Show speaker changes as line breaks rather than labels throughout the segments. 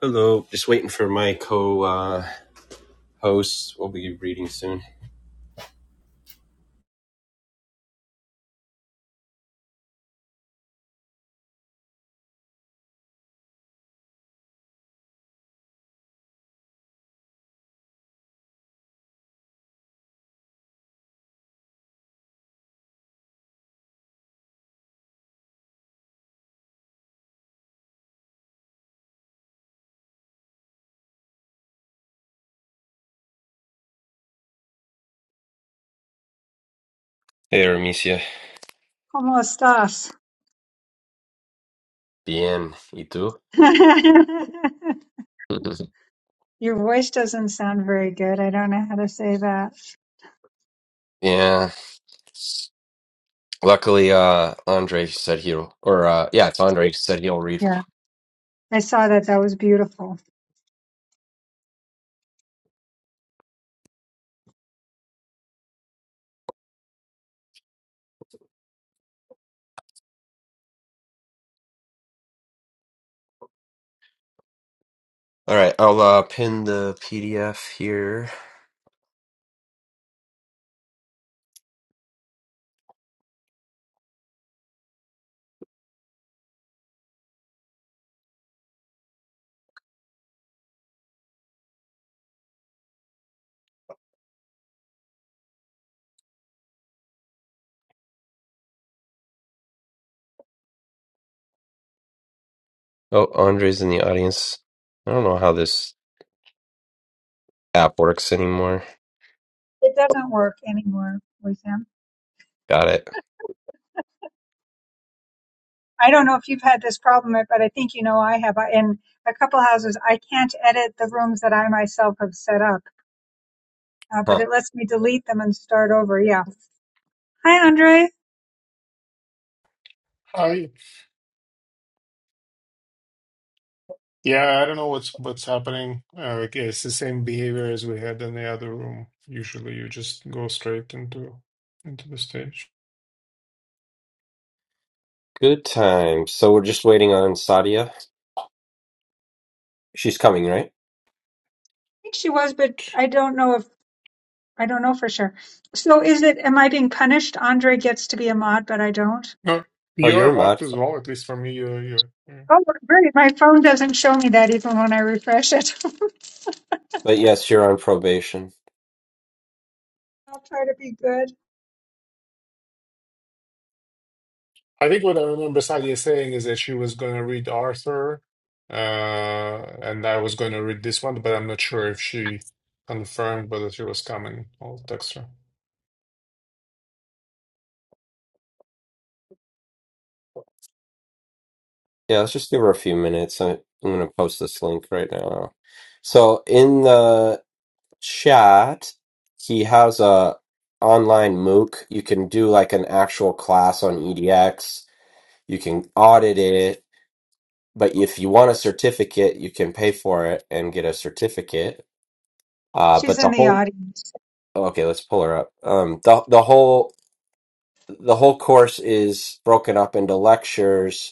Hello, just waiting for my co uh, We'll be reading soon. Hey, Artemisia.
¿Cómo estás?
Bien, y tú?
Your voice doesn't sound very good. I don't know how to say that.
yeah, luckily, uh, Andre said he'll, or uh, yeah, it's Andre said he'll read.
Yeah, I saw that. That was beautiful.
All right, I'll uh, pin the PDF here. Oh, Andre's in the audience. I don't know how this app works anymore.
It doesn't work anymore with him.
Got it.
I don't know if you've had this problem, but I think you know I have. I- In a couple houses, I can't edit the rooms that I myself have set up, uh, but
Huh.
it lets me delete them and start over. Yeah. Hi, Andre. I
I yeah, I don't know what's what's happening. Uh, like, it's the same behavior as we had in the other room. Usually, you just go straight into into the stage.
Good time. So we're just waiting on Sadia. She's coming, right?
think she was, but I don't know if I don't know for sure. So is it? Am I being punished? Andre gets to be a mod, but I don't.
No,
Oh,
you're a
you're
mod
mod.
as well. At least for me, you you.
Oh, great. My phone doesn't show me that even when I refresh it.
But yes, you're on probation.
I'll try to be good.
I think what I remember Sadia saying is that she was going to read Arthur, uh, and I was going to read this one, but I'm not sure if she confirmed whether she was coming. I'll text her.
Yeah, let's just give her a few minutes. I- I'm going to post this link right now. So in the chat, he has a online MOOC. You can do like an actual class on EDX. You can audit it. But if you want a certificate, you can pay for it and get a certificate. Uh,
She's
but the
in the
whole
audience.
okay, let's pull her up. Um, the the whole the whole course is broken up into lectures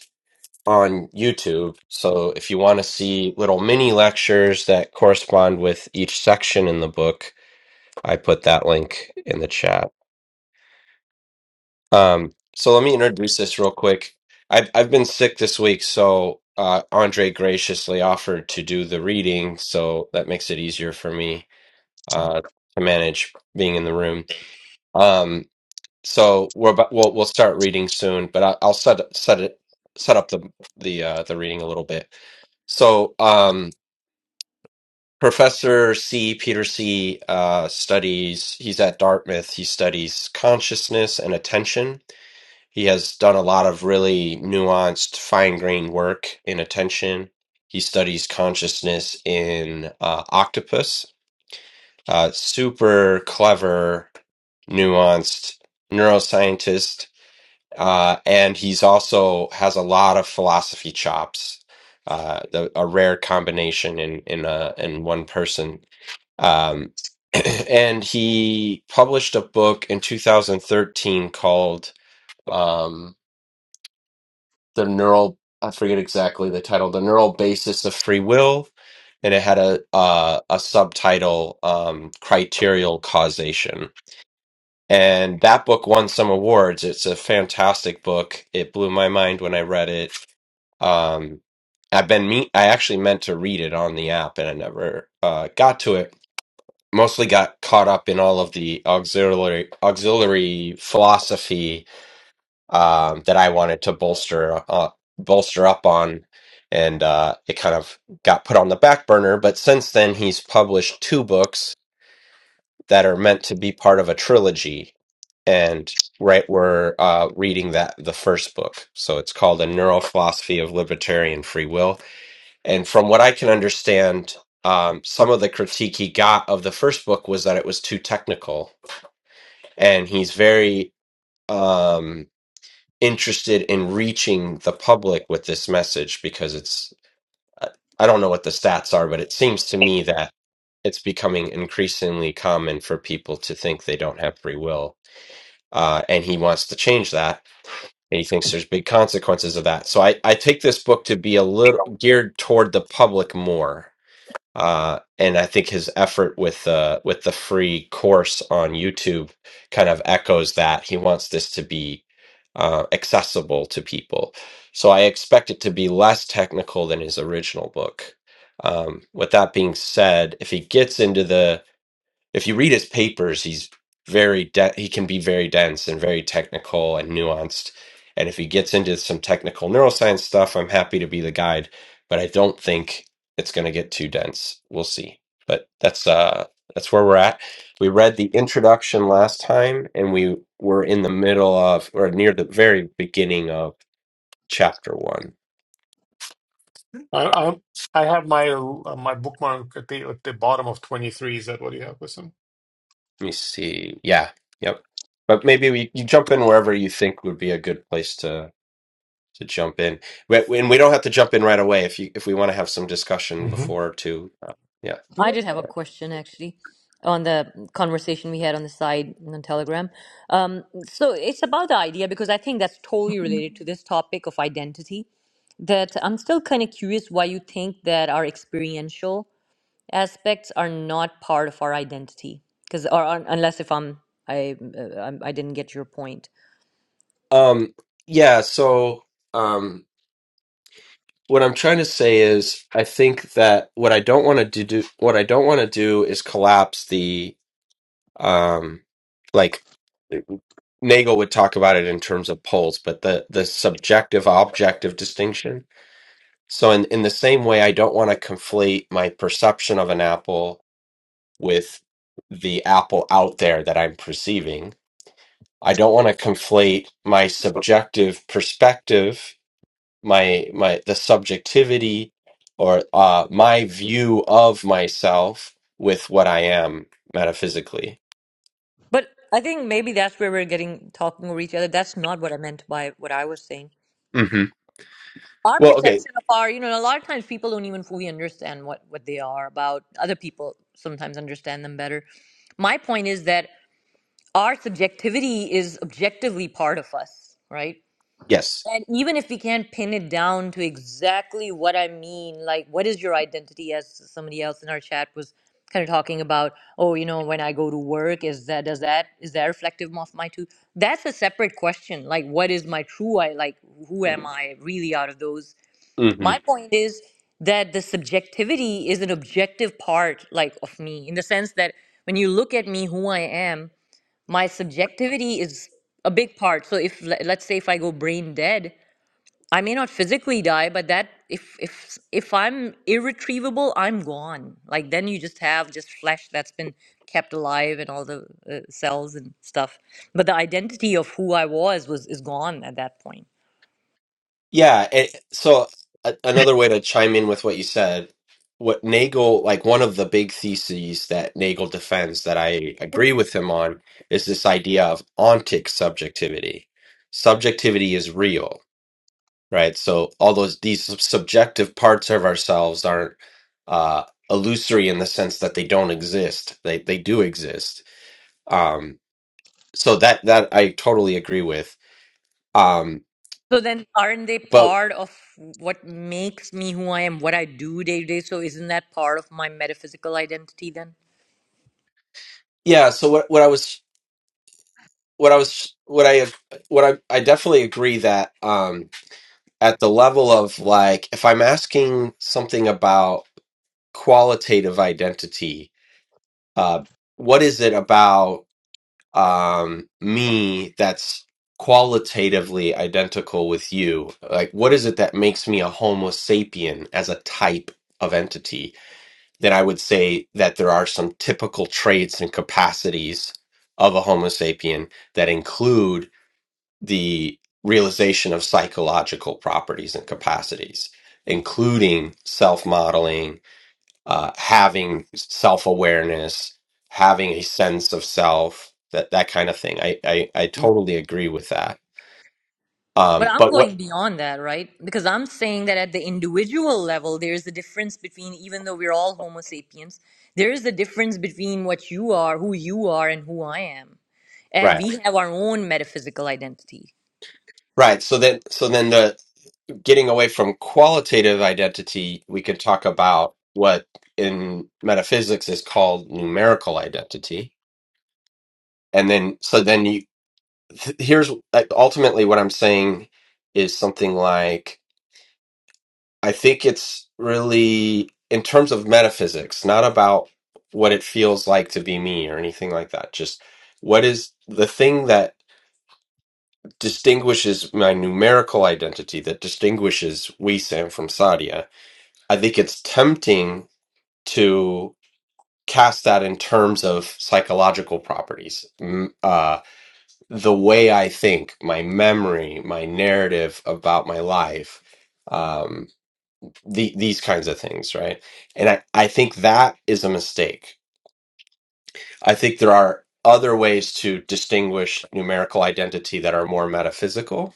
on YouTube. So if you want to see little mini lectures that correspond with each section in the book, I put that link in the chat. Um, so let me introduce this real quick. I've I've been sick this week, so uh, Andre graciously offered to do the reading, so that makes it easier for me uh, to manage being in the room. Um, so we're about, we'll we'll start reading soon, but I, I'll set set it set up the the uh, the reading a little bit. So um, Professor C. Peter C. Uh, studies. He's at Dartmouth. He studies consciousness and attention He has done a lot of really nuanced, fine-grained work in attention. He studies consciousness in uh, octopus. Uh, super clever, nuanced neuroscientist, uh, and he's also has a lot of philosophy chops. Uh, the, a rare combination in in a, in one person. Um, and he published a book in 2013 called. Um, the neural I forget exactly the title, the neural basis of free will, and it had a uh, a subtitle um, criterial causation. And that book won some awards. It's a fantastic book. It blew my mind when I read it. Um, I've been me I actually meant to read it on the app and I never uh, got to it. Mostly got caught up in all of the auxiliary auxiliary philosophy um, that I wanted to bolster uh, bolster up on, and uh, it kind of got put on the back burner. But since then, he's published two books that are meant to be part of a trilogy, and right we're uh, reading that the first book. So it's called A Neurophilosophy of Libertarian Free Will, and from what I can understand. Um, some of the critique he got of the first book was that it was too technical, and he's very um interested in reaching the public with this message because it's I I don't know what the stats are, but it seems to me that it's becoming increasingly common for people to think they don't have free will. Uh, and he wants to change that, and he thinks there's big consequences of that. So I, I take this book to be a little geared toward the public more uh, and I think his effort with uh, with the free course on YouTube kind of echoes that. He wants this to be uh, accessible to people, so I expect it to be less technical than his original book. Um, with that being said, if he gets into the if you read his papers, he's very de- he can be very dense and very technical and nuanced. And if he gets into some technical neuroscience stuff, I'm happy to be the guide, but I don't think it's going to get too dense. We'll see. But that's uh that's where we're at. We read the introduction last time and we were in the middle of or near the very beginning of chapter 1. Let
I I, I have my uh, my bookmark at the at the bottom of 23. Is that what you have, listen?
me see. Yeah. Yep. But maybe we, you jump in wherever you think would be a good place to. to jump in. We- And we don't have to jump in right away if you if we want to have some discussion
Mm-hmm.
before to uh, yeah.
I did have a question actually on the conversation we had on the side on Telegram. Um, so it's about the idea because I think that's totally related to this topic of identity. That I'm still kind of curious why you think that our experiential aspects are not part of our identity, because or, or unless if I'm I uh, I'm- I didn't get your point.
Um yeah, so um what I'm trying to say is I think that what I don't want to do do what I don't want to do is collapse the um like Nagel would talk about it in terms of poles, but the the subjective objective distinction. So in in the same way I don't want to conflate my perception of an apple with the apple out there that I'm perceiving. I don't want to conflate my subjective perspective, my my the subjectivity or uh, my view of myself with what I am metaphysically.
But I think maybe that's where we're getting talking over each other. That's not what I meant by what I was saying.
hmm
Our
Well, okay,
perception of our, you know, a lot of times people don't even fully understand what what they are about. Other people sometimes understand them better. My point is that our subjectivity is objectively part of us, right?
yes.
And even if we can't pin it down to exactly what I mean, like what is your identity, as somebody else in our chat was kind of talking about, oh, you know, when I go to work, is that does that is that reflective of my two? That's a separate question. Like, what is my true I? Like, who am I really out of those? My point is that the subjectivity is an objective part, like of me, in the sense that when you look at me, who I am, my subjectivity is a big part. So if le- let's say if I go brain dead I may not physically die, but that if if if I'm irretrievable, I'm gone. Like then you just have just flesh that's been kept alive and all the uh, cells and stuff. But the identity of who I was was is gone at that point.
Yeah, it, so a, another way to chime in with what you said, what Nagel, like one of the big theses that Nagel defends that I
Can
agree with him on, is this idea of ontic subjectivity. Subjectivity is real, right? So all those these sub- subjective parts of ourselves aren't uh, illusory in the sense that they don't exist. They they do exist. Um, so that that I totally agree with. Um,
So then, aren't they
but
part of what makes me who I am, what I do day to day? So isn't that part of my metaphysical identity then?
yeah, so what what I was what I was what I what I I definitely agree that um at the level of like if I'm asking something about qualitative identity, uh what is it about um me that's qualitatively identical with you? Like what is it that makes me a homo sapien as a type of entity? Then I would say that there are some typical traits and capacities of a homo sapien that include the realization of psychological properties and capacities, including self modeling, uh, having self awareness, having a sense of self, that, that kind of thing. I, I, I totally agree with that.
But
Um,
I'm
but what,
going beyond that, right? Because I'm saying that at the individual level, there's a difference between, even though we're all Homo sapiens, there is a difference between what you are, who you are, and who I am. And
right.
we have our own metaphysical identity.
Right. So then, so then the getting away from qualitative identity, we could talk about what in metaphysics is called numerical identity. And then, so then you, th- here's like, ultimately what I'm saying is something like I think it's really in terms of metaphysics, not about what it feels like to be me or anything like that. Just what is the thing that distinguishes my numerical identity that distinguishes we Sam from Sadia? I think it's tempting to cast that in terms of psychological properties. Mm, the way I think, my memory, my narrative about my life, um, the, these kinds of things, right? And I, I think that is a mistake. I think there are other ways to distinguish numerical identity that are more metaphysical.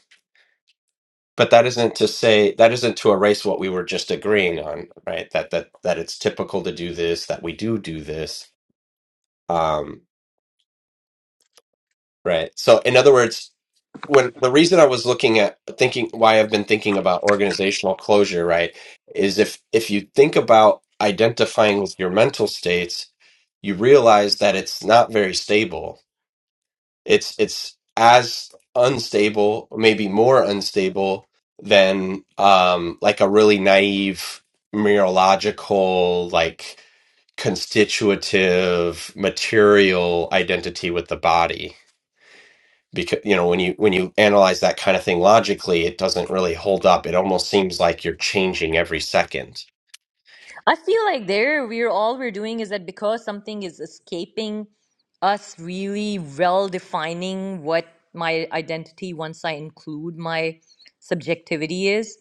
But that isn't to say that isn't to erase what we were just agreeing on, right? That that that it's typical to do this, that we do do this, um, right? So, in other words, when the reason I was looking at thinking why I've been thinking about organizational closure, right, is if if you think about identifying with your mental states, you realize that it's not very stable. It's it's as unstable, maybe more unstable than um like a really naive neurological like constitutive material identity with the body because you know when you when you analyze that kind of thing logically it doesn't really hold up it almost seems like you're changing every second
I feel like there we're all we're doing is that because something is escaping us really well defining what my identity once I include my subjectivity is,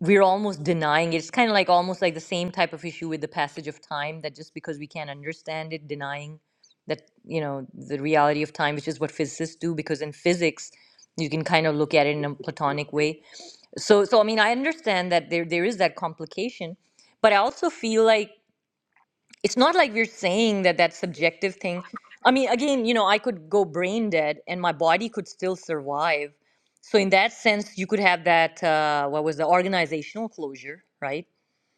we're almost denying it. It's kind of like almost like the same type of issue with the passage of time that just because we can't understand it, denying that, you know, the reality of time, which is what physicists do, because in physics, you can kind of look at it in a platonic way. So, so I mean, I understand that there there is that complication, but I also feel like it's not like we're saying that that subjective thing i mean again you know i could go brain dead and my body could still survive so in that sense you could have that uh, what was the organizational closure right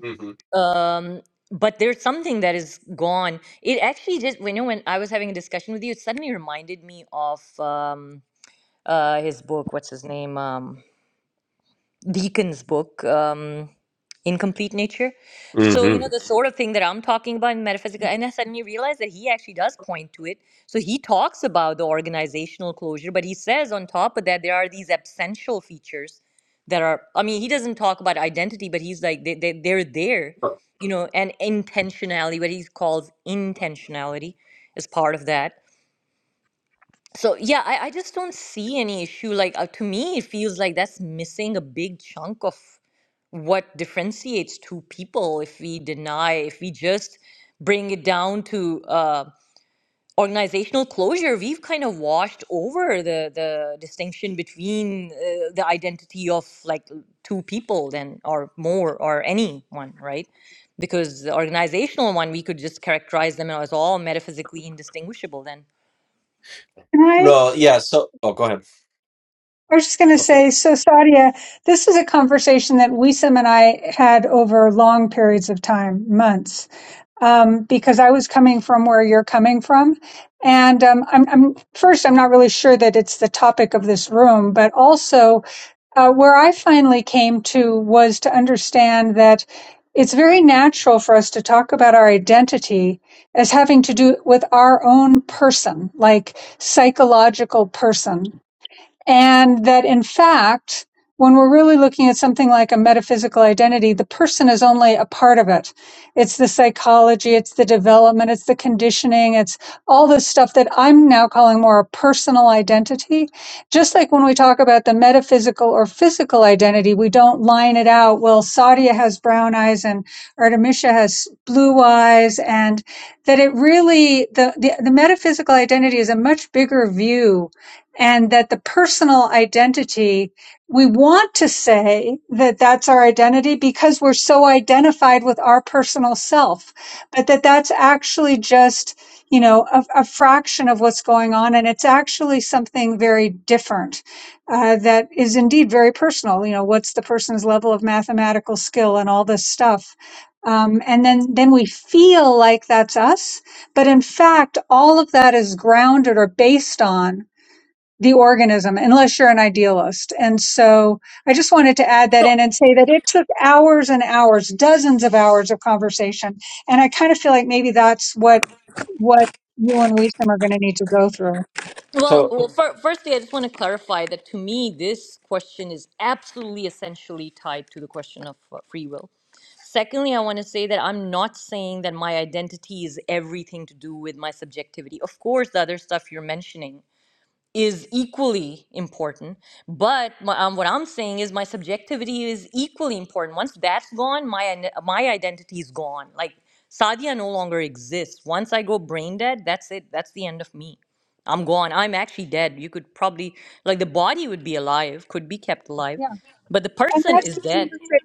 hmm
um, but there's something that is gone it actually just when you know when i was having a discussion with you it suddenly reminded me of um, uh, his book what's his name Um, Deacon's book, um, Incomplete Nature. So,
hmm
you know, the sort of thing that I'm talking about in metaphysical, and I suddenly realized that he actually does point to it. So he talks about the organizational closure, but he says on top of that, there are these absential features that are, I mean, he doesn't talk about identity, but he's like, they, they, they're there, you know, and intentionality, what he calls intentionality is part of that. So yeah, I, I just don't see any issue. Like uh, to me, it feels like that's missing a big chunk of what differentiates two people if we deny, if we just bring it down to uh, organizational closure, we've kind of washed over the the distinction between uh, the identity of like two people then or more or anyone, right? Because the organizational one, we could just characterize them as all metaphysically indistinguishable then.
I?
no yeah so oh go ahead
I was just going to
go for it
say, so Sadia, this is a conversation that Wisam and I had over long periods of time, months, um, because I was coming from where you're coming from. And um, I'm, I'm first, I'm not really sure that it's the topic of this room, but also Uh, where I finally came to was to understand that it's very natural for us to talk about our identity as having to do with our own person, like psychological person. And that in fact, when we're really looking at something like a metaphysical identity, the person is only a part of it. It's the psychology, it's the development, it's the conditioning, it's all this stuff that I'm now calling more a personal identity. Just like when we talk about the metaphysical or physical identity, we don't line it out. Well, Sadia has brown eyes and Artemisia has blue eyes and that it really, the, the, the metaphysical identity is a much bigger view and that the personal identity, we want to say that that's our identity because we're so identified with our personal self, but that that's actually just, you know, a, a fraction of what's going on. And it's actually something very different uh, that is indeed very personal. You know, what's the person's level of mathematical skill and all this stuff. Um, and then, then we feel like that's us. But in fact, all of that is grounded or based on the organism unless you're an idealist. And so I just wanted to add that
So
in and say that it took hours and hours, dozens of hours of conversation. And I kind of feel like maybe that's what, what you and Wisdom are going to need to go through.
so
Well, well, fir- firstly, I just want to clarify that to me, this question is absolutely essentially tied to the question of uh, free will. Secondly, I want to say that I'm not saying that my identity is everything to do with my subjectivity. Of course, the other stuff you're mentioning is equally important. But um, what I'm saying is my subjectivity is equally important. Once that's gone, my my identity is gone. Like Sadia no longer exists. Once I go brain dead, that's it. That's the end of me. I'm gone. I'm actually dead. You could probably like the body would be alive, could be kept alive,
Yeah.
but the
And
person
that's
is
the
dead.
conversation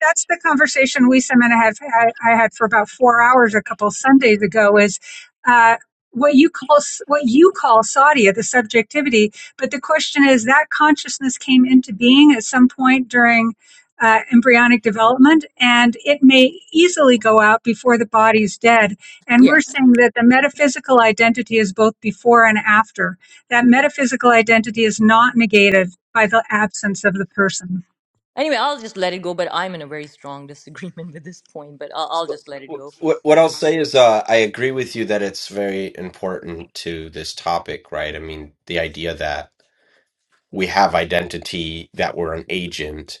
that's the conversation we and I have had, I had for about four hours a couple Sundays ago is uh, what you call what you call Sadia the subjectivity, but the question is that consciousness came into being at some point during uh, embryonic development, and it may easily go out before the body's dead. And
Yeah.
we're saying that the metaphysical identity is both before and after. That metaphysical identity is not negated by the absence of the person.
Anyway, I'll just let it go. But I'm in a very strong disagreement with this point. But I'll, I'll
So,
just let it go.
what what I'll
'Cause
say is, uh, I agree with you that it's very important to this topic, right? I mean, the idea that we have identity, that we're an agent,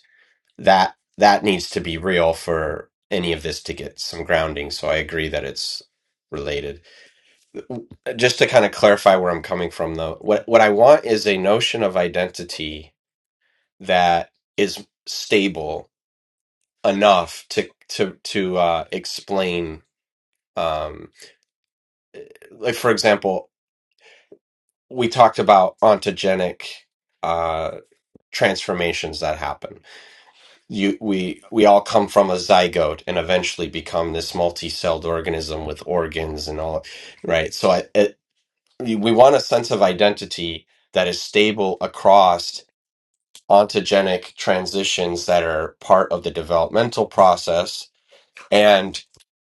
that that needs to be real for any of this to get some grounding. So I agree that it's related. Uh, Just to kind of clarify where I'm coming from, though, what what I want is a notion of identity that is stable enough to to to uh, explain. Um, like for example, we talked about ontogenic uh, transformations that happen. You, we, we all come from a zygote and eventually become this multi-celled organism with organs and all, right? So I, it, we want a sense of identity that is stable across ontogenic transitions that are part of the developmental process and.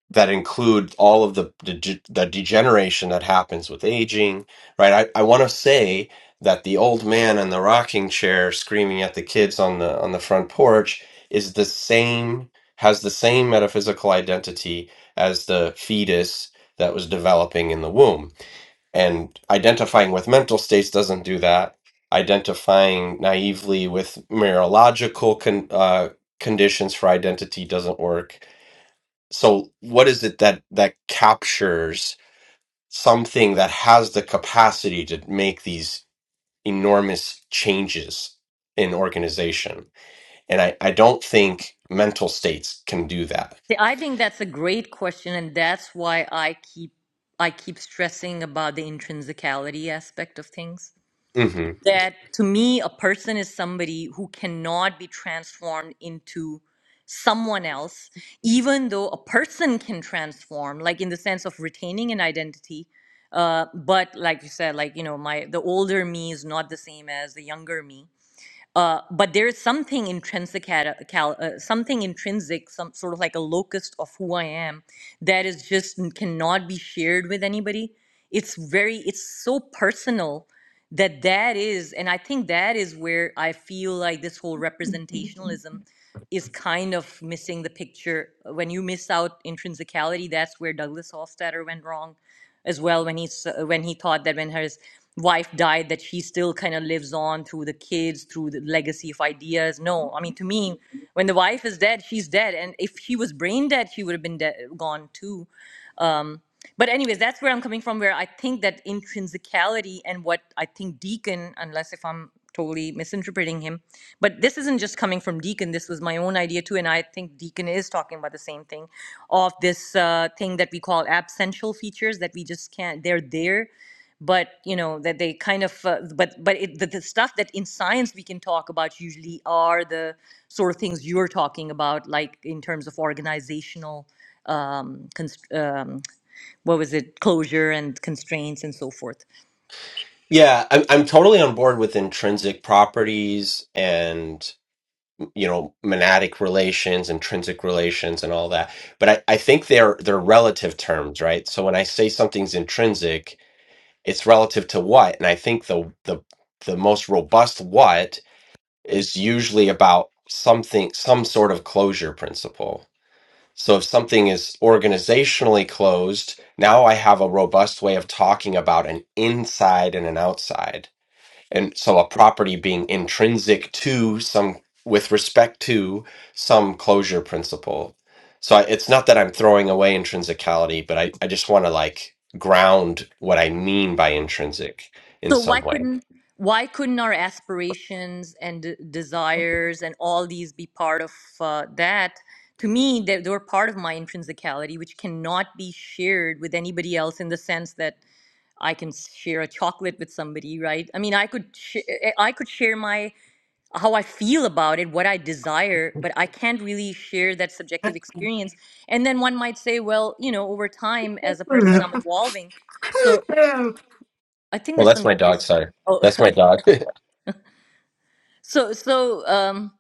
that include all of the the, the degeneration that happens with aging, right? I, I want to say that the old man in the rocking chair screaming at the kids on the on the front porch is the same has the same metaphysical identity as the fetus that was developing in the womb. And identifying with mental states doesn't do that. Identifying naively with neurological con, uh, conditions for identity doesn't work so what is it that that captures something that has the capacity to make these enormous changes in organization and i i don't think mental states can do that
See, I think that's a great question, and that's why I keep I keep stressing about the intrinsicality aspect of things.
hmm
That to me, a person is somebody who cannot be transformed into someone else, even though a person can transform, like in the sense of retaining an identity. Uh, but like you said, like you know, my the older me is not the same as the younger me uh, but there is something intrinsic at- uh, cal- uh, something intrinsic some sort of like a locus of who i am that is just n- cannot be shared with anybody it's very it's so personal that that is and i think that is where i feel like this whole representationalism is kind of missing the picture when you miss out intrinsicality that's where douglas hofstadter went wrong as well when he s- when he thought that when his wife died that she still kind of lives on through the kids through the legacy of ideas no i mean to me when the wife is dead she's dead and if she was brain dead she would have been dead, gone too um, but anyways that's where i'm coming from where i think that intrinsicality and what i think deacon unless if i'm totally misinterpreting him but this isn't just coming from deacon this was my own idea too and i think deacon is talking about the same thing of this uh, thing that we call absential features that we just can't they're there but you know that they kind of uh, but but it, the, the stuff that in science we can talk about usually are the sort of things you're talking about like in terms of organizational um, const- um, what was it closure and constraints and so forth
yeah I'm, I'm totally on board with intrinsic properties and you know monadic relations intrinsic relations and all that but i, I think they're they're relative terms right so when i say something's intrinsic it's relative to what and i think the the the most robust what is usually about something some sort of closure principle so if something is organizationally closed now i have a robust way of talking about an inside and an outside and so a property being intrinsic to some with respect to some closure principle so I, it's not that i'm throwing away intrinsicality but i, I just want to like ground what i mean by intrinsic in
so why
some way
couldn't why couldn't our aspirations and d- desires and all these be part of uh, that to me they, they were part of my intrinsicality which cannot be shared with anybody else in the sense that i can share a chocolate with somebody right i mean i could sh- i could share my how I feel about it, what I desire, but I can't really share that subjective experience. And then one might say, well, you know, over time as a person, I'm evolving. So I think
Well,
there's
that's
some
my dog.
noise.
Sorry,
Oh,
that's my dog.
so so um,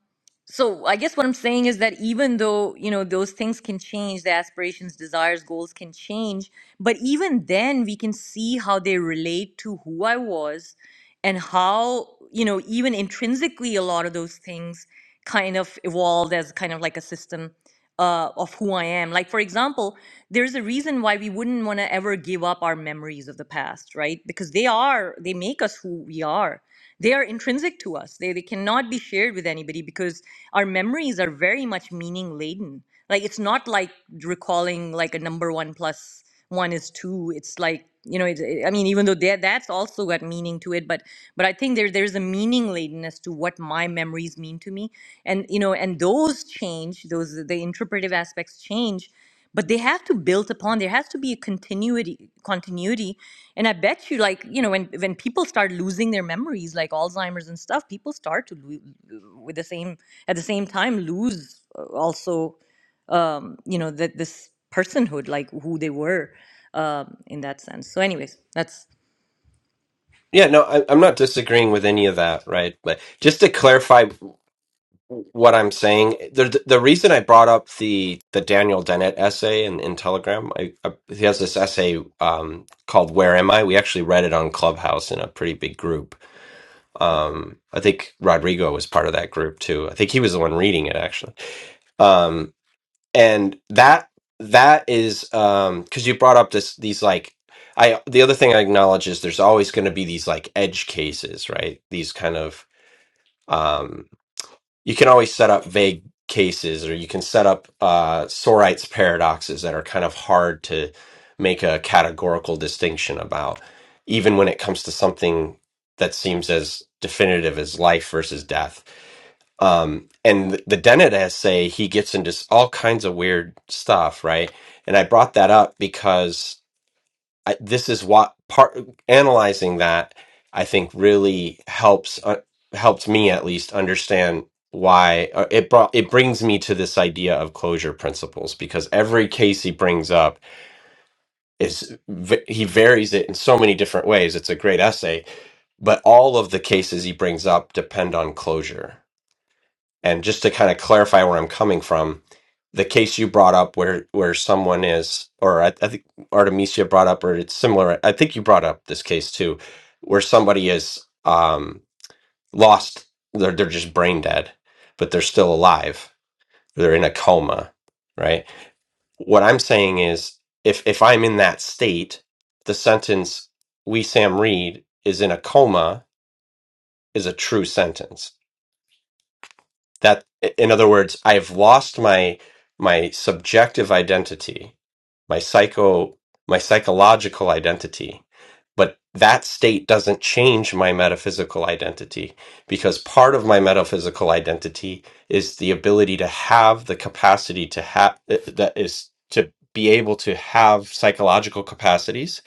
So I guess what I'm saying is that even though, you know, those things can change, the aspirations, desires, goals can change, but even then we can see how they relate to who I was and how, you know, even intrinsically a lot of those things kind of evolved as kind of like a system uh, of who I am. Like for example, there's a reason why we wouldn't want to ever give up our memories of the past, right? Because they are, they make us who we are they are intrinsic to us they, they cannot be shared with anybody because our memories are very much meaning laden like it's not like recalling like a number one plus one is two it's like you know it, it- i mean even though that that's also got meaning to it but but i think there there's a meaning ladenness to what my memories mean to me and you know and those change those the interpretive aspects change but they have to build upon there has to be a continuity continuity and i bet you like you know when when people start losing their memories like alzheimer's and stuff people start to lo- with the same at the same time lose uh, also um you know that this personhood like who they were um in that sense so anyways that's
yeah, no, I, I'm not disagreeing with any of that, right? But just to clarify what I'm saying, the the reason I brought up the the Daniel Dennett essay in, in Telegram, I, I, he has this essay um, called "Where Am I." We actually read it on Clubhouse in a pretty big group. Um, I think Rodrigo was part of that group too. I think he was the one reading it actually. Um, and that that is um because you brought up this these like i the other thing i acknowledge is there's always going to be these like edge cases right these kind of um you can always set up vague cases or you can set up uh sorite's paradoxes that are kind of hard to make a categorical distinction about even when it comes to something that seems as definitive as life versus death um and the dennett essay he gets into s- all kinds of weird stuff right and i brought that up because I, this is what part analyzing that i think really helps uh, helped me at least understand why uh, it brought it brings me to this idea of closure principles because every case he brings up is v- he varies it in so many different ways it's a great essay but all of the cases he brings up depend on closure and just to kind of clarify where I'm coming from, the case you brought up where where someone is, or I, I think Artemisia brought up, or it's similar. I think you brought up this case too, where somebody is um, lost. They're they're just brain dead, but they're still alive. They're in a coma, right? What I'm saying is, if if I'm in that state, the sentence "We Sam Reed" is in a coma is a true sentence that in other words i've lost my my subjective identity my psycho my psychological identity but that state doesn't change my metaphysical identity because part of my metaphysical identity is the ability to have the capacity to have that is to be able to have psychological capacities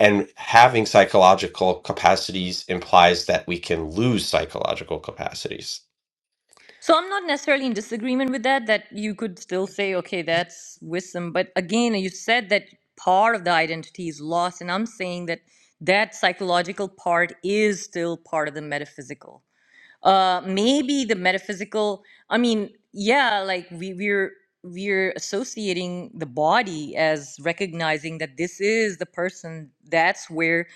and having psychological capacities implies that we can lose psychological capacities
So I'm not necessarily in disagreement with that, that you could still say, okay, that's wisdom. But again, you said that part of the identity is lost. And I'm saying that that psychological part is still part of the metaphysical uh maybe the metaphysical i mean yeah like we we're we're associating the body as recognizing that this is the person that's where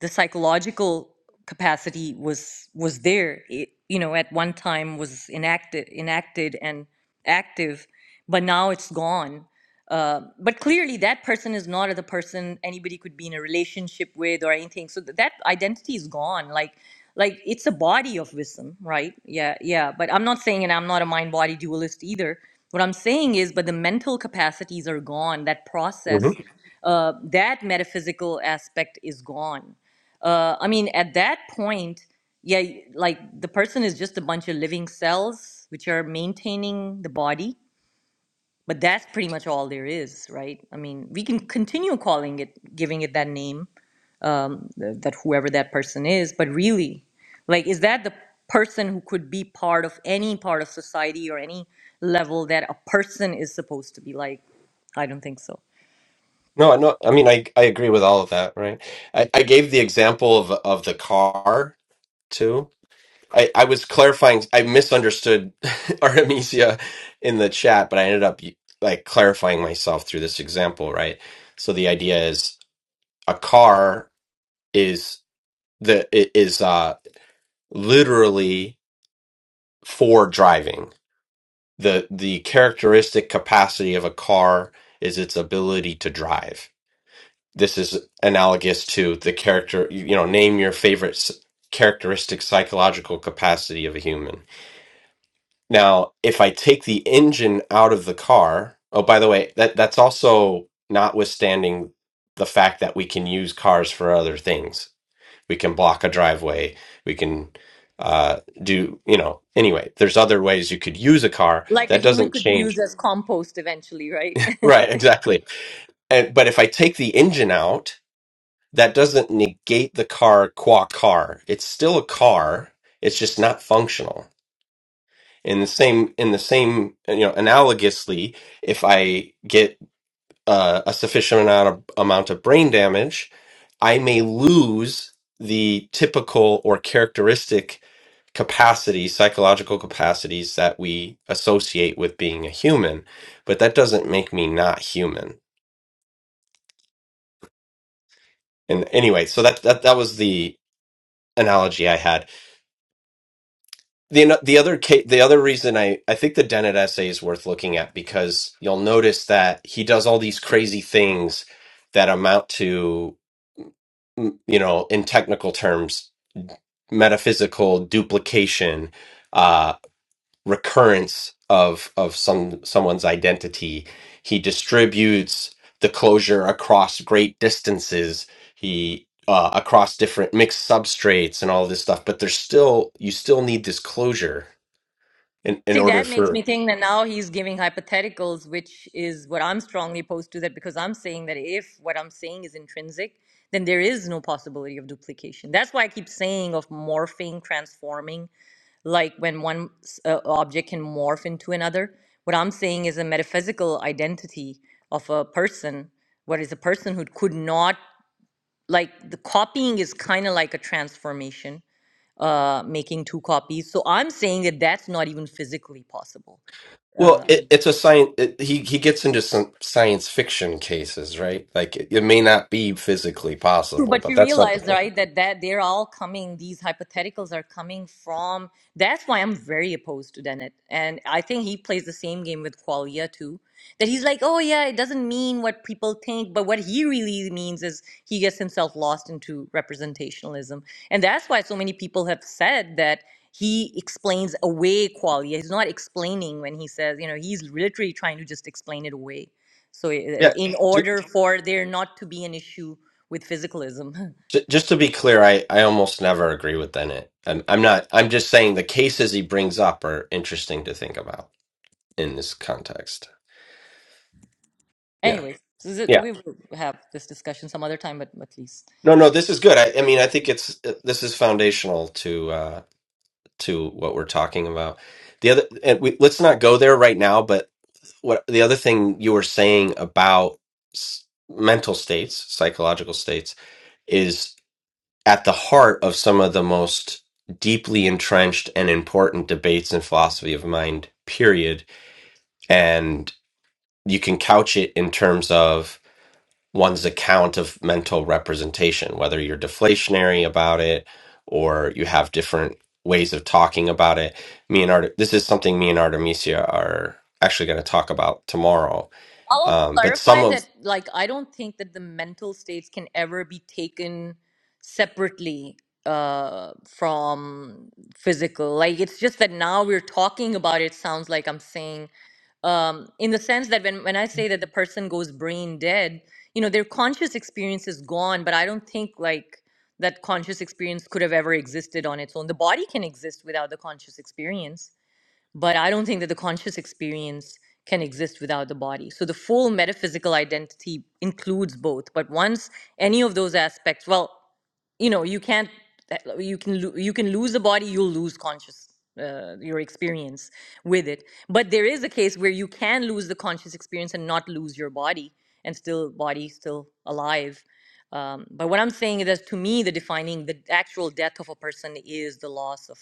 the psychological capacity was was there it, you know at one time was enacted enacted and active but now it's gone uh, but clearly that person is not the person anybody could be in a relationship with or anything so th- that identity is gone like like it's a body of wisdom right yeah yeah but i'm not saying and i'm not a mind body dualist either what i'm saying is but the mental capacities are gone that process uh, that metaphysical aspect is gone uh, i mean at that point yeah like the person is just a bunch of living cells which are maintaining the body but that's pretty much all there is right i mean we can continue calling it giving it that name th- that whoever that person is but really like is that the person who could be part of any part of society or any level that a person is supposed to be like i don't think so
No, no, I mean, I I agree with all of that, right? I, I gave the example of of the car too. I, I was clarifying. I misunderstood Artemisia in the chat, but I ended up like clarifying myself through this example, right? So the idea is a car is the i- is uh literally for driving. The the characteristic capacity of a car is its ability to drive this is analogous to the character you you know name your favorite s- characteristic psychological capacity of a human now if i take the engine out of the car oh by the way that that's also notwithstanding the fact that we can use cars for other things we can block a driveway we can uh do you know anyway there's other ways you could use a car
like a
that
human
doesn't
could be used
change
as compost eventually right
right exactly and but if i take the engine out that doesn't negate the car qua car. It's still a car. It's just not functional. In the same, in the same, you know, analogously, if I get uh, a sufficient amount of, amount of brain damage, I may lose the typical or characteristic capacities, psychological capacities that we associate with being a human. But that doesn't make me not human. And anyway, so that that that was the analogy I had the the other ca- the other reason I I think the Dennett essay is worth looking at because you'll notice that he does all these crazy things that amount to mm, you know in technical terms metaphysical duplication uh recurrence of of some someone's identity he distributes the closure across great distances he uh, across different mixed substrates and all this stuff but there's still you still need this closure in, in
see
order
that makes me
for
think that now he's giving hypotheticals which is what i'm strongly opposed to that because i'm saying that if what i'm saying is intrinsic then there is no possibility of duplication that's why i keep saying of morphing transforming like when one s- uh, object can morph into another. What I'm saying is a metaphysical identity of a person, what is a person who could not, like, the copying is kind of like a transformation, uh, making two copies. So I'm saying that that's not even physically possible.
Well,
Uh,
it, it's a science. It, he he gets into some science fiction cases, right? Like it, it may not be physically
True,
possible,
but
but
you
that's not the
realize,
point.
right, that, that they're all coming, these hypotheticals are coming from. That's why I'm very opposed to Dennett. And I think he plays the same game with Qualia, too. That he's like, oh, yeah, it doesn't mean what people think, but what he really means is he gets himself lost into representationalism. And that's why so many people have said that he explains away Qualia. He's not explaining when he says, you know, he's literally trying to just explain it away. So, uh,
Yeah,
in order for there not to be an issue with physicalism.
J- Just to be clear, I, I almost never agree with Bennett. I'm, I'm not, I'm just saying the cases he brings up are interesting to think about in this context. Yeah.
Anyways, this is it,
Yeah.
we will have this discussion some other time, but at least
No, no, this is good. I, I mean, I think it's, uh, this is foundational to, uh, to what we're talking about. The other, and we, let's not go there right now, but what the other thing you were saying about s- mental states, psychological states at the heart of some of the most deeply entrenched and important debates in philosophy of mind, period. And you can couch it in terms of one's account of mental representation, whether you're deflationary about it or you have different ways of talking about it. Me and Art, this is something me and Artemisia are actually going to talk about tomorrow.
I'll also
Um, but some
clarify
of,
that, like, I don't think that the mental states can ever be taken separately uh, from physical. Like, it's just that now we're talking about it. Sounds like I'm saying um, in the sense that when, when I say that the person goes brain dead, you know, their conscious experience is gone, but I don't think like that conscious experience could have ever existed on its own. The body can exist without the conscious experience, but I don't think that the conscious experience can exist without the body. So the full metaphysical identity includes both. But once any of those aspects, well, you know you can't you can lo- you can lose the body you'll lose conscious uh, your experience with it but there is a case where you can lose the conscious experience and not lose your body and still body still alive um, but what i'm saying is that to me the defining the actual death of a person is the loss of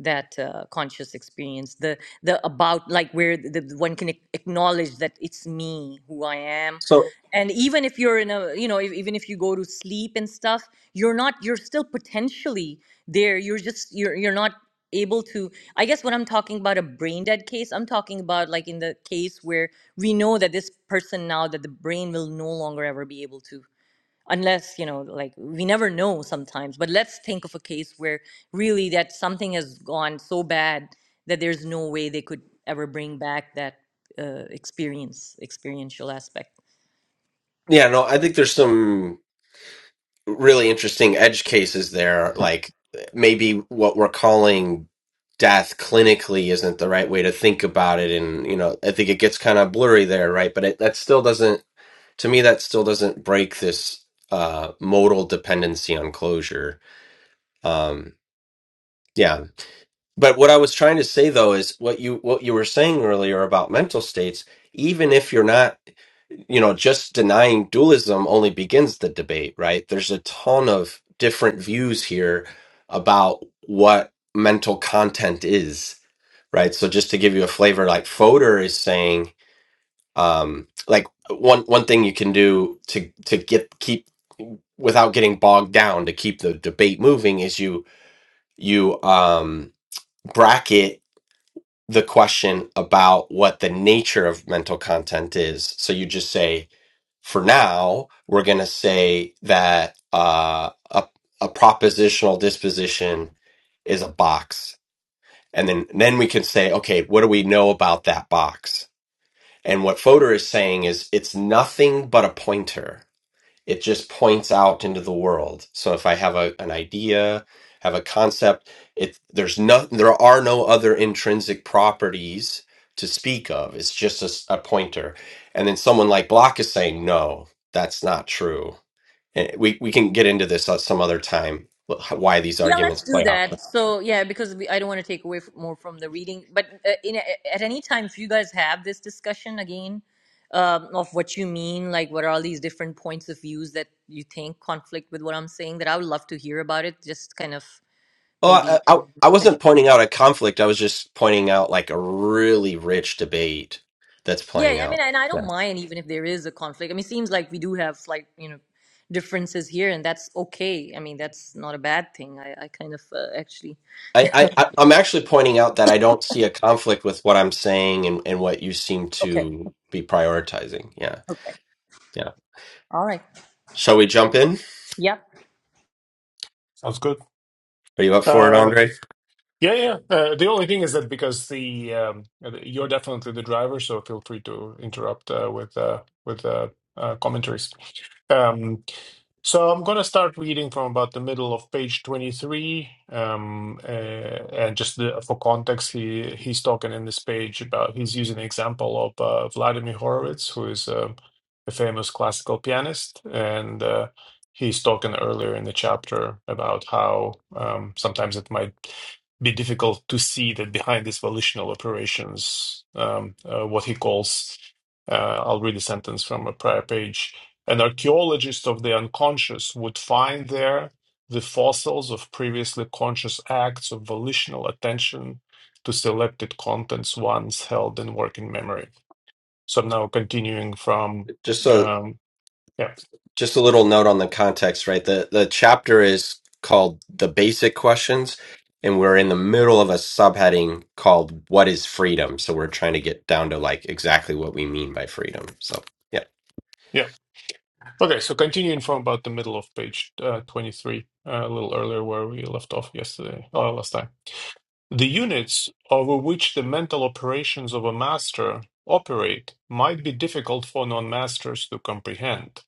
that uh, conscious experience the the about like where the, the one can ac- acknowledge that it's me who i am
so
and even if you're in a you know if, even if you go to sleep and stuff you're not you're still potentially there you're just you're you're not able to i guess when i'm talking about a brain dead case i'm talking about like in the case where we know that this person now that the brain will no longer ever be able to unless you know like we never know sometimes but let's think of a case where really that something has gone so bad that there's no way they could ever bring back that uh, experience experiential aspect
yeah, no, I think there's some really interesting edge cases there. Like maybe what we're calling death clinically isn't the right way to think about it, and you know I think it gets kind of blurry there, right? But it, that still doesn't, to me, that still doesn't break this uh, modal dependency on closure. Um, yeah, but what I was trying to say though is what you what you were saying earlier about mental states, even if you're not you know, just denying dualism only begins the debate, right? There's a ton of different views here about what mental content is, right? So just to give you a flavor, like Fodor is saying, um, like one one thing you can do to to get keep without getting bogged down to keep the debate moving is you you um bracket the question about what the nature of mental content is. So you just say, for now, we're going to say that uh, a, a propositional disposition is a box. And then, then we can say, okay, what do we know about that box? And what Fodor is saying is it's nothing but a pointer it just points out into the world so if i have a, an idea have a concept it there's no there are no other intrinsic properties to speak of it's just a, s- a pointer and then someone like block is saying no that's not true and we, we can get into this at some other time wh- why these
Yeah,
arguments
let's do
play out
that. So, yeah, because we, I don't want to take away f- more from the reading, but uh, in a, at any time, if you guys have this discussion again um, of what you mean, like what are all these different points of views that you think conflict with what I'm saying, that I would love to hear about it. Just kind of
well
maybe,
I, I, I wasn't pointing out a conflict i was just pointing out like a really rich debate that's
yeah.
playing
I mean,
out
and I don't mind even if there is a conflict. I mean, it seems like we do have slight, you know, differences here, and that's okay. I mean, that's not a bad thing. I, I kind of uh, actually,
I, I I- I'm actually pointing out that I don't see a conflict with what I'm saying and, and what you seem
okay,
to be prioritizing. Yeah,
okay,
yeah.
all right,
Shall we jump in?
Yep.
Sounds good.
Are you up for it,
Uh,
Andre?
yeah, yeah. Uh, the only thing is that because the um, you're definitely the driver, so feel free to interrupt uh, with uh, with uh, uh, commentaries. Um, so I'm going to start reading from about the middle of page 23, um, uh, and just the, for context, he he's talking in this page about he's using an example of uh, Vladimir Horowitz, who is um a famous classical pianist, and uh, he's talking earlier in the chapter about how um, sometimes it might be difficult to see that behind these volitional operations, um, uh, what he calls, uh, I'll read a sentence from a prior page, an archaeologist of the unconscious would find there the fossils of previously conscious acts of volitional attention to selected contents once held in working memory. So I'm now continuing from,
Just a
um, yeah,
just a little note on the context, right? The the chapter is called "The Basic Questions," and we're in the middle of a subheading called "What is Freedom." So we're trying to get down to like exactly what we mean by freedom. So yeah,
yeah. Okay, so continuing from about the middle of page uh, 23, uh, a little earlier where we left off yesterday, or last time. The units over which the mental operations of a master operate might be difficult for non-masters to comprehend.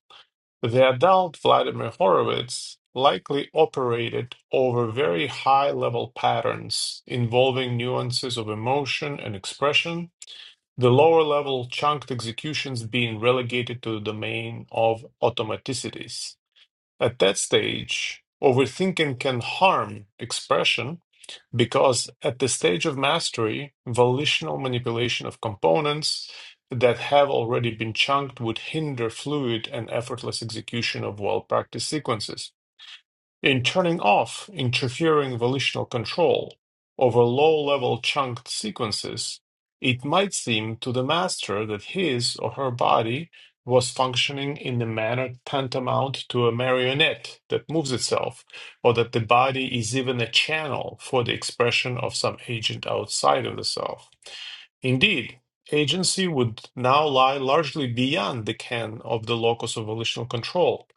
The adult Vladimir Horowitz likely operated over very high-level patterns involving nuances of emotion and expression, the lower-level chunked executions being relegated to the domain of automaticities. At that stage, overthinking can harm expression because at the stage of mastery, volitional manipulation of components that have already been chunked would hinder fluid and effortless execution of well practiced sequences. In turning off interfering volitional control over low-level chunked sequences, it might seem to the master that his or her body was functioning in a manner tantamount to a marionette that moves itself, or that the body is even a channel for the expression of some agent outside of the self. Indeed, agency would now lie largely beyond the ken of the locus of volitional control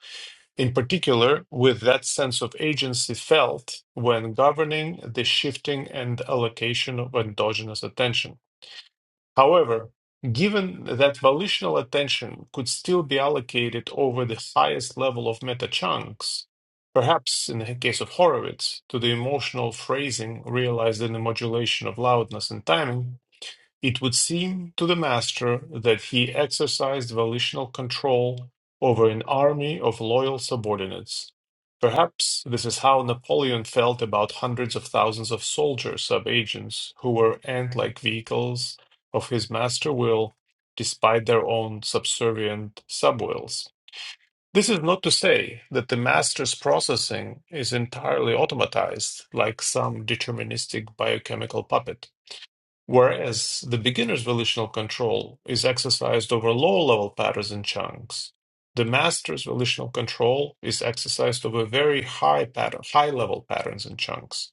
in particular, with that sense of agency felt when governing the shifting and allocation of endogenous attention. However, given that volitional attention could still be allocated over the highest level of meta chunks, perhaps in the case of Horowitz, to the emotional phrasing realized in the modulation of loudness and timing, it would seem to the master that he exercised volitional control over an army of loyal subordinates. Perhaps this is how Napoleon felt about hundreds of thousands of soldiers, sub-agents, who were ant-like vehicles of his master will, despite their own subservient sub-wills. This is not to say that the master's processing is entirely automatized, like some deterministic biochemical puppet whereas the beginner's volitional control is exercised over low-level patterns and chunks. The master's volitional control is exercised over very high pattern, high-level patterns and chunks.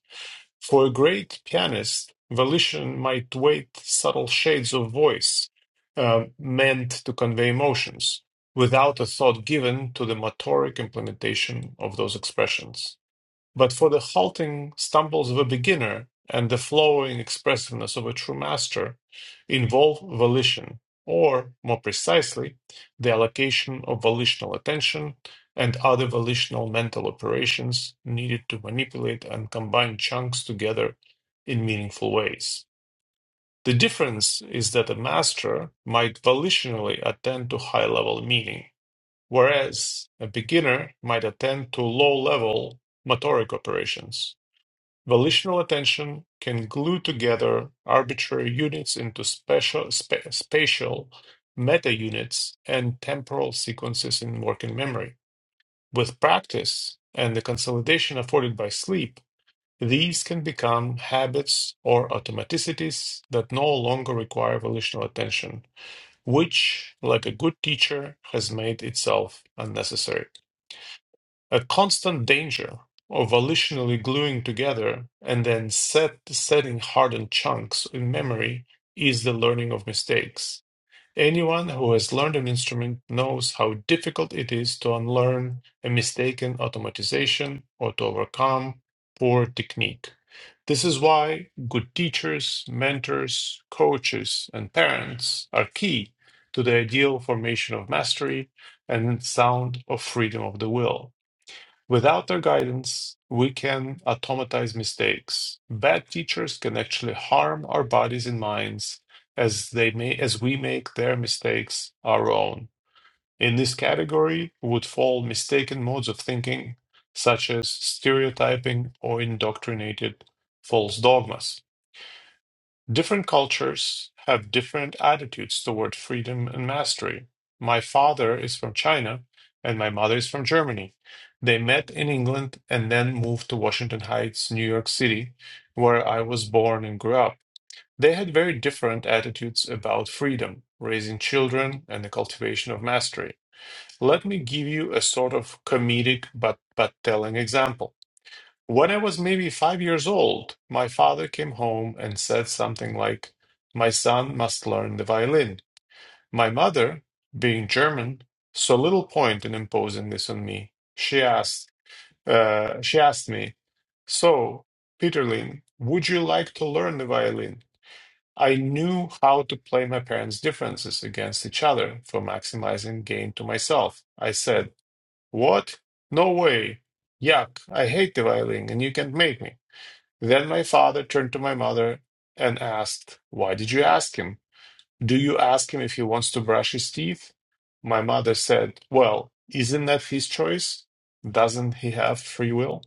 For a great pianist, volition might weight subtle shades of voice uh, meant to convey emotions, without a thought given to the motoric implementation of those expressions. But for the halting stumbles of a beginner and the flowing expressiveness of a true master involve volition, or more precisely, the allocation of volitional attention and other volitional mental operations needed to manipulate and combine chunks together in meaningful ways. The difference is that a master might volitionally attend to high level meaning, whereas a beginner might attend to low level motoric operations. Volitional attention can glue together arbitrary units into special, spa- spatial meta-units and temporal sequences in working memory. With practice and the consolidation afforded by sleep, these can become habits or automaticities that no longer require volitional attention, which, like a good teacher, has made itself unnecessary a constant danger of volitionally gluing together and then set, setting hardened chunks in memory is the learning of mistakes. Anyone who has learned an instrument knows how difficult it is to unlearn a mistaken automatization or to overcome poor technique. This is why good teachers, mentors, coaches, and parents are key to the ideal formation of mastery and sound of freedom of the will. Without their guidance, we can automatize mistakes. Bad teachers can actually harm our bodies and minds as they may as we make their mistakes our own. In this category would fall mistaken modes of thinking, such as stereotyping or indoctrinated false dogmas. Different cultures have different attitudes toward freedom and mastery. My father is from China and my mother is from Germany. They met in England and then moved to Washington Heights, New York City, where I was born and grew up. They had very different attitudes about freedom, raising children, and the cultivation of mastery. Let me give you a sort of comedic but, but telling example. When I was maybe five years old, my father came home and said something like, My son must learn the violin. My mother, being German, saw little point in imposing this on me. She asked, uh, she asked me, So, Peterlin, would you like to learn the violin? I knew how to play my parents' differences against each other for maximizing gain to myself. I said, What? No way. Yuck, I hate the violin and you can't make me. Then my father turned to my mother and asked, Why did you ask him? Do you ask him if he wants to brush his teeth? My mother said, Well, isn't that his choice? Doesn't he have free will?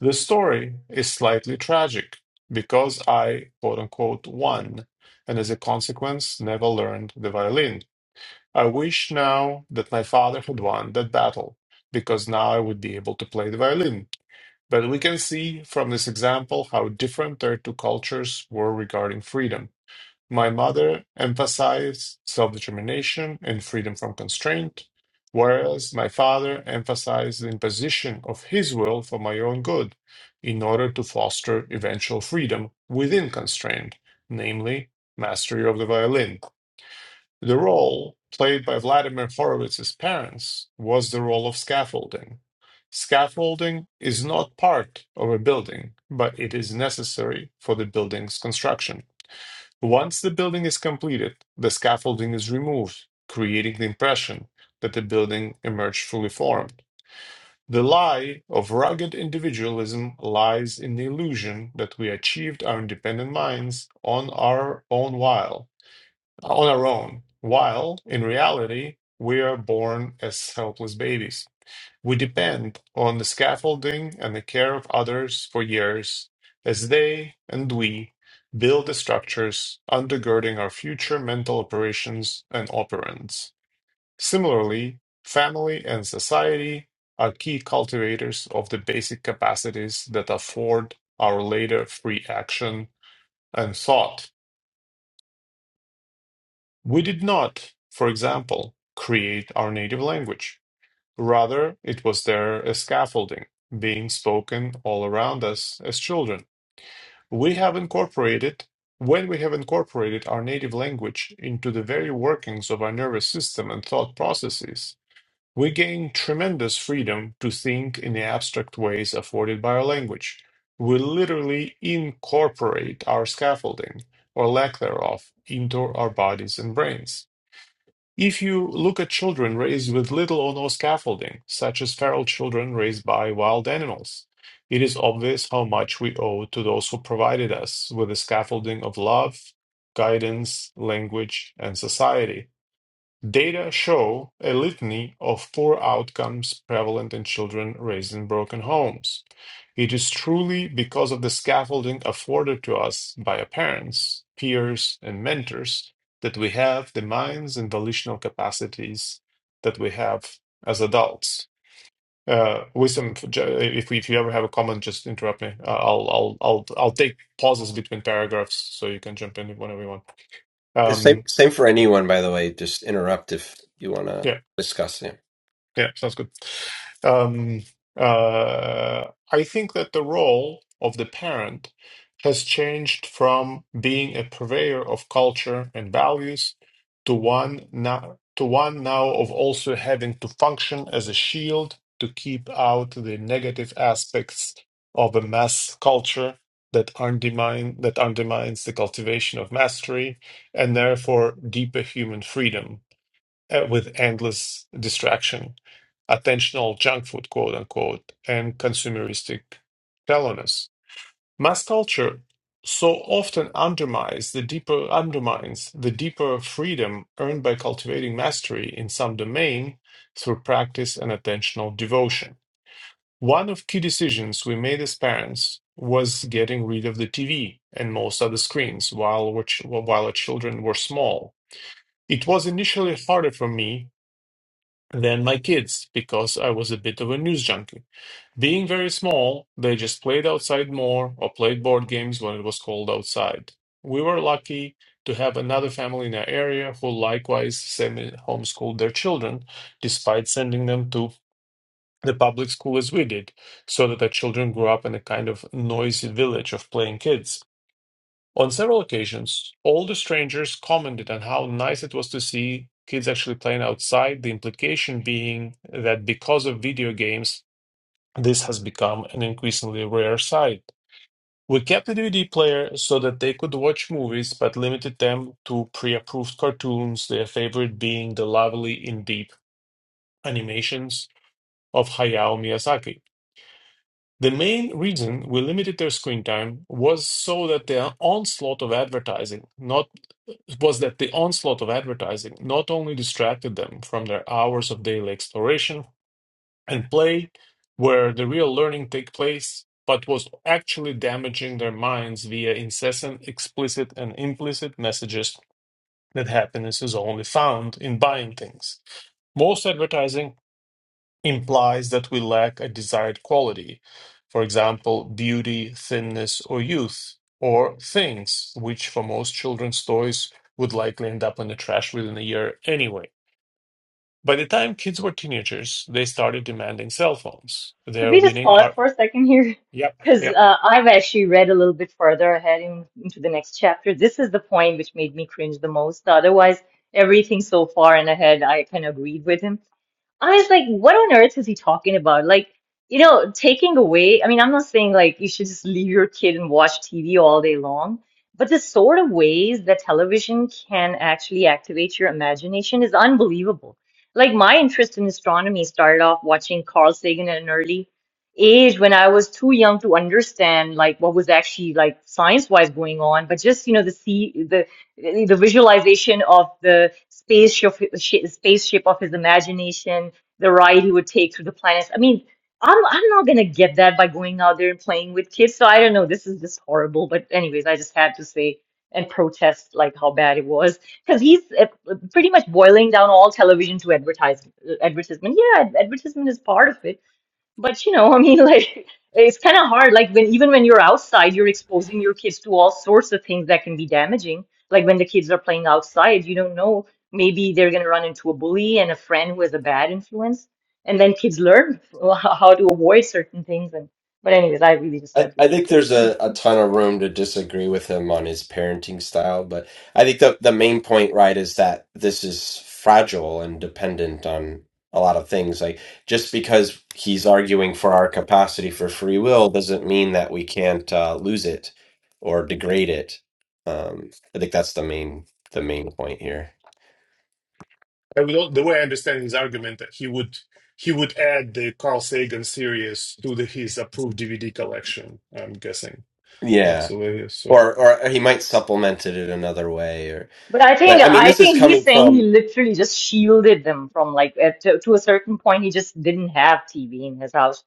The story is slightly tragic because I, quote unquote, won, and as a consequence, never learned the violin. I wish now that my father had won that battle because now I would be able to play the violin. But we can see from this example how different their two cultures were regarding freedom. My mother emphasized self determination and freedom from constraint, whereas my father emphasized the imposition of his will for my own good in order to foster eventual freedom within constraint, namely, mastery of the violin. The role played by Vladimir Horowitz's parents was the role of scaffolding. Scaffolding is not part of a building, but it is necessary for the building's construction. Once the building is completed, the scaffolding is removed, creating the impression that the building emerged fully formed. The lie of rugged individualism lies in the illusion that we achieved our independent minds on our own while on our own, while in reality, we are born as helpless babies. We depend on the scaffolding and the care of others for years as they and we build the structures undergirding our future mental operations and operands. Similarly, family and society are key cultivators of the basic capacities that afford our later free action and thought We did not, for example, create our native language. Rather, it was there as scaffolding, being spoken all around us as children. We have incorporated, when we have incorporated our native language into the very workings of our nervous system and thought processes, we gain tremendous freedom to think in the abstract ways afforded by our language. We literally incorporate our scaffolding, or lack thereof, into our bodies and brains. If you look at children raised with little or no scaffolding, such as feral children raised by wild animals, it is obvious how much we owe to those who provided us with the scaffolding of love, guidance, language, and society. Data show a litany of poor outcomes prevalent in children raised in broken homes. It is truly because of the scaffolding afforded to us by our parents, peers, and mentors that we have the minds and volitional capacities that we have as adults. Uh, wisdom. If we, if you ever have a comment, just interrupt me. Uh, I'll I'll I'll I'll take pauses between paragraphs so you can jump in whenever you want.
The same
Um,
same for anyone, by the way. Just interrupt if you want to
Yeah.
discuss it.
Yeah, sounds good. Um, uh, I think that the role of the parent has changed from being a purveyor of culture and values to one now to one now of also having to function as a shield to keep out the negative aspects of a mass culture that undermine that undermines the cultivation of mastery and therefore deeper human freedom uh, with endless distraction, attentional junk food, quote unquote, and consumeristic shallowness. Mass culture so often undermines the deeper undermines the deeper freedom earned by cultivating mastery in some domain through practice and attentional devotion. One of key decisions we made as parents was getting rid of the TV and most other screens while, we're ch- while our children were small. It was initially harder for me than my kids because I was a bit of a news junkie. Being very small, they just played outside more or played board games when it was cold outside. We were lucky to have another family in our area who likewise semi homeschooled their children, despite sending them to the public school as we did, so that our children grew up in a kind of noisy village of playing kids. On several occasions, all the strangers commented on how nice it was to see kids actually playing outside, the implication being that because of video games, this has become an increasingly rare sight. We kept the DVD player so that they could watch movies, but limited them to pre approved cartoons, their favorite being the lovely in deep animations of Hayao Miyazaki. The main reason we limited their screen time was so that the onslaught of advertising, not was that the onslaught of advertising not only distracted them from their hours of daily exploration and play, where the real learning take place, but was actually damaging their minds via incessant explicit and implicit messages that happiness is only found in buying things. Most advertising implies that we lack a desired quality, for example, beauty, thinness, or youth, or things, which for most children's toys would likely end up in the trash within a year anyway. By the time kids were teenagers, they started demanding cell phones.
Could
They're
we just
winning
pause
our.
for a second here?
Yep,
Because
yeah.
uh, I've actually read a little bit further ahead in, into the next chapter. This is the point which made me cringe the most. Otherwise, everything so far and ahead, I kind of agreed with him. I was like, what on earth is he talking about? Like, you know, taking away, I mean, I'm not saying like you should just leave your kid and watch TV all day long, but the sort of ways that television can actually activate your imagination is unbelievable. Like, my interest in astronomy started off watching Carl Sagan at an early age when I was too young to understand like what was actually like science-wise going on, but just, you know, the see the the visualization of the spaceship spaceship of his imagination the ride he would take through the planets. I mean, I'm I'm not gonna get that by going out there and playing with kids. So I don't know. This is just horrible. But anyways, I just had to say and protest like how bad it was because he's uh, pretty much boiling down all television to advertise advertisement. Yeah, ad- advertisement is part of it but you know, I mean, like it's kind of hard. Like when even when you're outside, you're exposing your kids to all sorts of things that can be damaging. Like when the kids are playing outside, you don't know. Maybe they're going to run into a bully and a friend who has a bad influence, and then kids learn how to avoid certain things. And but anyways, I really just
I,
had to
I
say
think
this.
there's a, a ton of room to disagree with him on his parenting style, but I think the the main point, right, is that this is fragile and dependent on a lot of things. Like just because he's arguing for our capacity for free will doesn't mean that we can't uh, lose it or degrade it. Um, I think that's the main the main point here.
I would, al- the way I understand his argument, that he would he would add the Carl Sagan series to the, his approved DVD collection. I'm guessing that's
Yeah.
the way it is. So
Or or he might supplement it in another way or
But I think
but I mean
I
this is
think he's
coming
saying he
from
literally just shielded them from like at, to, to a certain point he just didn't have TV in his house.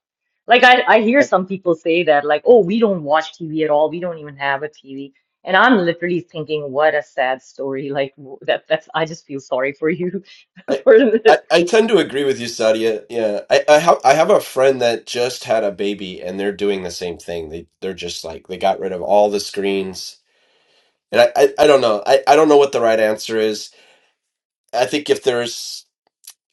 Like I I hear some people say that like oh we don't watch TV at all we don't even have a TV and I'm literally thinking what a sad story like w- that that's I just feel sorry for you
I,
for
I I tend to agree with you, Sadia. Yeah, I I have I have a friend that just had a baby, and they're doing the same thing. They they're just like they got rid of all the screens, and I I, I don't know. I I don't know what the right answer is. I think if there's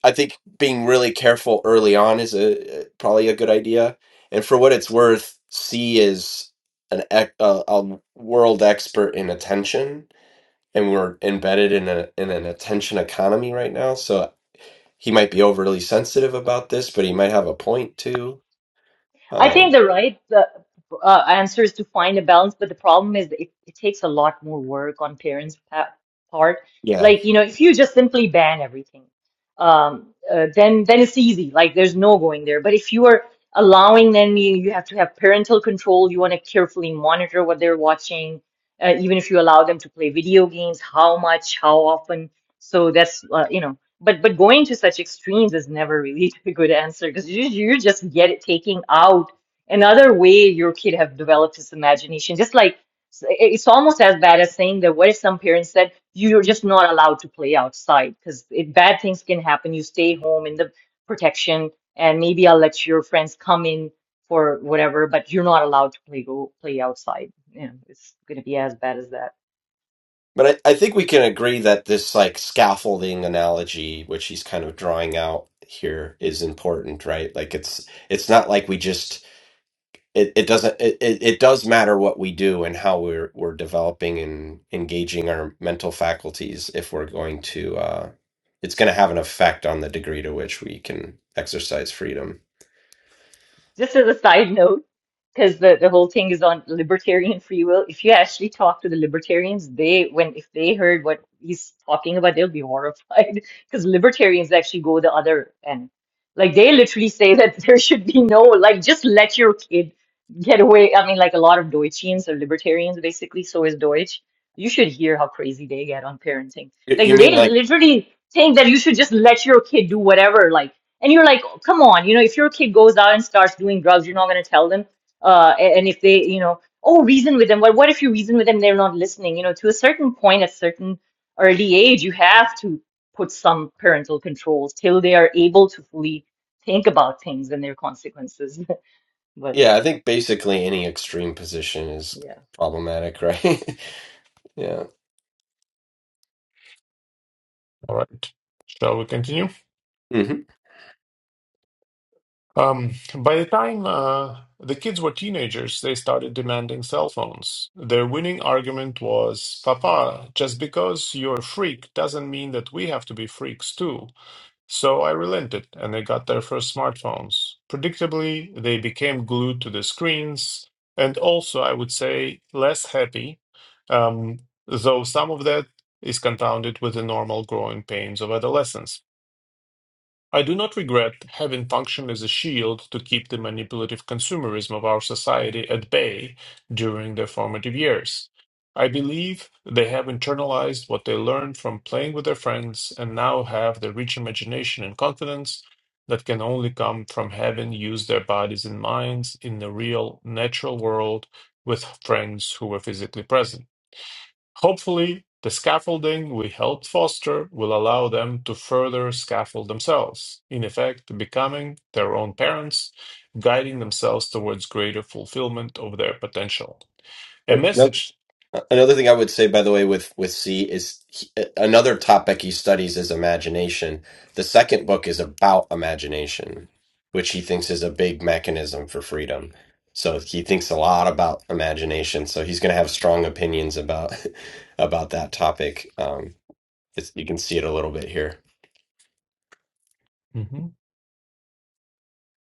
I think being really careful early on is a probably a good idea. And for what it's worth, C is an ec- a, a world expert in attention, and we're embedded in a in an attention economy right now. So he might be overly sensitive about this, but he might have a point too.
I think
Um,
the right uh, uh, answer is to find a balance, but the problem is that it, it takes a lot more work on parents' pa part.
yeah,
Like, you know, if you just simply ban everything, um, uh, then then it's easy. Like, there's no going there. But if you are allowing, then you, you have to have parental control. You want to carefully monitor what they're watching, uh, even if you allow them to play video games, how much, how often. So that's uh, you know. But but going to such extremes is never really a good answer because you you're just get it taking out another way your kid have developed his imagination. Just like s- it's almost as bad as saying that what if some parents said you're just not allowed to play outside because bad things can happen. You stay home in the protection and maybe I'll let your friends come in for whatever, but you're not allowed to play go play outside. You know, it's gonna be as bad as that.
but I, I think we can agree that this like scaffolding analogy, which he's kind of drawing out here, is important, right? Like it's it's not like we just it, it doesn't it, it it does matter what we do and how we're we're developing and engaging our mental faculties if we're going to. uh, it's going to have an effect on the degree to which we can exercise freedom.
Just as a side note, because the, the whole thing is on libertarian free will. If you actually talk to the libertarians, they when if they heard what he's talking about, they'll be horrified because libertarians actually go the other end. Like they literally say that there should be no like just let your kid get away. I mean, like a lot of Deutschians are libertarians basically, so is Deutsch. You should hear how crazy they get on parenting.
You, you
Like
mean
they
like,
literally think that you should just let your kid do whatever, like and you're like, "Oh, come on, you know, if your kid goes out and starts doing drugs, you're not going to tell them. Uh, a- and if they, you know, oh, reason with them. Well, what if you reason with them, they're not listening? You know, to a certain point, at certain early age, you have to put some parental controls till they are able to fully think about things and their consequences. But
yeah, I
yeah,
think basically any extreme position is
yeah.
problematic, right? yeah.
All right. Shall we continue?
hmm
Um, by the time uh, the kids were teenagers, they started demanding cell phones. Their winning argument was, Papa, just because you're a freak doesn't mean that we have to be freaks too. So I relented and they got their first smartphones. Predictably, they became glued to the screens and also, I would say, less happy, um, though some of that is compounded with the normal growing pains of adolescence. I do not regret having functioned as a shield to keep the manipulative consumerism of our society at bay during their formative years. I believe they have internalized what they learned from playing with their friends and now have the rich imagination and confidence that can only come from having used their bodies and minds in the real, natural world with friends who were physically present. Hopefully, the scaffolding we helped foster will allow them to further scaffold themselves, in effect, becoming their own parents, guiding themselves towards greater fulfillment of their potential. A message.
Another thing I would say, by the way, with with C is he, another topic he studies is imagination. The second book is about imagination, which he thinks is a big mechanism for freedom. So he thinks a lot about imagination. So he's going to have strong opinions about about that topic. Um, it's, you can see it a little bit here.
Mhm.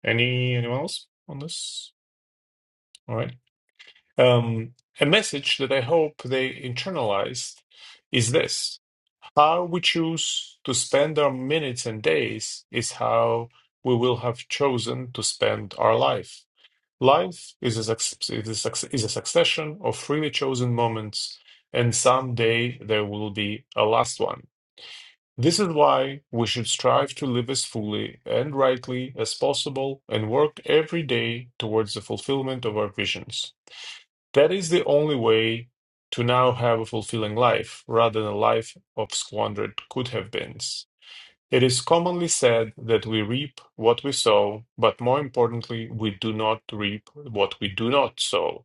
Any anyone else on this? All right. Um, a message that I hope they internalized is this: How we choose to spend our minutes and days is how we will have chosen to spend our life. Life is a, suc- is, a, suc- is a succession of freely chosen moments, and someday there will be a last one. This is why we should strive to live as fully and rightly as possible and work every day towards the fulfillment of our visions. That is the only way to now have a fulfilling life rather than a life of squandered could have beens it is commonly said that we reap what we sow, but more importantly, we do not reap what we do not sow.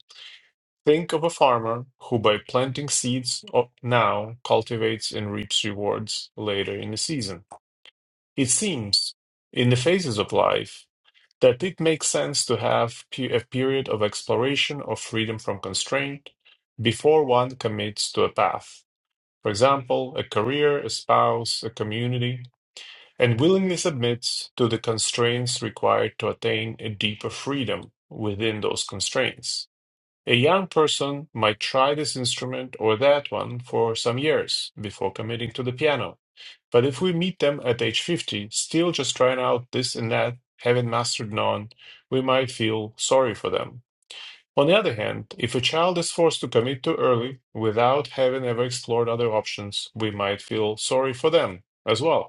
Think of a farmer who, by planting seeds o- now, cultivates and reaps rewards later in the season. It seems, in the phases of life, that it makes sense to have pe- a period of exploration or freedom from constraint before one commits to a path. For example, a career, a spouse, a community, and willingly submits to the constraints required to attain a deeper freedom within those constraints. A young person might try this instrument or that one for some years before committing to the piano. But if we meet them at age 50, still just trying out this and that, haven't mastered none, we might feel sorry for them. On the other hand, if a child is forced to commit too early without having ever explored other options, we might feel sorry for them as well.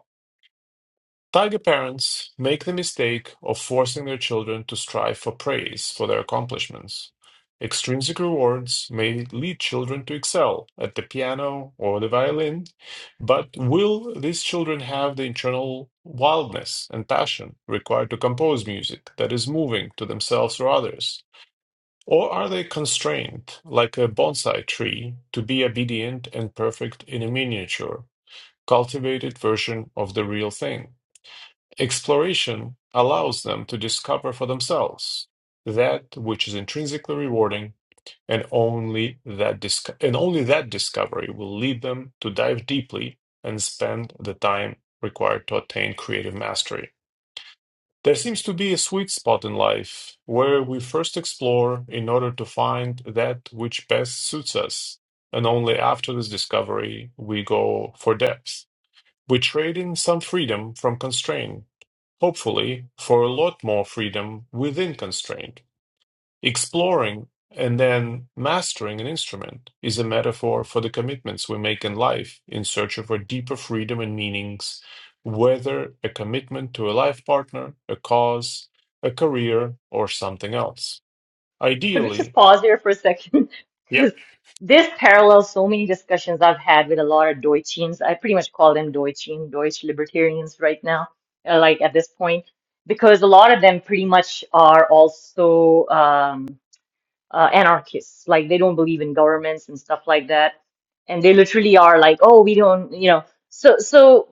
Tiger parents make the mistake of forcing their children to strive for praise for their accomplishments. Extrinsic rewards may lead children to excel at the piano or the violin, but will these children have the internal wildness and passion required to compose music that is moving to themselves or others? Or are they constrained, like a bonsai tree, to be obedient and perfect in a miniature, cultivated version of the real thing? Exploration allows them to discover for themselves that which is intrinsically rewarding, and only that disco- and only that discovery will lead them to dive deeply and spend the time required to attain creative mastery. There seems to be a sweet spot in life where we first explore in order to find that which best suits us, and only after this discovery we go for depth. We trade in some freedom from constraint, hopefully for a lot more freedom within constraint. Exploring and then mastering an instrument is a metaphor for the commitments we make in life in search of a deeper freedom and meanings, whether a commitment to a life partner, a cause, a career, or something else.
Could we just
Ideally,
pause there for a second? Because this parallels so many discussions I've had with a lot of Deutschians. I pretty much call them Deutschen, Deutsch libertarians right now, uh, like at this point, because a lot of them pretty much are also um, uh, anarchists. Like they don't believe in governments and stuff like that. And they literally are like, oh, we don't, you know. So, so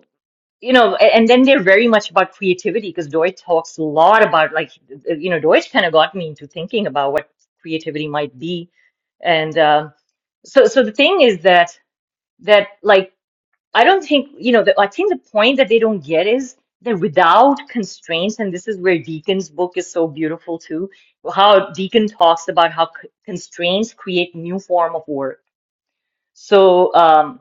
you know, a- and then they're very much about creativity because Deutsch talks a lot about like, uh, you know, Deutsch kind of got me into thinking about what creativity might be, and um, so so the thing is that that like I don't think you know, the, I think the point that they don't get is that without constraints, and this is where Deacon's book is so beautiful too, how Deacon talks about how c- constraints create new form of work. So. Um,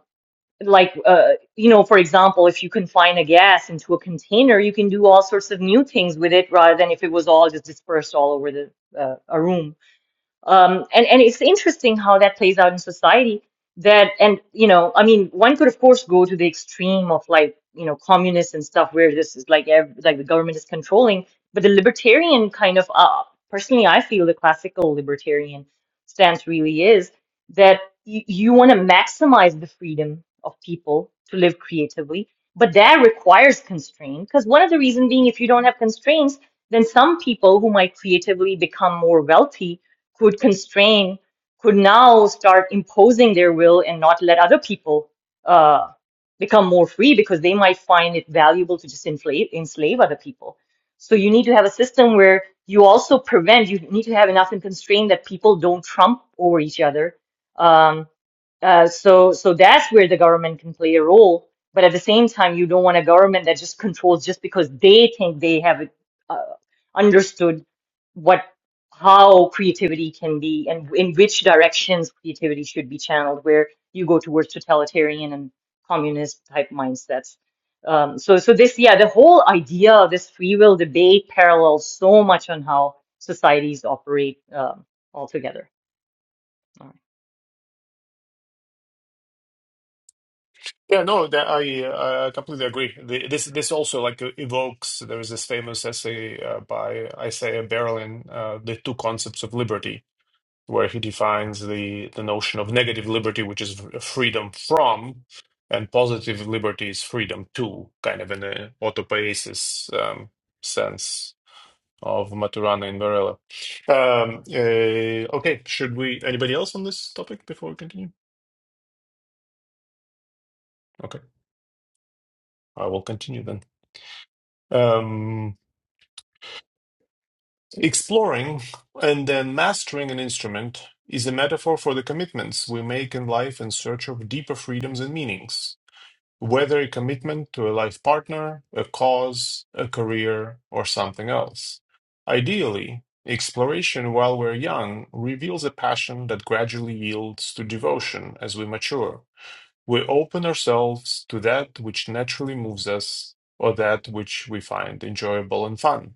like uh, you know for example if you confine a gas into a container you can do all sorts of new things with it rather than if it was all just dispersed all over the uh, a room um, and and it's interesting how that plays out in society that and you know i mean one could of course go to the extreme of like you know communists and stuff where this is like ev like the government is controlling but the libertarian kind of uh, personally i feel the classical libertarian stance really is that you, you want to maximize the freedom of people to live creatively but that requires constraint because one of the reasons being if you don't have constraints then some people who might creatively become more wealthy could constrain, could now start imposing their will and not let other people uh, become more free because they might find it valuable to just inflate, enslave other people. So you need to have a system where you also prevent, you need to have enough and constraint that people don't trump over each other. Um, uh, so, so that's where the government can play a role. But at the same time, you don't want a government that just controls just because they think they have uh, understood what how creativity can be and in which directions creativity should be channeled, where you go towards totalitarian and communist type mindsets. Um, so, so this, yeah, the whole idea of this free will debate parallels so much on how societies operate um, altogether.
Yeah, no, that I uh, I completely agree. The, this this also like uh, evokes there is this famous essay uh, by Isaiah Berlin, uh, the two concepts of liberty, where he defines the the notion of negative liberty, which is f- freedom from, and positive liberty is freedom to, kind of in a autopoiesis um, sense of Maturana and Varela. Um, uh, okay, should we? Anybody else on this topic before we continue? Okay, I will continue then. Um, Exploring and then mastering an instrument is a metaphor for the commitments we make in life in search of deeper freedoms and meanings, whether a commitment to a life partner, a cause, a career, or something else. Ideally, exploration while we're young reveals a passion that gradually yields to devotion as we mature. We open ourselves to that which naturally moves us or that which we find enjoyable and fun.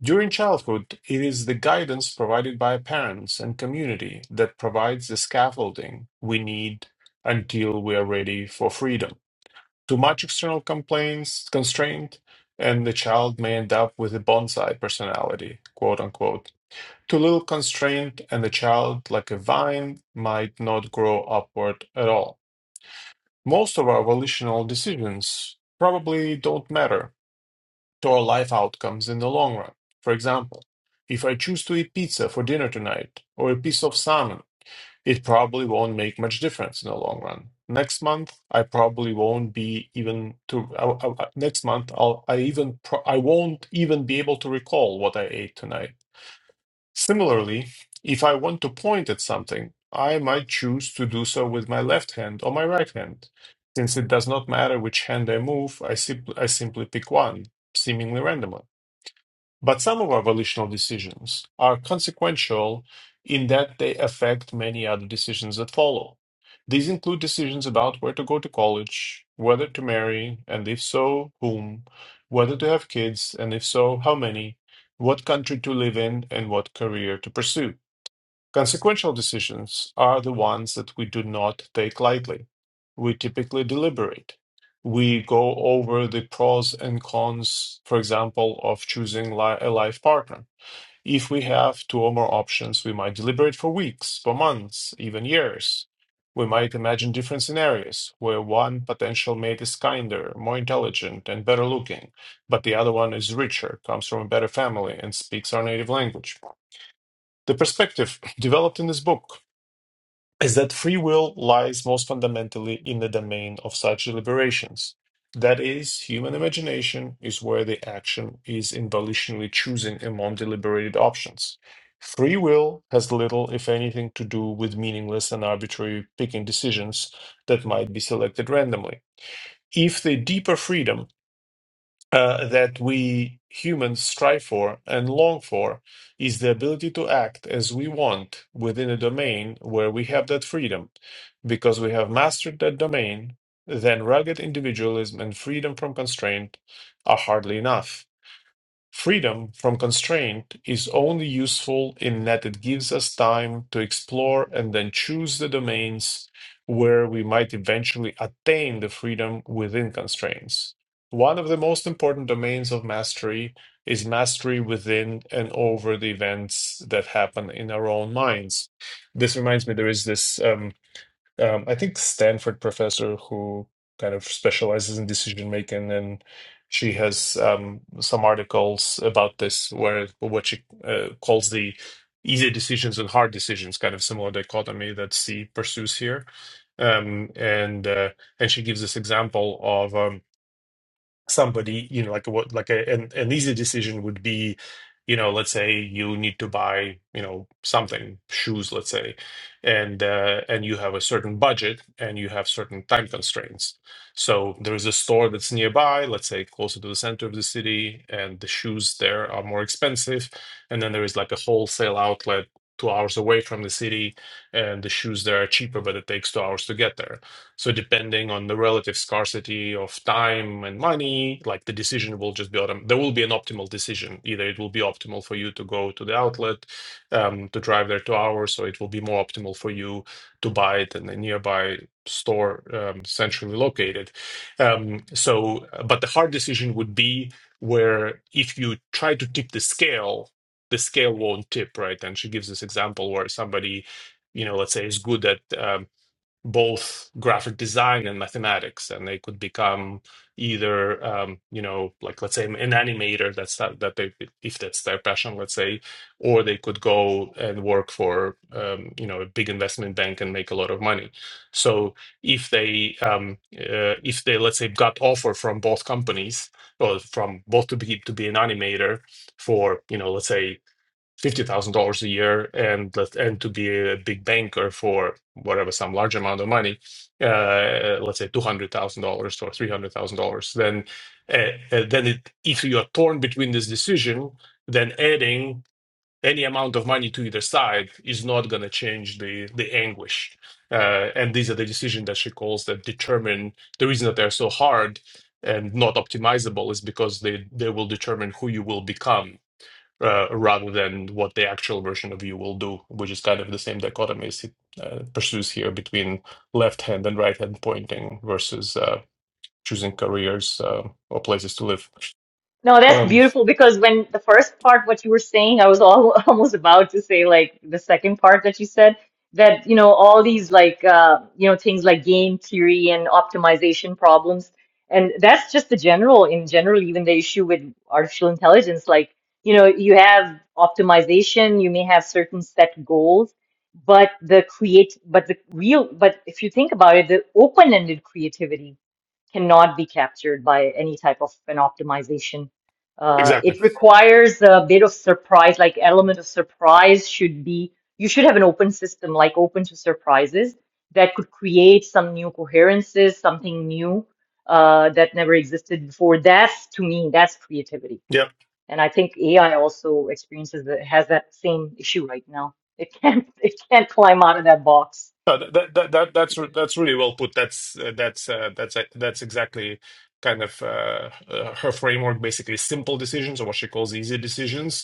During childhood, it is the guidance provided by parents and community that provides the scaffolding we need until we are ready for freedom. Too much external complaints, constraint, and the child may end up with a bonsai personality, quote unquote. Too little constraint, and the child, like a vine, might not grow upward at all. Most of our volitional decisions probably don't matter to our life outcomes in the long run. For example, if I choose to eat pizza for dinner tonight or a piece of salmon, it probably won't make much difference in the long run. Next month, I probably won't be even to. I- I- next month, I'll I even pro, I won't even be able to recall what I ate tonight. Similarly, if I want to point at something, I might choose to do so with my left hand or my right hand. Since it does not matter which hand I move, I, sim- I simply pick one, seemingly randomly. But some of our volitional decisions are consequential in that they affect many other decisions that follow. These include decisions about where to go to college, whether to marry, and if so, whom, whether to have kids, and if so, how many, what country to live in, and what career to pursue. Consequential decisions are the ones that we do not take lightly. We typically deliberate. We go over the pros and cons, for example, of choosing li- a life partner. If we have two or more options, we might deliberate for weeks, for months, even years. We might imagine different scenarios where one potential mate is kinder, more intelligent, and better looking, but the other one is richer, comes from a better family, and speaks our native language. The perspective developed in this book is that free will lies most fundamentally in the domain of such deliberations. That is, human imagination is where the action is in volitionally choosing among deliberated options. Free will has little, if anything, to do with meaningless and arbitrary picking decisions that might be selected randomly. If the deeper freedom uh, that we humans strive for and long for is the ability to act as we want within a domain where we have that freedom. Because we have mastered that domain, then rugged individualism and freedom from constraint are hardly enough. Freedom from constraint is only useful in that it gives us time to explore and then choose the domains where we might eventually attain the freedom within constraints. One of the most important domains of mastery is mastery within and over the events that happen in our own minds. This reminds me, there is this. um, um, I think Stanford professor who kind of specializes in decision making, and she has um, some articles about this where what she uh, calls the easy decisions and hard decisions, kind of similar dichotomy that C pursues here. Um, and uh, and she gives this example of um, somebody you know like what like a, an, an easy decision would be you know let's say you need to buy you know something shoes let's say and uh, and you have a certain budget and you have certain time constraints so there is a store that's nearby let's say closer to the center of the city and the shoes there are more expensive and then there is like a wholesale outlet two hours away from the city and the shoes there are cheaper but it takes two hours to get there so depending on the relative scarcity of time and money, like the decision will just be autom- there will be an optimal decision. Either it will be optimal for you to go to the outlet um, to drive there two hours, or it will be more optimal for you to buy it in a nearby store um, centrally located. Um, so, but the hard decision would be where if you try to tip the scale, the scale won't tip, right? And she gives this example where somebody, you know, let's say is good at um, both graphic design and mathematics and they could become either um, you know like let's say an animator that's that, that they if that's their passion let's say or they could go and work for um, you know a big investment bank and make a lot of money so if they um, uh, if they let's say got offer from both companies or from both to be to be an animator for you know let's say fifty thousand dollars a year and and to be a big banker for whatever some large amount of money, uh, let's say two hundred thousand dollars or three hundred thousand dollars, then uh, uh, then it, if you are torn between this decision, then adding any amount of money to either side is not going to change the the anguish. Uh, and these are the decisions that she calls that determine the reason that they're so hard and not optimizable is because they they will determine who you will become uh, rather than what the actual version of you will do, which is kind of the same dichotomy as he uh, pursues here between left hand and right hand pointing versus uh, choosing careers uh, or places to live.
No, that's
Um,
beautiful because when the first part, what you were saying, I was all almost about to say like the second part that you said that, you know, all these like, uh, you know, things like game theory and optimization problems. And that's just the general, in general, even the issue with artificial intelligence. Like, you know, you have optimization, you may have certain set goals, but the create, but the real, but if you think about it, the open-ended creativity cannot be captured by any type of an optimization. Uh,
exactly.
it requires a bit of surprise, like element of surprise should be, you should have an open system, like open to surprises that could create some new coherences, something new uh, that never existed before. That's, to me, that's creativity.
Yeah.
And I think AI also experiences that, has that same issue right now. It can't, it can't climb out of that box.
Uh, th- that, that that that's re- that's really well put. That's uh, that's uh, that's uh, that's exactly kind of uh, uh, her framework. Basically, simple decisions or what she calls easy decisions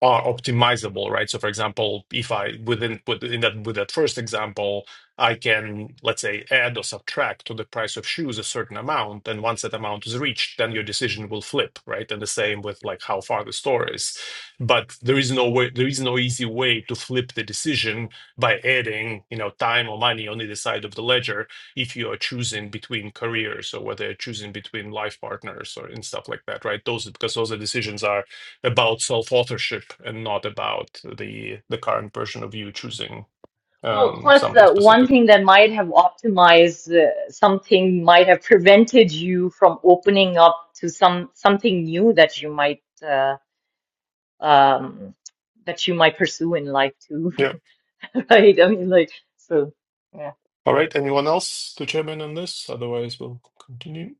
are optimizable, right? So, for example, if I within within that with that first example, I can let's say add or subtract to the price of shoes a certain amount, and once that amount is reached, then your decision will flip, right? And the same with like how far the store is. But there is no way, there is no easy way to flip the decision by adding, you know, time or money on either side of the ledger if you are choosing between careers or whether you're choosing between life partners or and stuff like that, right? Those because those are decisions are about self-authorship and not about the the current version of you choosing
Well,
um,
plus
something
uh, one
specific.
thing that might have optimized uh, something might have prevented you from opening up to some something new that you might uh, um, that you might pursue in life too,
Yeah.
right? I mean, like so, yeah.
All right. Anyone else to chime in on this? Otherwise, we'll continue.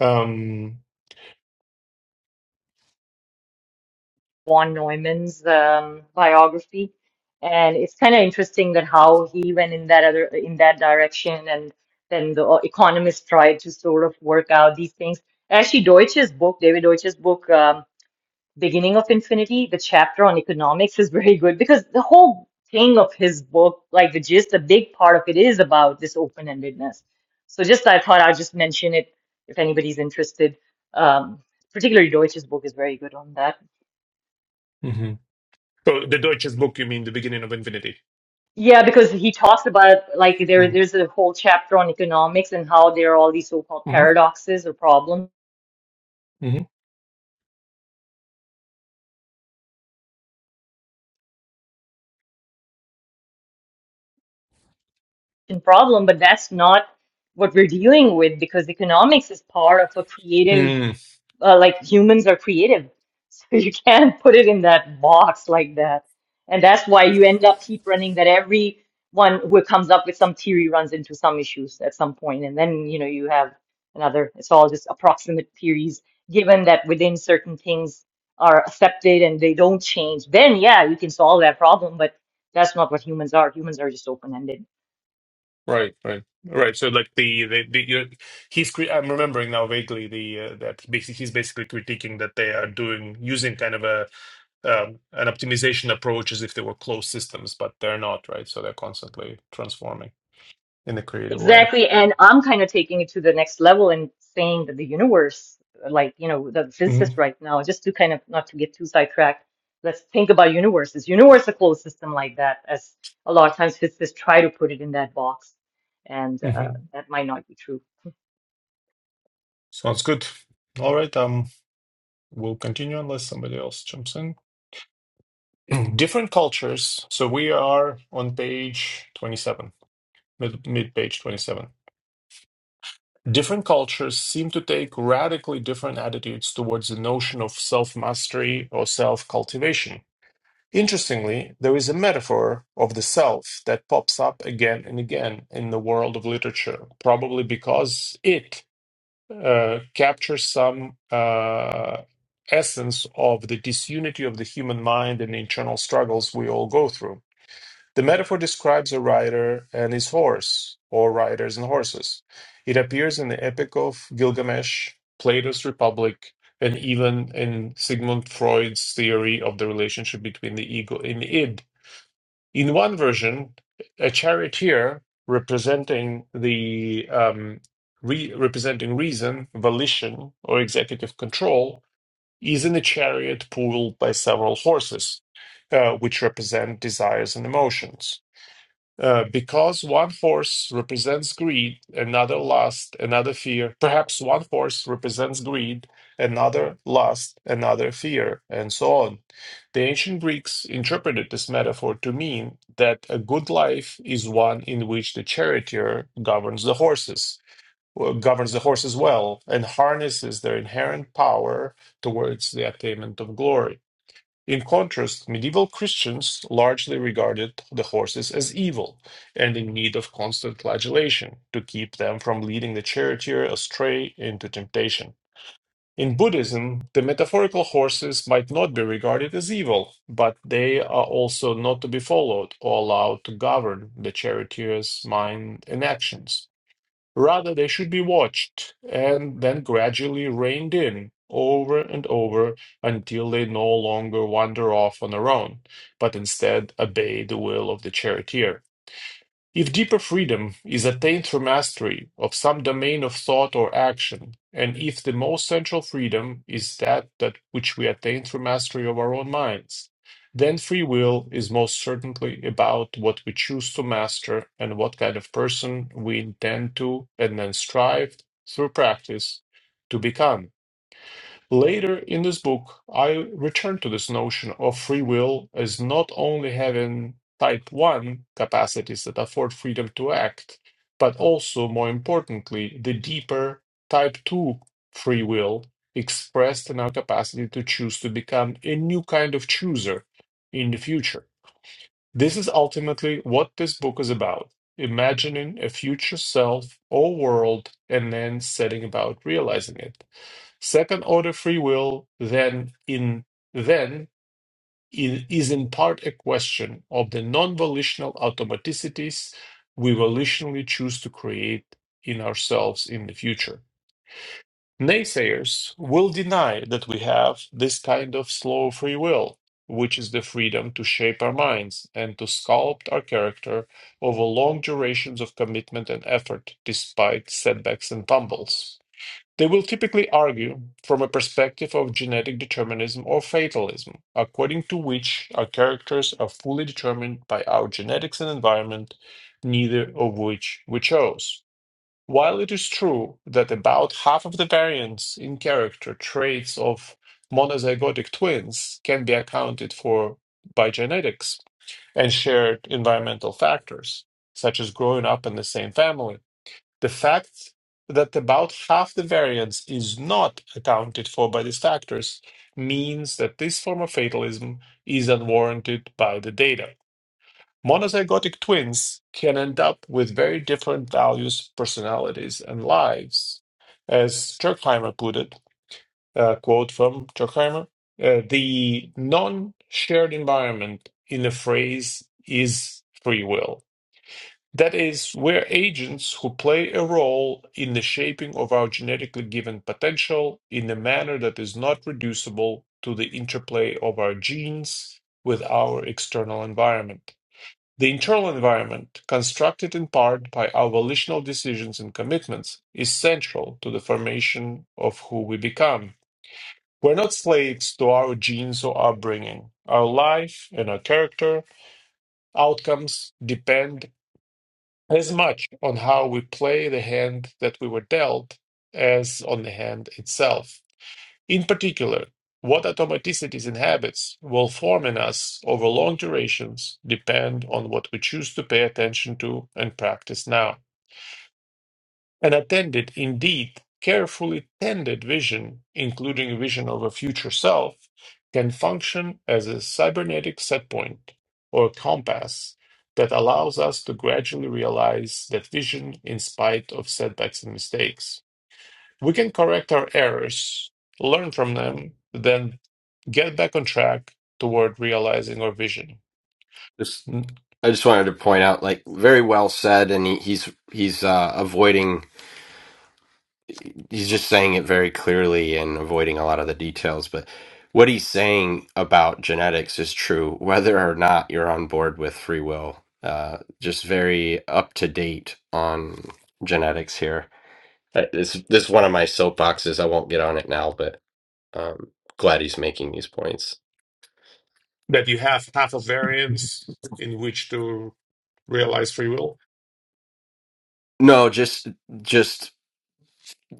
Um,
Von Neumann's um, biography, and it's kind of interesting that how he went in that other in that direction, and then the uh, economists tried to sort of work out these things. Actually, Deutsch's book, David Deutsch's book. Um, Beginning of Infinity, the chapter on economics is very good because the whole thing of his book, like the gist, a big part of it is about this open-endedness. So just I thought I'd just mention it if anybody's interested. Um, particularly Deutsch's book is very good on that.
mhm. Oh, the Deutsches Buch. You mean the beginning of infinity?
Yeah, because he talks about like there there's a whole chapter on economics and how there are all these so-called
Mm-hmm.
paradoxes or problems and problem, but that's not what we're dealing with because economics is part of a creative
Mm-hmm.
uh, like humans are creative. So you can't put it in that box like that. And that's why you end up keep running that every one who comes up with some theory runs into some issues at some point. And then, you know, you have another, it's all just approximate theories, given that within certain things are accepted and they don't change. Then, yeah, you can solve that problem. But that's not what humans are. Humans are just open-ended.
Right, right, right. So like the the, the you know, he's cre- I'm remembering now vaguely the uh, that he basically he's basically critiquing that they are doing using kind of a um, an optimization approach as if they were closed systems, but they're not, right? So they're constantly transforming in a creative way.
Exactly. And I'm kind of taking it to the next level and saying that the universe, like, you know, the
hmm
physicists right now, just to kind of not to get too sidetracked, let's think about universes. Universe, is a closed system like that, as a lot of times physicists try to put it in that box. And
hmm
uh, that might not be true.
Sounds good. All right. Um, we'll continue unless somebody else jumps in. Different cultures. So we are on page twenty-seven, mid mid page twenty-seven. Different cultures seem to take radically different attitudes towards the notion of self mastery or self cultivation. Interestingly, there is a metaphor of the self that pops up again and again in the world of literature, probably because it uh, captures some uh, essence of the disunity of the human mind and the internal struggles we all go through. The metaphor describes a rider and his horse, or riders and horses. It appears in the Epic of Gilgamesh, Plato's Republic, and even in Sigmund Freud's theory of the relationship between the ego and the id. In one version, a charioteer representing the um, re- representing reason, volition, or executive control is in a chariot pulled by several horses, uh, which represent desires and emotions. Uh, because one force represents greed, another lust, another fear. Perhaps one force represents greed, another lust, another fear, and so on. The ancient Greeks interpreted this metaphor to mean that a good life is one in which the charioteer governs the horses, well, governs the horses well, and harnesses their inherent power towards the attainment of glory. In contrast, medieval Christians largely regarded the horses as evil and in need of constant flagellation to keep them from leading the charioteer astray into temptation. In Buddhism, the metaphorical horses might not be regarded as evil, but they are also not to be followed or allowed to govern the charioteer's mind and actions. Rather, they should be watched and then gradually reined in over and over until they no longer wander off on their own, but instead obey the will of the charioteer. If deeper freedom is attained through mastery of some domain of thought or action, and if the most central freedom is that, that which we attain through mastery of our own minds, then free will is most certainly about what we choose to master and what kind of person we intend to and then strive through practice to become. Later in this book, I return to this notion of free will as not only having type 1 capacities that afford freedom to act, but also, more importantly, the deeper type 2 free will expressed in our capacity to choose to become a new kind of chooser in the future. This is ultimately what this book is about imagining a future self or world and then setting about realizing it. Second order free will then in then i- is in part a question of the non-volitional automaticities we volitionally choose to create in ourselves in the future. Naysayers will deny that we have this kind of slow free will, which is the freedom to shape our minds and to sculpt our character over long durations of commitment and effort despite setbacks and tumbles. They will typically argue from a perspective of genetic determinism or fatalism, according to which our characters are fully determined by our genetics and environment, neither of which we chose. While it is true that about half of the variants in character traits of monozygotic twins can be accounted for by genetics and shared environmental factors, such as growing up in the same family, the fact that about half the variance is not accounted for by these factors means that this form of fatalism is unwarranted by the data. Monozygotic twins can end up with very different values, personalities, and lives. As Turkheimer put it, a quote from Turkheimer, uh, the non shared environment in a phrase is free will that is, we're agents who play a role in the shaping of our genetically given potential in a manner that is not reducible to the interplay of our genes with our external environment. The internal environment, constructed in part by our volitional decisions and commitments, is central to the formation of who we become. We're not slaves to our genes or upbringing. Our life and our character outcomes depend as much on how we play the hand that we were dealt as on the hand itself. In particular, what automaticities and habits will form in us over long durations depend on what we choose to pay attention to and practice now. An attended indeed carefully tended vision including a vision of a future self can function as a cybernetic setpoint or compass that allows us to gradually realize that vision in spite of setbacks and mistakes we can correct our errors learn from them then get back on track toward realizing our vision
Just,
Mm.
I just wanted to point out, like, very well said, and he, he's he's uh, avoiding. he's just saying it very clearly and avoiding a lot of the details but what he's saying about genetics is true whether or not you're on board with free will uh, just very up to date on genetics here Uh, this, this is one of my soapboxes i won't get on it now but um, glad he's making these points
that you have half a variance in which to realize free will
no just just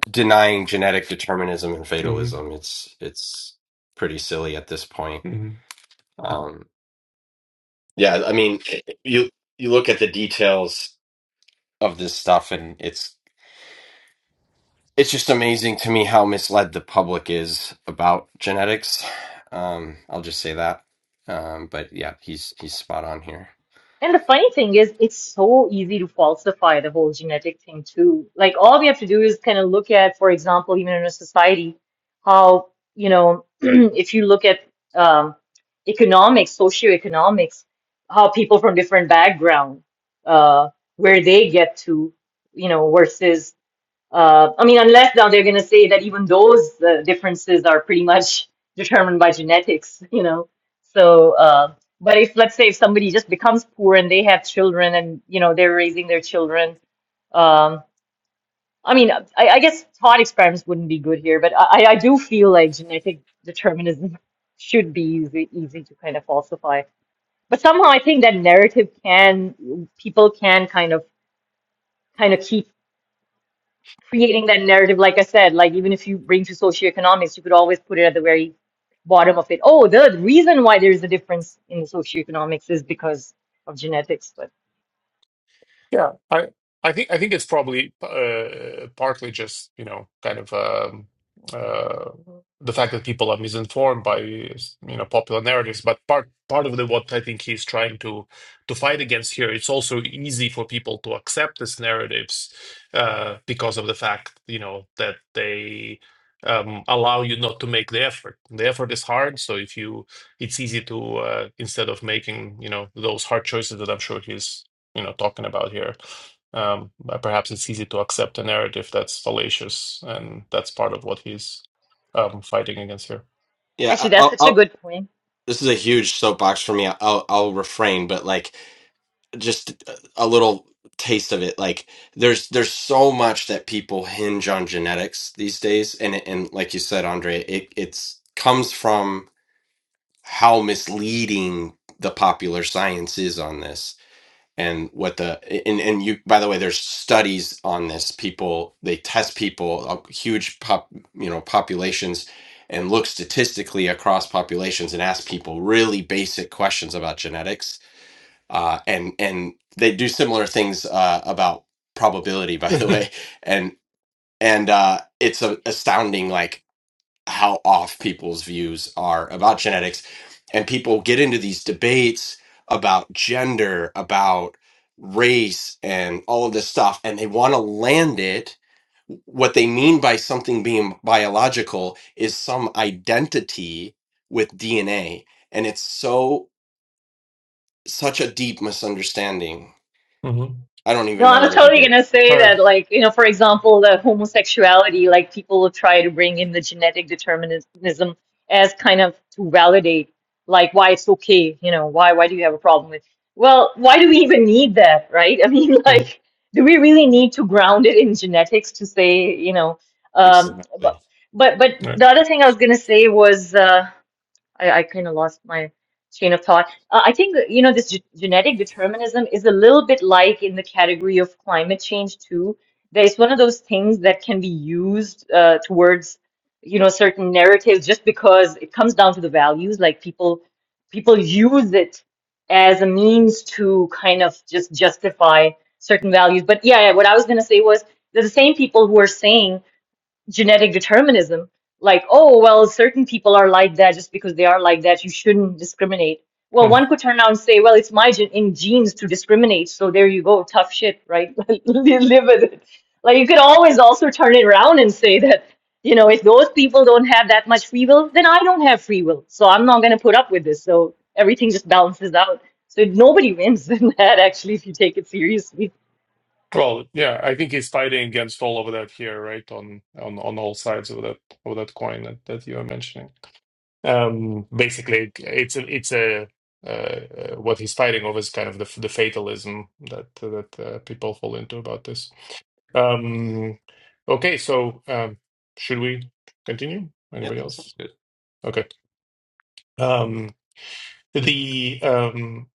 denying genetic determinism and
Mhm.
fatalism it's it's pretty silly at this point Um, Yeah, I mean, you you look at the details of this stuff, and it's it's just amazing to me how misled the public is about genetics. Um, I'll just say that. Um, but yeah, he's he's spot on here.
And the funny thing is, it's so easy to falsify the whole genetic thing too. Like all we have to do is kind of look at, for example, even in a society, how, you know, if you look at um, economics, socioeconomics, how people from different background, uh, where they get to, you know, versus uh, I mean, unless now they're going to say that even those uh, differences are pretty much determined by genetics, you know. So, uh, but if let's say if somebody just becomes poor and they have children and you know they're raising their children, um, I mean, I, I guess thought experiments wouldn't be good here, but I, I do feel like genetic determinism should be easy, easy to kind of falsify. But somehow I think that narrative can people can kind of kind of keep creating that narrative, like I said, like even if you bring to socioeconomics, you could always put it at the very bottom of it. Oh, the reason why there's a difference in socioeconomics is because of genetics. But
Yeah, I I think I think it's probably uh, partly just, you know, kind of um, uh, the fact that people are misinformed by, you know, popular narratives. But part part of the what I think he's trying to to fight against here, it's also easy for people to accept these narratives uh, because of the fact, you know, that they um, allow you not to make the effort. The effort is hard, so if you, it's easy to uh, instead of making, you know, those hard choices that I'm sure he's you know talking about here. Um, but perhaps it's easy to accept a narrative that's fallacious, and that's part of what he's um, fighting against here.
Yeah, I-
actually, that's
I'll,
such a
I'll,
good point.
this is a huge soapbox for me. I'll I'll refrain, but like just a little taste of it. Like there's there's so much that people hinge on genetics these days, and it- and like you said, Andre, it it's comes from how misleading the popular science is on this and what the and, and you by the way there's studies on this people they test people uh, huge pop you know populations and look statistically across populations and ask people really basic questions about genetics uh, and and they do similar things uh, about probability by the way and and uh, it's a, astounding like how off people's views are about genetics. And people get into these debates about gender, about race, and all of this stuff, and they want to land it. What they mean by something being biological is some identity with DNA. And it's so, such a deep misunderstanding.
Mhm.
I don't
No,
even know
I
where
was
to
totally
begin.
gonna say
All right.
that, like, you know, for example, the homosexuality, like people will try to bring in the genetic determinism as kind of to validate like why it's okay, you know, why why do you have a problem with well, why do we even need that, right? I mean,
Hmm.
like, do we really need to ground it in genetics to say, you know, um,
Exactly.
but but but
Right.
the other thing I was gonna say was uh I, I kind of lost my train of thought. Uh, I think, that, you know, this ge- genetic determinism is a little bit like in the category of climate change, too. There's one of those things that can be used uh, towards, you know, certain narratives just because it comes down to the values. Like people, people use it as a means to kind of just justify certain values. But yeah, yeah, what I was going to say was they the same people who are saying genetic determinism like oh well certain people are like that just because they are like that you shouldn't discriminate well
Hmm.
one could turn around and say well it's my gen- in genes to discriminate so there you go tough shit right Like, Li- live with it like you could always also turn it around and say that you know if those people don't have that much free will then i don't have free will so i'm not going to put up with this so everything just balances out so nobody wins in that actually if you take it seriously
Well, yeah, I think he's fighting against all of that here, right? On on on all sides of that of that coin that, that you were mentioning. Um, basically, it's a, it's a uh, uh, what he's fighting over is kind of the the fatalism that that uh, people fall into about this. Um, okay, so um, should we continue?
Yep,
Anybody
sounds
else?
good.
Okay. Um, the um,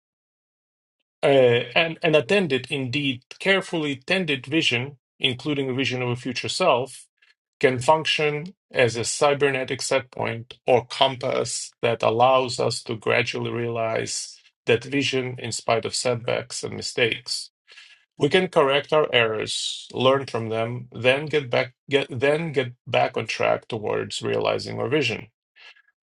uh, and, and attended, indeed, carefully tended vision, including a vision of a future self, can function as a cybernetic set point or compass that allows us to gradually realize that vision in spite of setbacks and mistakes. We can correct our errors, learn from them, then get back get then get back on track towards realizing our vision.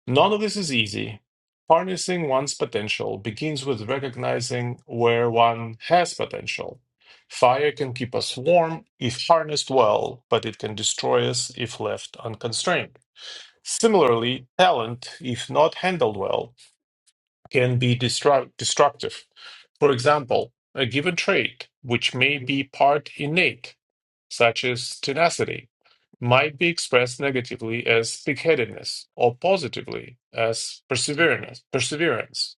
None of this is easy. Harnessing one's potential begins with recognizing where one has potential. Fire can keep us warm if harnessed well, but it can destroy us if left unconstrained. Similarly, talent, if not handled well, can be destruct- destructive. For example, a given trait, which may be part innate, such as tenacity, might be expressed negatively as thick-headedness or positively as perseverance. Perseverance,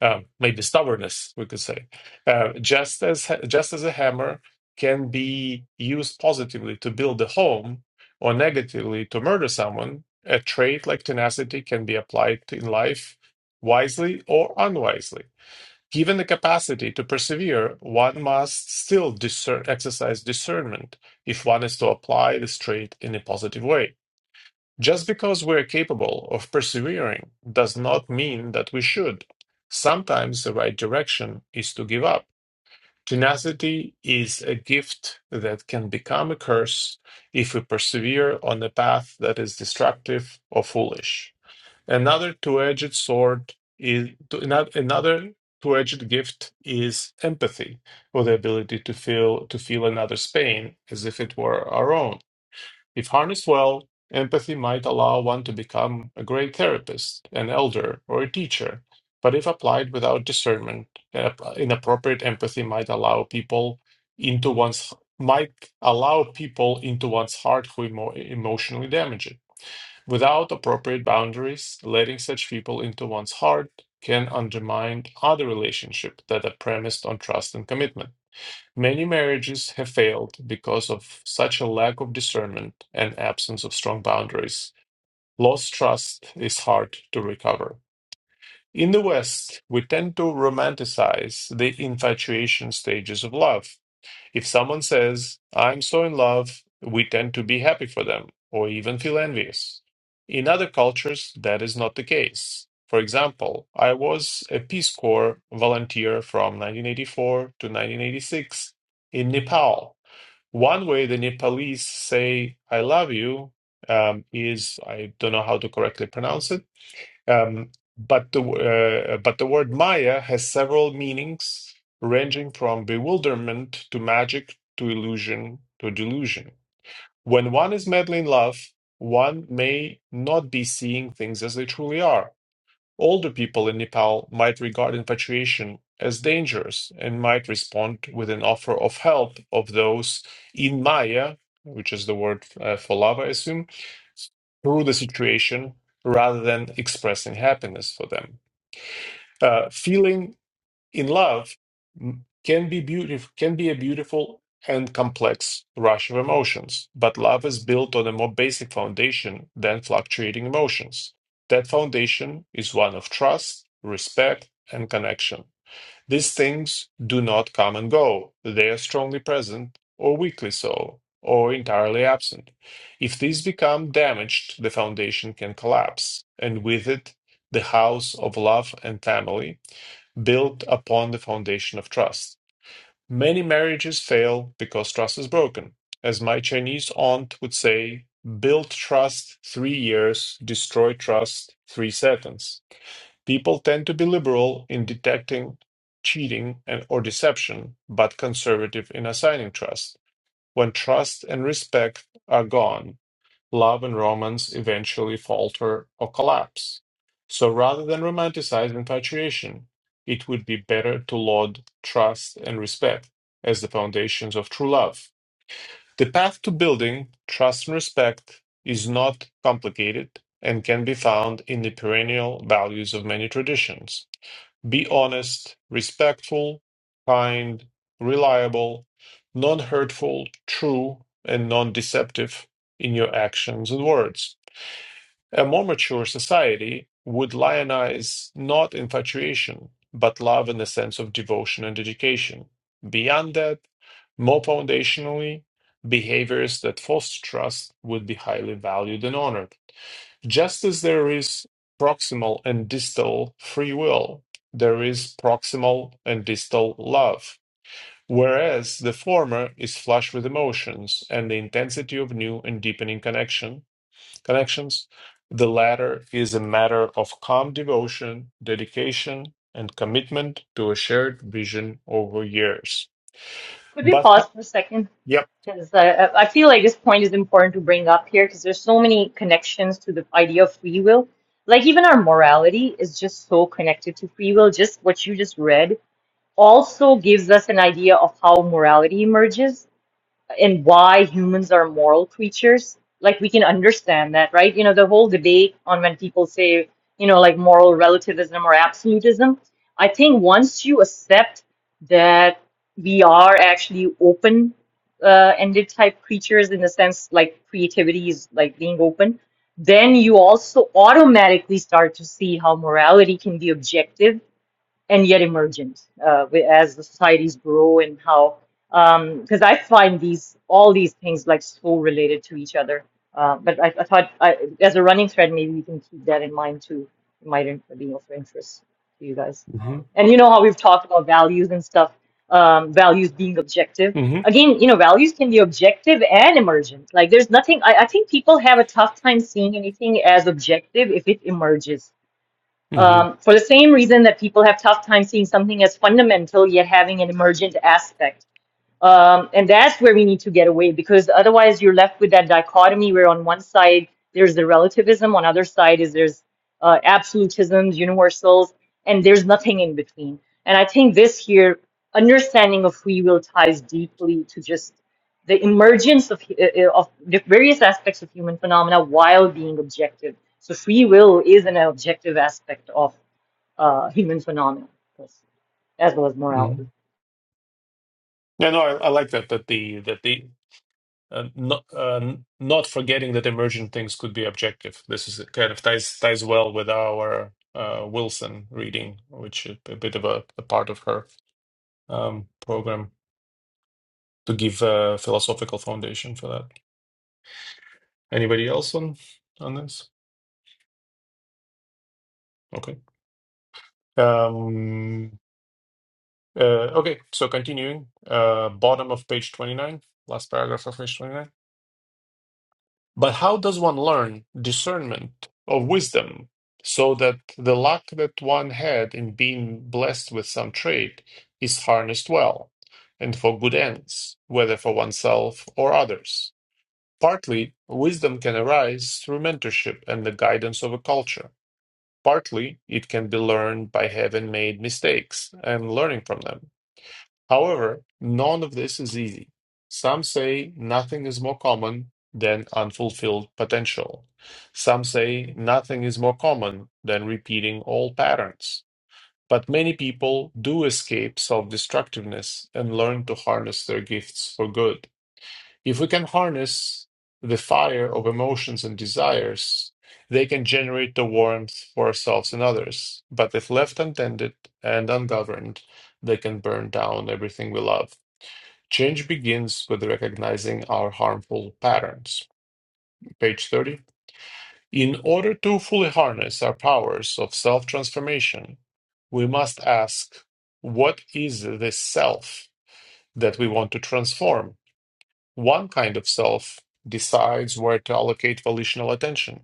um, maybe stubbornness, we could say. Uh, just as ha- just as a hammer can be used positively to build a home or negatively to murder someone, a trait like tenacity can be applied to- in life wisely or unwisely. Given the capacity to persevere, one must still discern, exercise discernment if one is to apply this trait in a positive way. Just because we're capable of persevering does not mean that we should. Sometimes the right direction is to give up. Tenacity is a gift that can become a curse if we persevere on a path that is destructive or foolish. Another two-edged sword is to- ano- another two-edged gift is empathy, or the ability to feel to feel another's pain as if it were our own. If harnessed well, empathy might allow one to become a great therapist, an elder, or a teacher. But if applied without discernment, uh, inappropriate empathy might allow people into one's might allow people into one's heart who emo- emotionally damage it without appropriate boundaries, letting such people into one's heart can undermine other relationships that are premised on trust and commitment. Many marriages have failed because of such a lack of discernment and absence of strong boundaries. Lost trust is hard to recover. In the West, we tend to romanticize the infatuation stages of love, if someone says, I'm so in love, we tend to be happy for them or even feel envious. In other cultures, that is not the case. For example, I was a Peace Corps volunteer from 1984 to 1986 in Nepal. One way the Nepalese say, I love you, um, is I don't know how to correctly pronounce it um, but the uh, but the word Maya has several meanings, ranging from bewilderment to magic to illusion to delusion. When one is madly in love, one may not be seeing things as they truly are. Older people in Nepal might regard infatuation as dangerous and might respond with an offer of help of those in Maya, which is the word uh, for love, I assume, through the situation rather than expressing happiness for them. Uh, feeling in love can be beautiful can be a beautiful and complex rush of emotions but love is built on a more basic foundation than fluctuating emotions that foundation is one of trust respect and connection these things do not come and go they are strongly present or weakly so or entirely absent if these become damaged the foundation can collapse and with it the house of love and family built upon the foundation of trust. Many marriages fail because trust is broken. As my Chinese aunt would say, build trust three years, destroy trust three seconds. People tend to be liberal in detecting cheating and or deception, but conservative in assigning trust. When trust and respect are gone, love and romance eventually falter or collapse. So rather than romanticize infatuation, it would be better to laud trust and respect as the foundations of true love. The path to building trust and respect is not complicated and can be found in the perennial values of many traditions. Be honest, respectful, kind, reliable, non hurtful, true, and non deceptive in your actions and words. A more mature society would lionize not infatuation, but love in the sense of devotion and dedication. Beyond that, more foundationally, behaviors that foster trust would be highly valued and honored. Just as there is proximal and distal free will, there is proximal and distal love, whereas the former is flush with emotions and the intensity of new and deepening connection, connections. The latter is a matter of calm devotion, dedication, and commitment to a shared vision over years.
Could we
But
pause
ho-
for a second?
yep.
Because I, I feel like this point is important to bring up here because there's so many connections to the idea of free will. Like even our morality is just so connected to free will. Just what you just read also gives us an idea of how morality emerges and why humans are moral creatures. Like we can understand that, right? You know, the whole debate on when people say, you know, like moral relativism or absolutism. I think once you accept that we are actually open uh, ended type creatures in the sense like creativity is like being open, then you also automatically start to see how morality can be objective and yet emergent uh, wi- as the societies grow and how because I find these all these things like so related to each other. Uh, but I, I thought I, as a running thread, maybe we can keep that in mind too. It might in- be of interest to you guys.
hmm
And you know how we've talked about values and stuff, um, values being objective.
hmm
Again, you know, values can be objective and emergent. Like there's nothing, I, I think people have a tough time seeing anything as objective if it emerges
hmm
um, for the same reason that people have tough time seeing something as fundamental yet having an emergent aspect. Um, and that's where we need to get away because otherwise you're left with that dichotomy where on one side there's the relativism, on other side is there's uh, absolutisms, universals, and there's nothing in between. And I think this here understanding of free will ties deeply to just the emergence of uh, uh, of the various aspects of human phenomena while being objective. So free will is an objective aspect of uh, human phenomena, as well as
hmm
morality.
Yeah, no, I, I like that. That the that the uh, not uh, not forgetting that emergent things could be objective. This is kind of ties ties well with our uh, Wilson reading, which is a bit of a, a part of her um, program to give a philosophical foundation for that. Anybody else on on this? Okay. Um, uh, okay, so continuing, uh, bottom of page 29, last paragraph of page 29. But how does one learn discernment of wisdom so that the luck that one had in being blessed with some trait is harnessed well and for good ends, whether for oneself or others? Partly, wisdom can arise through mentorship and the guidance of a culture Partly, it can be learned by having made mistakes and learning from them. However, none of this is easy. Some say nothing is more common than unfulfilled potential. Some say nothing is more common than repeating old patterns. But many people do escape self destructiveness and learn to harness their gifts for good. If we can harness the fire of emotions and desires, they can generate the warmth for ourselves and others. But if left untended and ungoverned, they can burn down everything we love. Change begins with recognizing our harmful patterns. Page 30. In order to fully harness our powers of self transformation, we must ask what is the self that we want to transform? One kind of self decides where to allocate volitional attention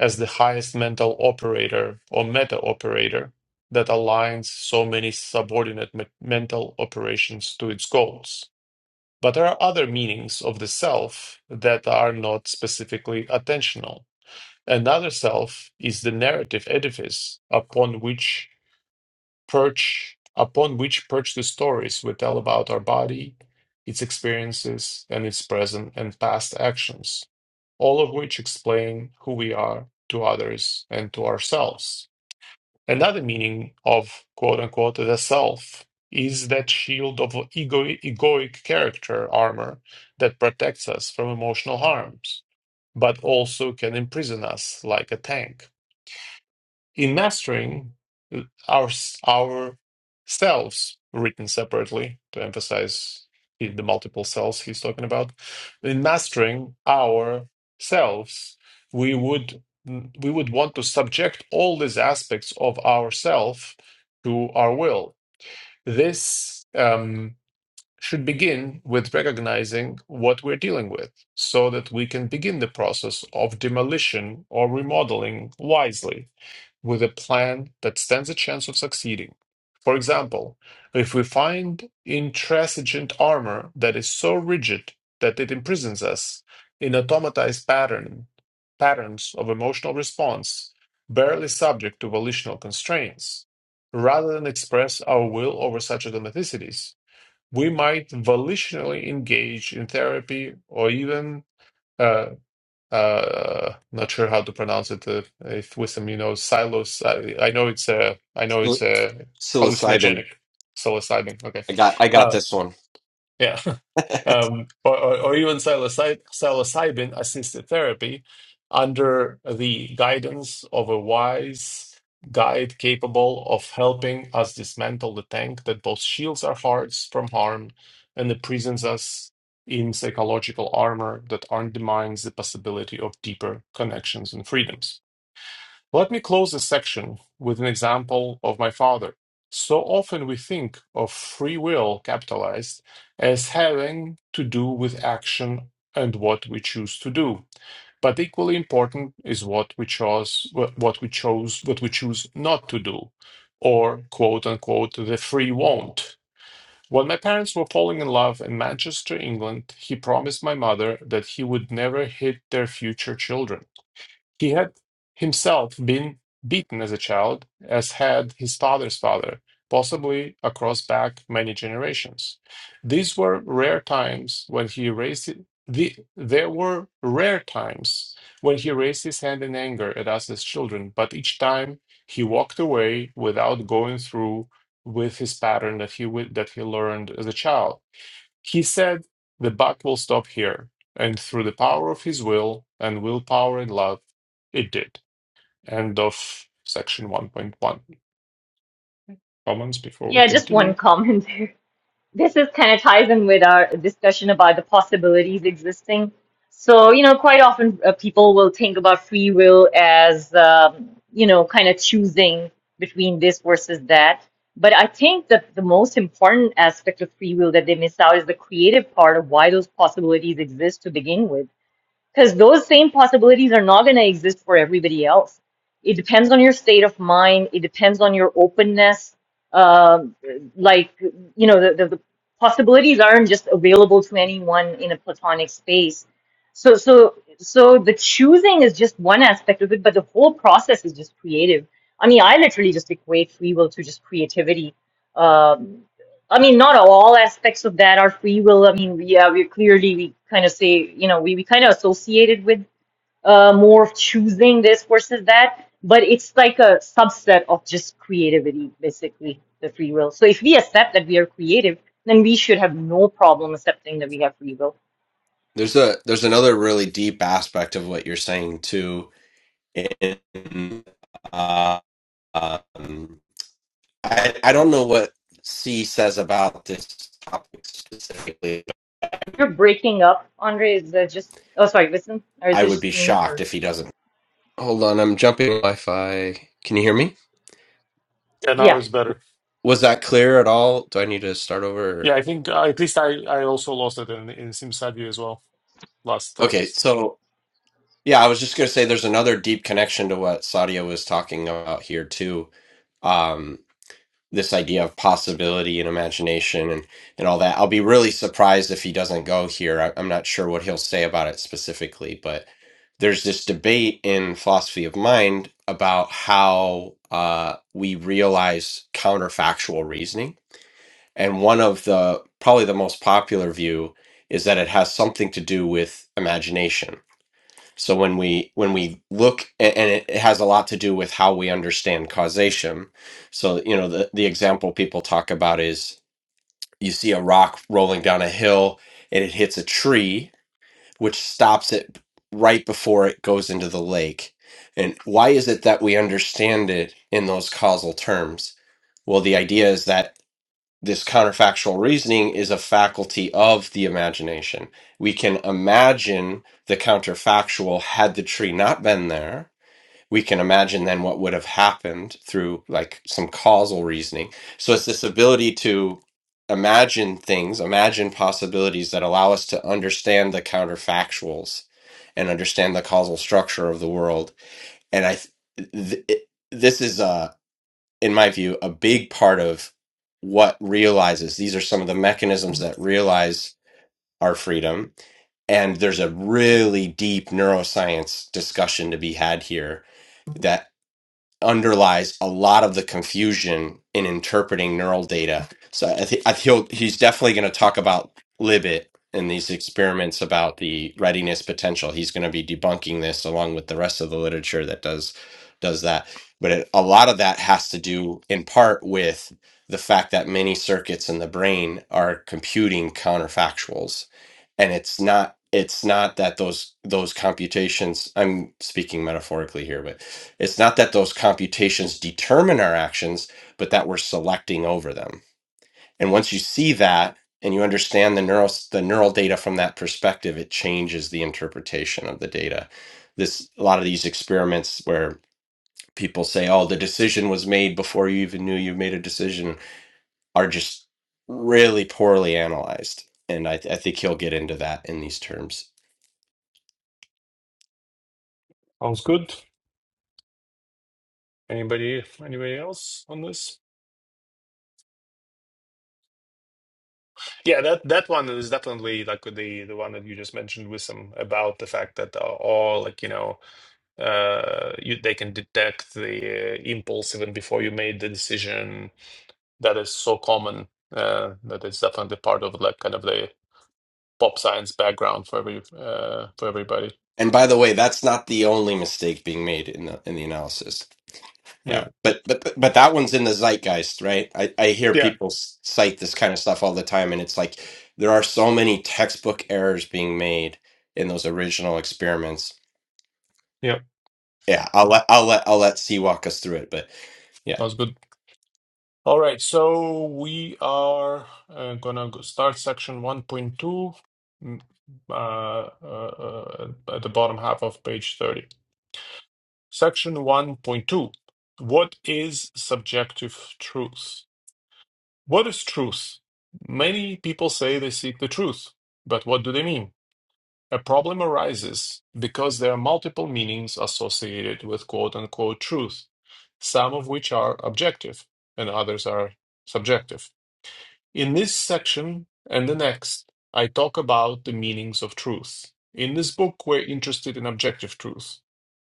as the highest mental operator or meta operator that aligns so many subordinate me- mental operations to its goals. But there are other meanings of the self that are not specifically attentional. Another self is the narrative edifice upon which perch upon which perch the stories we tell about our body, its experiences, and its present and past actions, all of which explain who we are to others and to ourselves. Another meaning of quote unquote the self is that shield of ego- egoic character armor that protects us from emotional harms, but also can imprison us like a tank in mastering uh, our our selves written separately to emphasize the the multiple selves he's talking about in mastering our selves we would we would want to subject all these aspects of ourself to our will this um, should begin with recognizing what we're dealing with so that we can begin the process of demolition or remodeling wisely with a plan that stands a chance of succeeding. For example, if we find intransigent armor that is so rigid that it imprisons us in automatized pattern, patterns of emotional response, barely subject to volitional constraints, rather than express our will over such automaticities, we might volitionally engage in therapy or even uh uh not sure how to pronounce it uh, if wisdom you know silos I, I know it's a I know it's
Psil-
a
Psilocybin.
hallucinogenic psilocybin okay
I got, I
Uh,
got this one.
yeah. Um, or, or, or even psilocy psilocybin assisted therapy under the guidance of a wise guide capable of helping us dismantle the tank that both shields our hearts from harm and imprisons us in psychological armor that undermines the possibility of deeper connections and freedoms. Let me close this section with an example of my father. So often we think of free will capitalized as having to do with action and what we choose to do. But equally important is what we chose what we chose what we choose not to do, or quote unquote the free won't. When my parents were falling in love in Manchester, England, he promised my mother that he would never hit their future children. He had himself been beaten as a child, as had his father's father, possibly across back many generations. These were rare times when he raised it- the there were rare times when he raised his hand in anger at us as children, but each time he walked away without going through with his pattern that he wi- that he learned as a child. He said, The buck will stop here, and through the power of his will and willpower and love, it did. End of section 1.1. Comments before we
Yeah, just one
continue?
comment there. this is kind of ties in with our discussion about the possibilities existing. So, you know, quite often uh, people will think about free will as, um, you know, kind of choosing between this versus that. But I think that the most important aspect of free will that they miss out is the creative part of why those possibilities exist to begin with because those same possibilities are not going to exist for everybody else. It depends on your state of mind. It depends on your openness. Um, like, you know, the, the, the possibilities aren't just available to anyone in a platonic space. So, so, so the choosing is just one aspect of it, but the whole process is just creative. I mean, I literally just equate free will to just creativity. Um I mean, not all aspects of that are free will. I mean, we- yeah, we're clearly we kind of say, you know, we, we kind of associated with uh, more of choosing this versus that, but it's like a subset of just creativity, basically, the free will. So if we accept that we are creative, then we should have no problem accepting that we have free will.
There's a there's another really deep aspect of what you're saying too. In uh, um, I I don't know what C says about this topic specifically.
You're breaking up, Andre. Is that just? Oh, sorry, listen, or is
I
it
would
just
be
me?
shocked
Or
if he doesn't. Hold on, I'm jumping on Wi-Fi. Can you hear me?
Yeah, now
yeah.
it's better.
Was that clear at all? Do I need to start over?
Yeah, I think uh, at least I, I also lost it in, in SimSavvy as well last uh,
Okay, so yeah, I was just gonna say there's another deep connection to what Sadia was talking about here too. Um, this idea of possibility and imagination and and all that. I'll be really surprised if he doesn't go here. I, I'm not sure what he'll say about it specifically, but there's this debate in philosophy of mind about how uh, we realize counterfactual reasoning, and one of the probably the most popular view is that it has something to do with imagination so when we when we look a- and it it has a lot to do with how we understand causation. So you know the the example people talk about is you see a rock rolling down a hill and it hits a tree which stops it right before it goes into the lake. And why is it that we understand it in those causal terms? Well, the idea is that this counterfactual reasoning is a faculty of the imagination. We can imagine the counterfactual had the tree not been there. We can imagine then what would have happened through like some causal reasoning. So it's this ability to imagine things, imagine possibilities that allow us to understand the counterfactuals and understand the causal structure of the world. And I, th- th- this is a in my view, a big part of what realizes these are some of the mechanisms that realize our freedom. And there's a really deep neuroscience discussion to be had here That underlies a lot of the confusion in interpreting neural data. So I think I he'll he's definitely going to talk about Libet and these experiments about the readiness potential. He's going to be debunking this along with the rest of the literature that does does that. But it, a lot of that has to do in part with the fact that many circuits in the brain are computing counterfactuals and it's not it's not that those those computations i'm speaking metaphorically here but it's not that those computations determine our actions but that we're selecting over them and once you see that and you understand the neural the neural data from that perspective it changes the interpretation of the data this a lot of these experiments where people say oh the decision was made before you even knew you made a decision are just really poorly analyzed and i, th- I think he'll get into that in these terms
Sounds good. Anybody anybody else on this? Yeah, that that one is definitely like the the one that you just mentioned with some about the fact that uh, all like you know uh, you, they can detect the uh, impulse even before you made the decision. That is so common uh, that it's definitely part of like kind of the pop science background for every uh, for everybody.
And by the way, that's not the only mistake being made in the in the analysis.
Yeah,
Yeah, but but but but that one's in the zeitgeist, right? I I hear
yeah,
people s- cite this kind of stuff all the time, and it's like there are so many textbook errors being made in those original experiments.
yeah.
Yeah, I'll let I'll let I'll let C walk us through it, but yeah.
That was good. All right, so we are uh, gonna go- start section one point two. mm, Uh, uh, uh, at the bottom half of page 30. Section 1.2 What is subjective truth? What is truth? Many people say they seek the truth, but what do they mean? A problem arises because there are multiple meanings associated with quote unquote truth, some of which are objective and others are subjective. In this section and the next, I talk about the meanings of truth. In this book, we're interested in objective truth.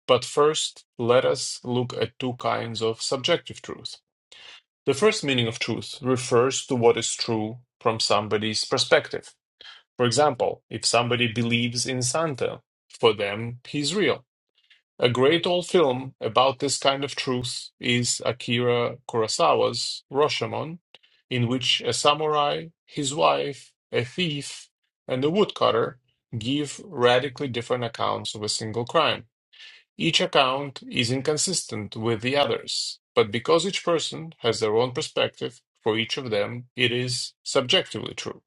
But first, let us look at two kinds of subjective truth. The first meaning of truth refers to what is true from somebody's perspective. For example, if somebody believes in Santa, for them, he's real. A great old film about this kind of truth is Akira Kurosawa's Rashomon, in which a samurai, his wife, a thief, and a woodcutter give radically different accounts of a single crime. Each account is inconsistent with the others, but because each person has their own perspective, for each of them it is subjectively true.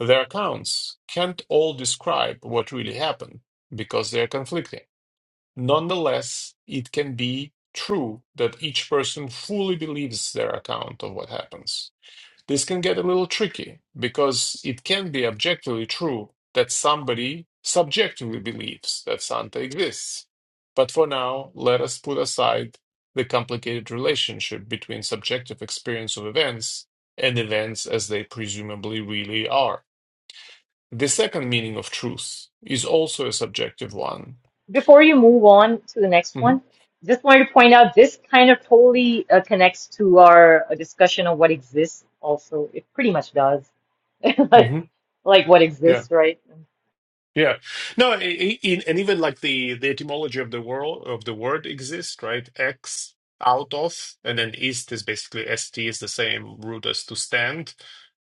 Their accounts can't all describe what really happened because they are conflicting. Nonetheless, it can be true that each person fully believes their account of what happens. This can get a little tricky because it can be objectively true that somebody subjectively believes that Santa exists. But for now, let us put aside the complicated relationship between subjective experience of events and events as they presumably really are. The second meaning of truth is also a subjective one.
before you move on to the next
hmm
one, just wanted to point out this kind of totally uh, connects to our uh, discussion of what exists also. It pretty much does. Like,
hmm
like what
Yeah.
exists, right?
Yeah, no, i- i- in, and even like the the etymology of the world of the word exists, right? Ex out of, and then east is basically st is the same root as to stand,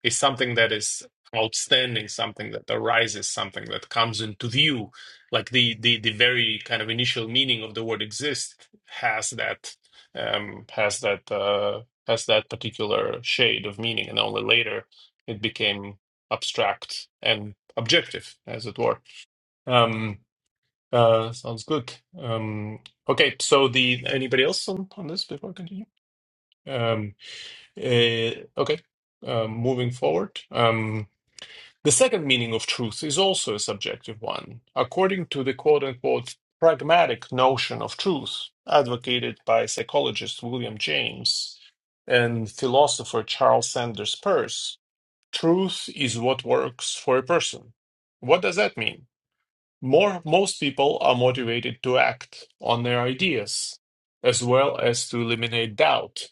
is something that is outstanding, something that arises, something that comes into view. Like the the the very kind of initial meaning of the word exist has that um has that uh has that particular shade of meaning, and only later it became abstract and objective, as it were. Um, uh, sounds good. Um, okay, so the anybody else on, on this before I continue? Um, eh, okay, um, moving forward. Um, the second meaning of truth is also a subjective one. According to the quote unquote pragmatic notion of truth advocated by psychologist William James and philosopher Charles Sanders Peirce, truth is what works for a person. What does that mean? More, most people are motivated to act on their ideas, as well as to eliminate doubt.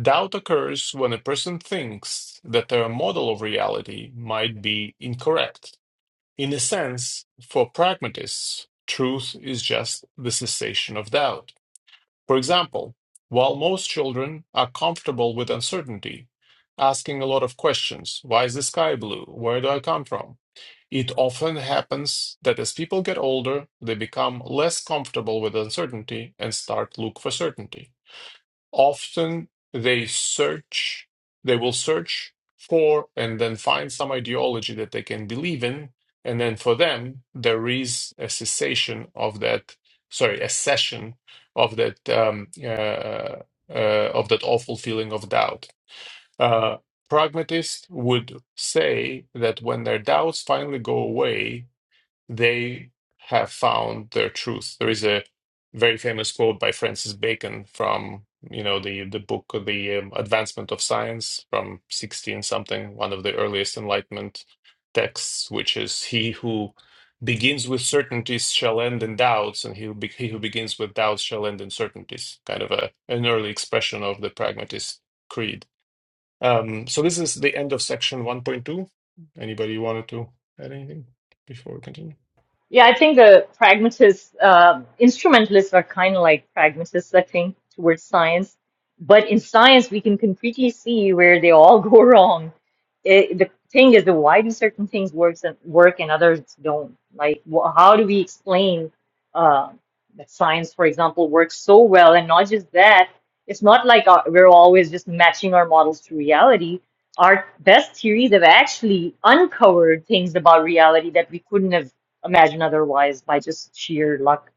Doubt occurs when a person thinks that their model of reality might be incorrect. In a sense, for pragmatists, truth is just the cessation of doubt. For example, while most children are comfortable with uncertainty, asking a lot of questions, why is the sky blue? Where do I come from? It often happens that as people get older, they become less comfortable with uncertainty and start to look for certainty. Often they search, they will search for and then find some ideology that they can believe in, and then for them there is a cessation of that, sorry, a cession of that um, uh, uh, of that awful feeling of doubt. Uh, pragmatists would say that when their doubts finally go away, they have found their truth. There is a very famous quote by Francis Bacon from you know the the book The um, Advancement of Science from 16 something, one of the earliest Enlightenment texts, which is he who begins with certainties shall end in doubts, and he who, be- he who begins with doubts shall end in certainties. Kind of a an early expression of the pragmatist creed. Um, so this is the end of section 1.2. Anybody wanted to add anything before we continue?
Yeah, I think the pragmatists, uh, instrumentalists are kind of like pragmatists, I think, towards science. But in science, we can concretely see where they all go wrong. It, the thing is, the why do certain things works and work and others don't? Like, wh how do we explain uh, that science, for example, works so well? And not just that, it's not like uh we're always just matching our models to reality. Our best theories have actually uncovered things about reality that we couldn't have imagine otherwise by just sheer luck.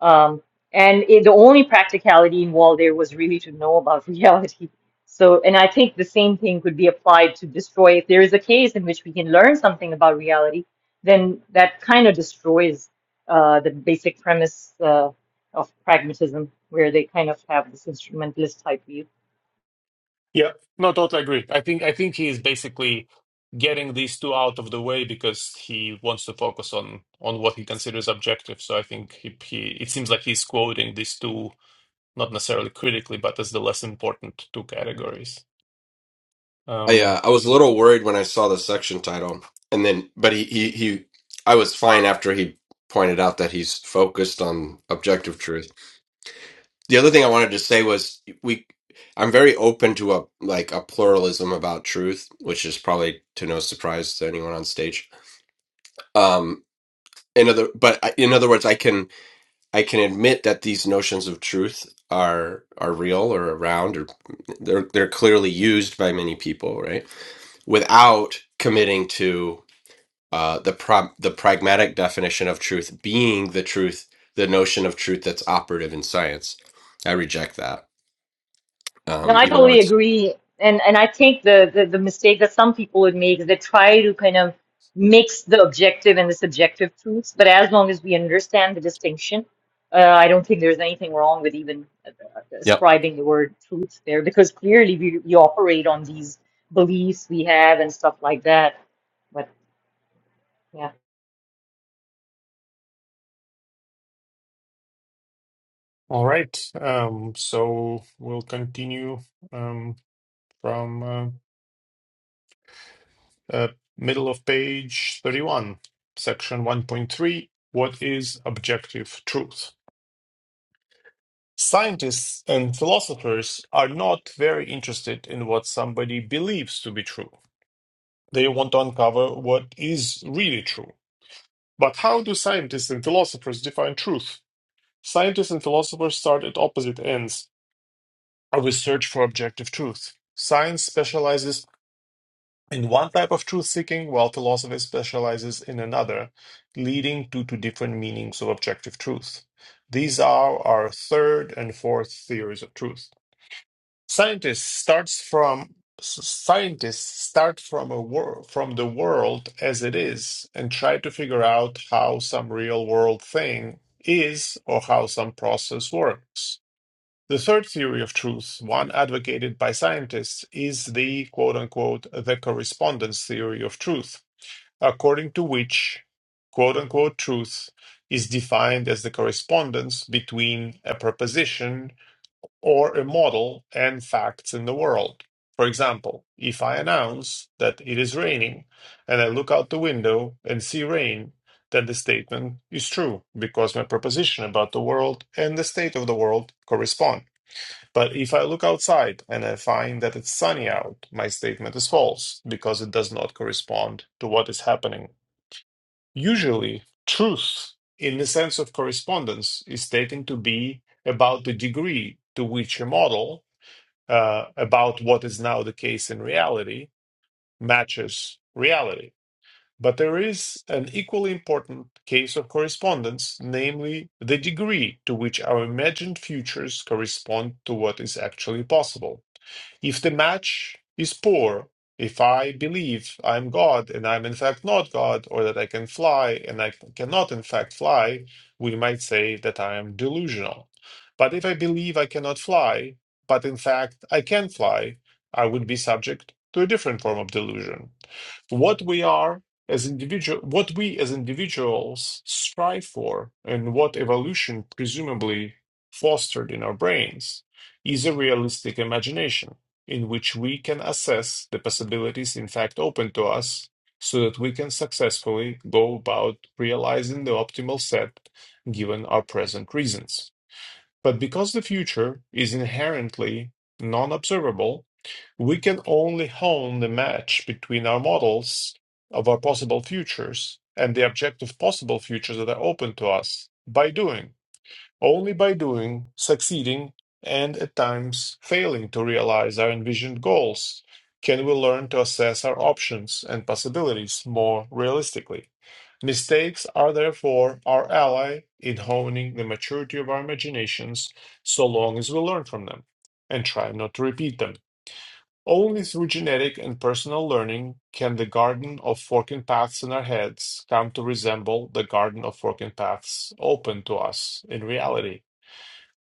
Um, and it, the only practicality involved there was really to know about reality. So, and I think the same thing could be applied to destroy. If there is a case in which we can learn something about reality, then that kind of destroys uh, the basic premise uh, of pragmatism, where they kind of have this instrumentalist type view.
Yeah, no, totally agree. I think I think he is basically getting these two out of the way because he wants to focus on on what he considers objective. So I think he, he it seems like he's quoting these two not necessarily critically, but as the less important two categories.
I
Um,
uh, I was a little worried when I saw the section title, and then but he he he I was fine after he pointed out that he's focused on objective truth. The other thing I wanted to say was we I'm very open to a like a pluralism about truth, which is probably to no surprise to anyone on stage. Um in other but I- in other words I can I can admit that these notions of truth are are real or around or they're they're clearly used by many people, right? Without committing to uh, the pro- the pragmatic definition of truth being the truth, the notion of truth that's operative in science. I reject that,
No,
um,
I
even though
totally
it's
agree. And and I think the, the, the mistake that some people would make is they try to kind of mix the objective and the subjective truths. But as long as we understand the distinction, uh, I don't think there's anything wrong with even uh,
yep.
ascribing the word truth there because clearly we, we operate on these beliefs we have and stuff like that. But yeah.
all right. Um, so we'll continue um, from uh, uh, middle of page thirty-one, section one point three. What is objective truth? Scientists and philosophers are not very interested in what somebody believes to be true. They want to uncover what is really true. But how do scientists and philosophers define truth? Scientists and philosophers start at opposite ends of a search for objective truth. Science specializes in one type of truth seeking, while philosophy specializes in another, leading to, to different meanings of objective truth. These are our third and fourth theories of truth. Scientists starts from s- scientists start from a wor- from the world as it is and try to figure out how some real world thing is or how some process works. The third theory of truth, one advocated by scientists, is the quote unquote the correspondence theory of truth, according to which quote unquote truth is defined as the correspondence between a proposition or a model and facts in the world. For example, if I announce that it is raining and I look out the window and see rain, then the statement is true because my proposition about the world and the state of the world correspond. But if I look outside and I find that it's sunny out, my statement is false because it does not correspond to what is happening. Usually, truth in the sense of correspondence is taken to be about the degree to which a model uh, about what is now the case in reality matches reality. But there is an equally important case of correspondence, namely the degree to which our imagined futures correspond to what is actually possible. If the match is poor, if I believe I'm God and I'm in fact not God, or that I can fly and I cannot in fact fly, we might say that I am delusional. But if I believe I cannot fly, but in fact I can fly, I would be subject to a different form of delusion. What we are as individual, what we as individuals strive for, and what evolution presumably fostered in our brains, is a realistic imagination in which we can assess the possibilities in fact open to us so that we can successfully go about realizing the optimal set given our present reasons. But because the future is inherently non observable, we can only hone the match between our models of our possible futures and the objective possible futures that are open to us by doing. Only by doing, succeeding, and at times failing to realize our envisioned goals can we learn to assess our options and possibilities more realistically. Mistakes are therefore our ally in honing the maturity of our imaginations so long as we learn from them and try not to repeat them. Only through genetic and personal learning can the garden of forking paths in our heads come to resemble the garden of forking paths open to us in reality.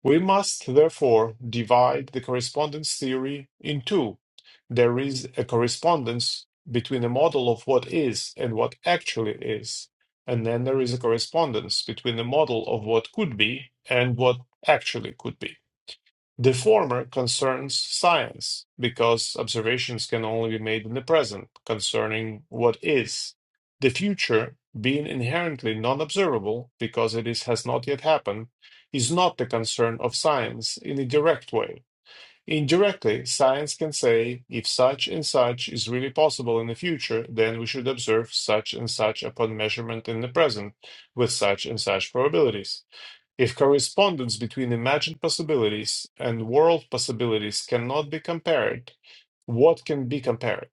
We must therefore divide the correspondence theory in two. There is a correspondence between a model of what is and what actually is, and then there is a correspondence between a model of what could be and what actually could be. The former concerns science, because observations can only be made in the present concerning what is, the future being inherently non observable because it is, has not yet happened, is not the concern of science in a direct way. Indirectly, science can say if such and such is really possible in the future, then we should observe such and such upon measurement in the present with such and such probabilities. If correspondence between imagined possibilities and world possibilities cannot be compared, what can be compared?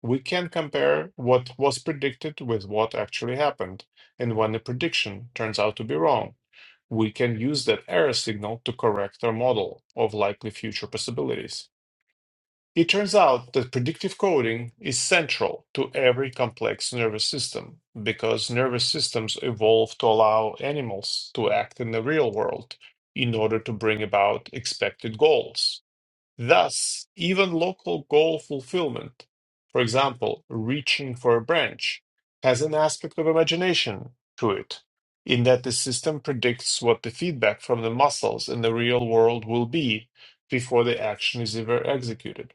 We can compare what was predicted with what actually happened, and when a prediction turns out to be wrong, we can use that error signal to correct our model of likely future possibilities. It turns out that predictive coding is central to every complex nervous system because nervous systems evolve to allow animals to act in the real world in order to bring about expected goals. Thus, even local goal fulfillment, for example, reaching for a branch, has an aspect of imagination to it, in that the system predicts what the feedback from the muscles in the real world will be before the action is ever executed.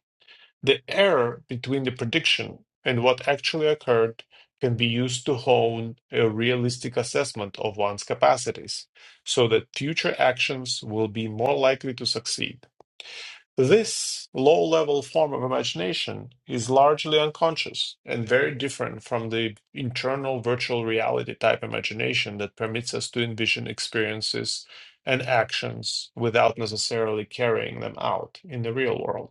The error between the prediction and what actually occurred can be used to hone a realistic assessment of one's capacities, so that future actions will be more likely to succeed. This low level form of imagination is largely unconscious and very different from the internal virtual reality type imagination that permits us to envision experiences and actions without necessarily carrying them out in the real world.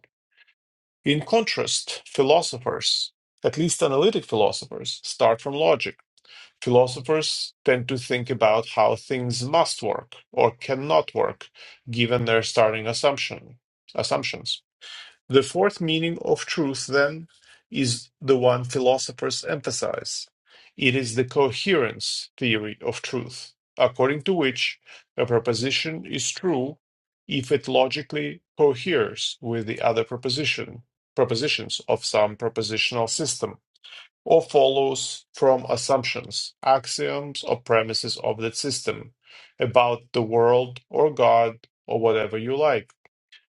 In contrast, philosophers, at least analytic philosophers, start from logic. Philosophers tend to think about how things must work or cannot work given their starting assumption, assumptions. The fourth meaning of truth, then, is the one philosophers emphasize. It is the coherence theory of truth, according to which a proposition is true if it logically coheres with the other proposition, propositions of some propositional system, or follows from assumptions, axioms, or premises of that system about the world or God or whatever you like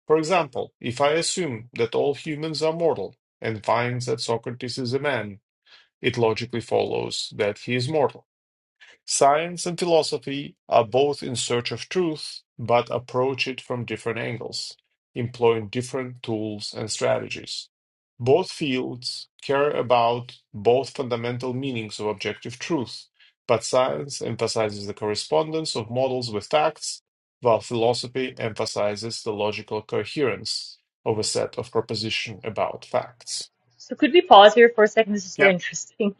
for example, if I assume that all humans are mortal and find that Socrates is a man, it logically follows that he is mortal. Science and philosophy are both in search of truth, but approach it from different angles, employing different tools and strategies. Both fields care about both fundamental meanings of objective truth, but science emphasizes the correspondence of models with facts, while philosophy emphasizes the logical coherence of a set of propositions about facts.
So could we pause here for a second? This is so
Yep.
interesting.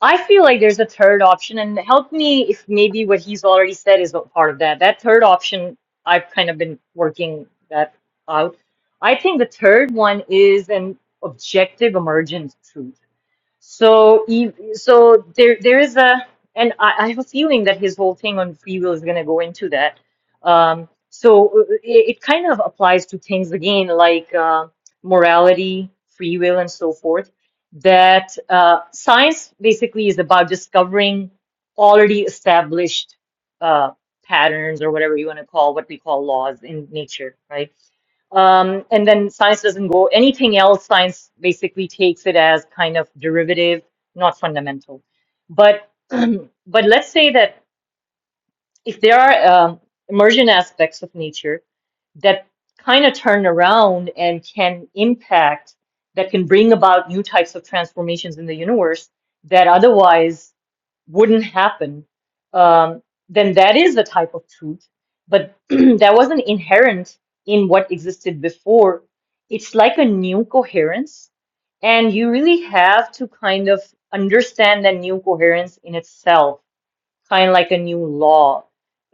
I feel like there's a third option, and help me if maybe what he's already said is a part of that. That third option, I've kind of been working that out. I think the third one is an objective emergent truth. So, ev- so there, there is a, and I, I have a feeling that his whole thing on free will is going to go into that. Um, so uh, it, it kind of applies to things again, like uh, morality, free will, and so forth. That uh, science basically is about discovering already established uh, patterns or whatever you want to call what we call laws in nature, right? Um, and then science doesn't go anything else. Science basically takes it as kind of derivative, not fundamental. But but let's say that if there are um, emergent aspects of nature that kind of turn around and can impact, that can bring about new types of transformations in the universe that otherwise wouldn't happen, um, then that is the type of truth. But that wasn't inherent in what existed before. It's like a new coherence, and you really have to kind of understand that new coherence in itself kind of like a new law,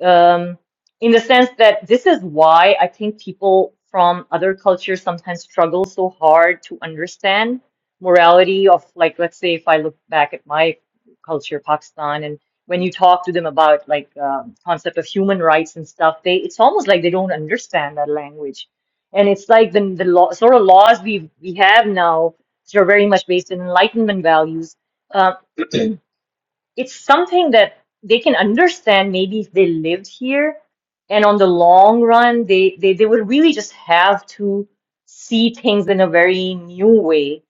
um, in the sense that this is why I think people from other cultures sometimes struggle so hard to understand morality of like, let's say if I look back at my culture, Pakistan, and when you talk to them about like um, concept of human rights and stuff, they it's almost like they don't understand that language, and it's like the the law, sort of laws we we have now, which are very much based in Enlightenment values. um, it's something that they can understand maybe if they lived here and on the long run they they, they would really just have to see things in a very new way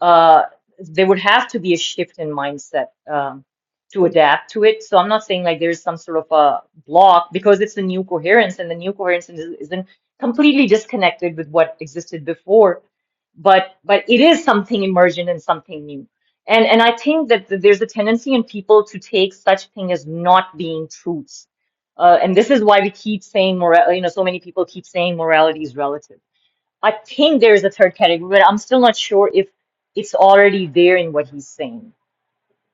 uh there would have to be a shift in mindset um to adapt to it so i'm not saying like there's some sort of a block because it's a new coherence and the new coherence is- isn't completely disconnected with what existed before but but it is something emergent and something new and and I think that there's a tendency in people to take such thing as not being truths. Uh, and this is why we keep saying moral, you know, so many people keep saying morality is relative. I think there is a third category, but I'm still not sure if it's already there in what he's saying.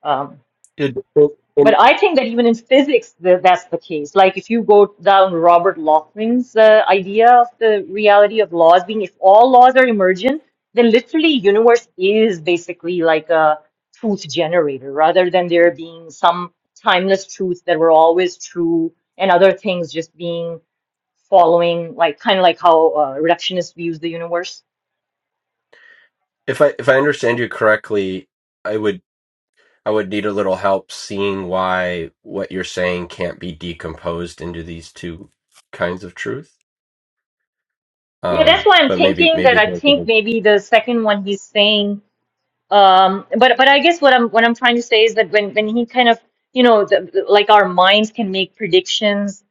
Um,
Did in-
but
in-
I think that even in physics, the, that's the case. Like if you go down Robert Lachman's uh, idea of the reality of laws being, if all laws are emergent, then literally universe is basically like a truth generator, rather than there being some timeless truths that were always true and other things just being following, like kind of like how uh, reductionist views the universe.
if I if I understand you correctly, I would I would need a little help seeing why what you're saying can't be decomposed into these two kinds of truth.
Yeah, that's
Um,
why I'm
but maybe
thinking that
maybe
I think maybe the second one he's saying Um, but but I guess what I'm what I'm trying to say is that when when he kind of you know the, like our minds can make predictions.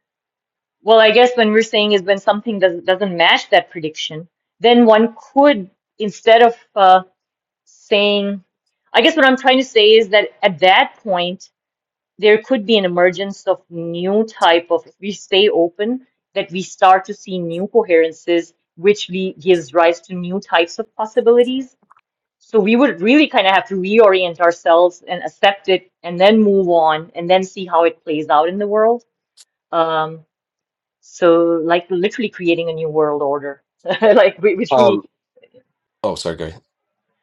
Well, I guess when we're saying is when something does, doesn't match that prediction, then one could instead of uh, saying, I guess what I'm trying to say is that at that point there could be an emergence of new type of if we stay open that we start to see new coherences, which we gives rise to new types of possibilities so we would really kind of have to reorient ourselves and accept it and then move on and then see how it plays out in the world. Um, so like literally creating a new world order, like whi- which we
um. Oh, sorry. Go ahead.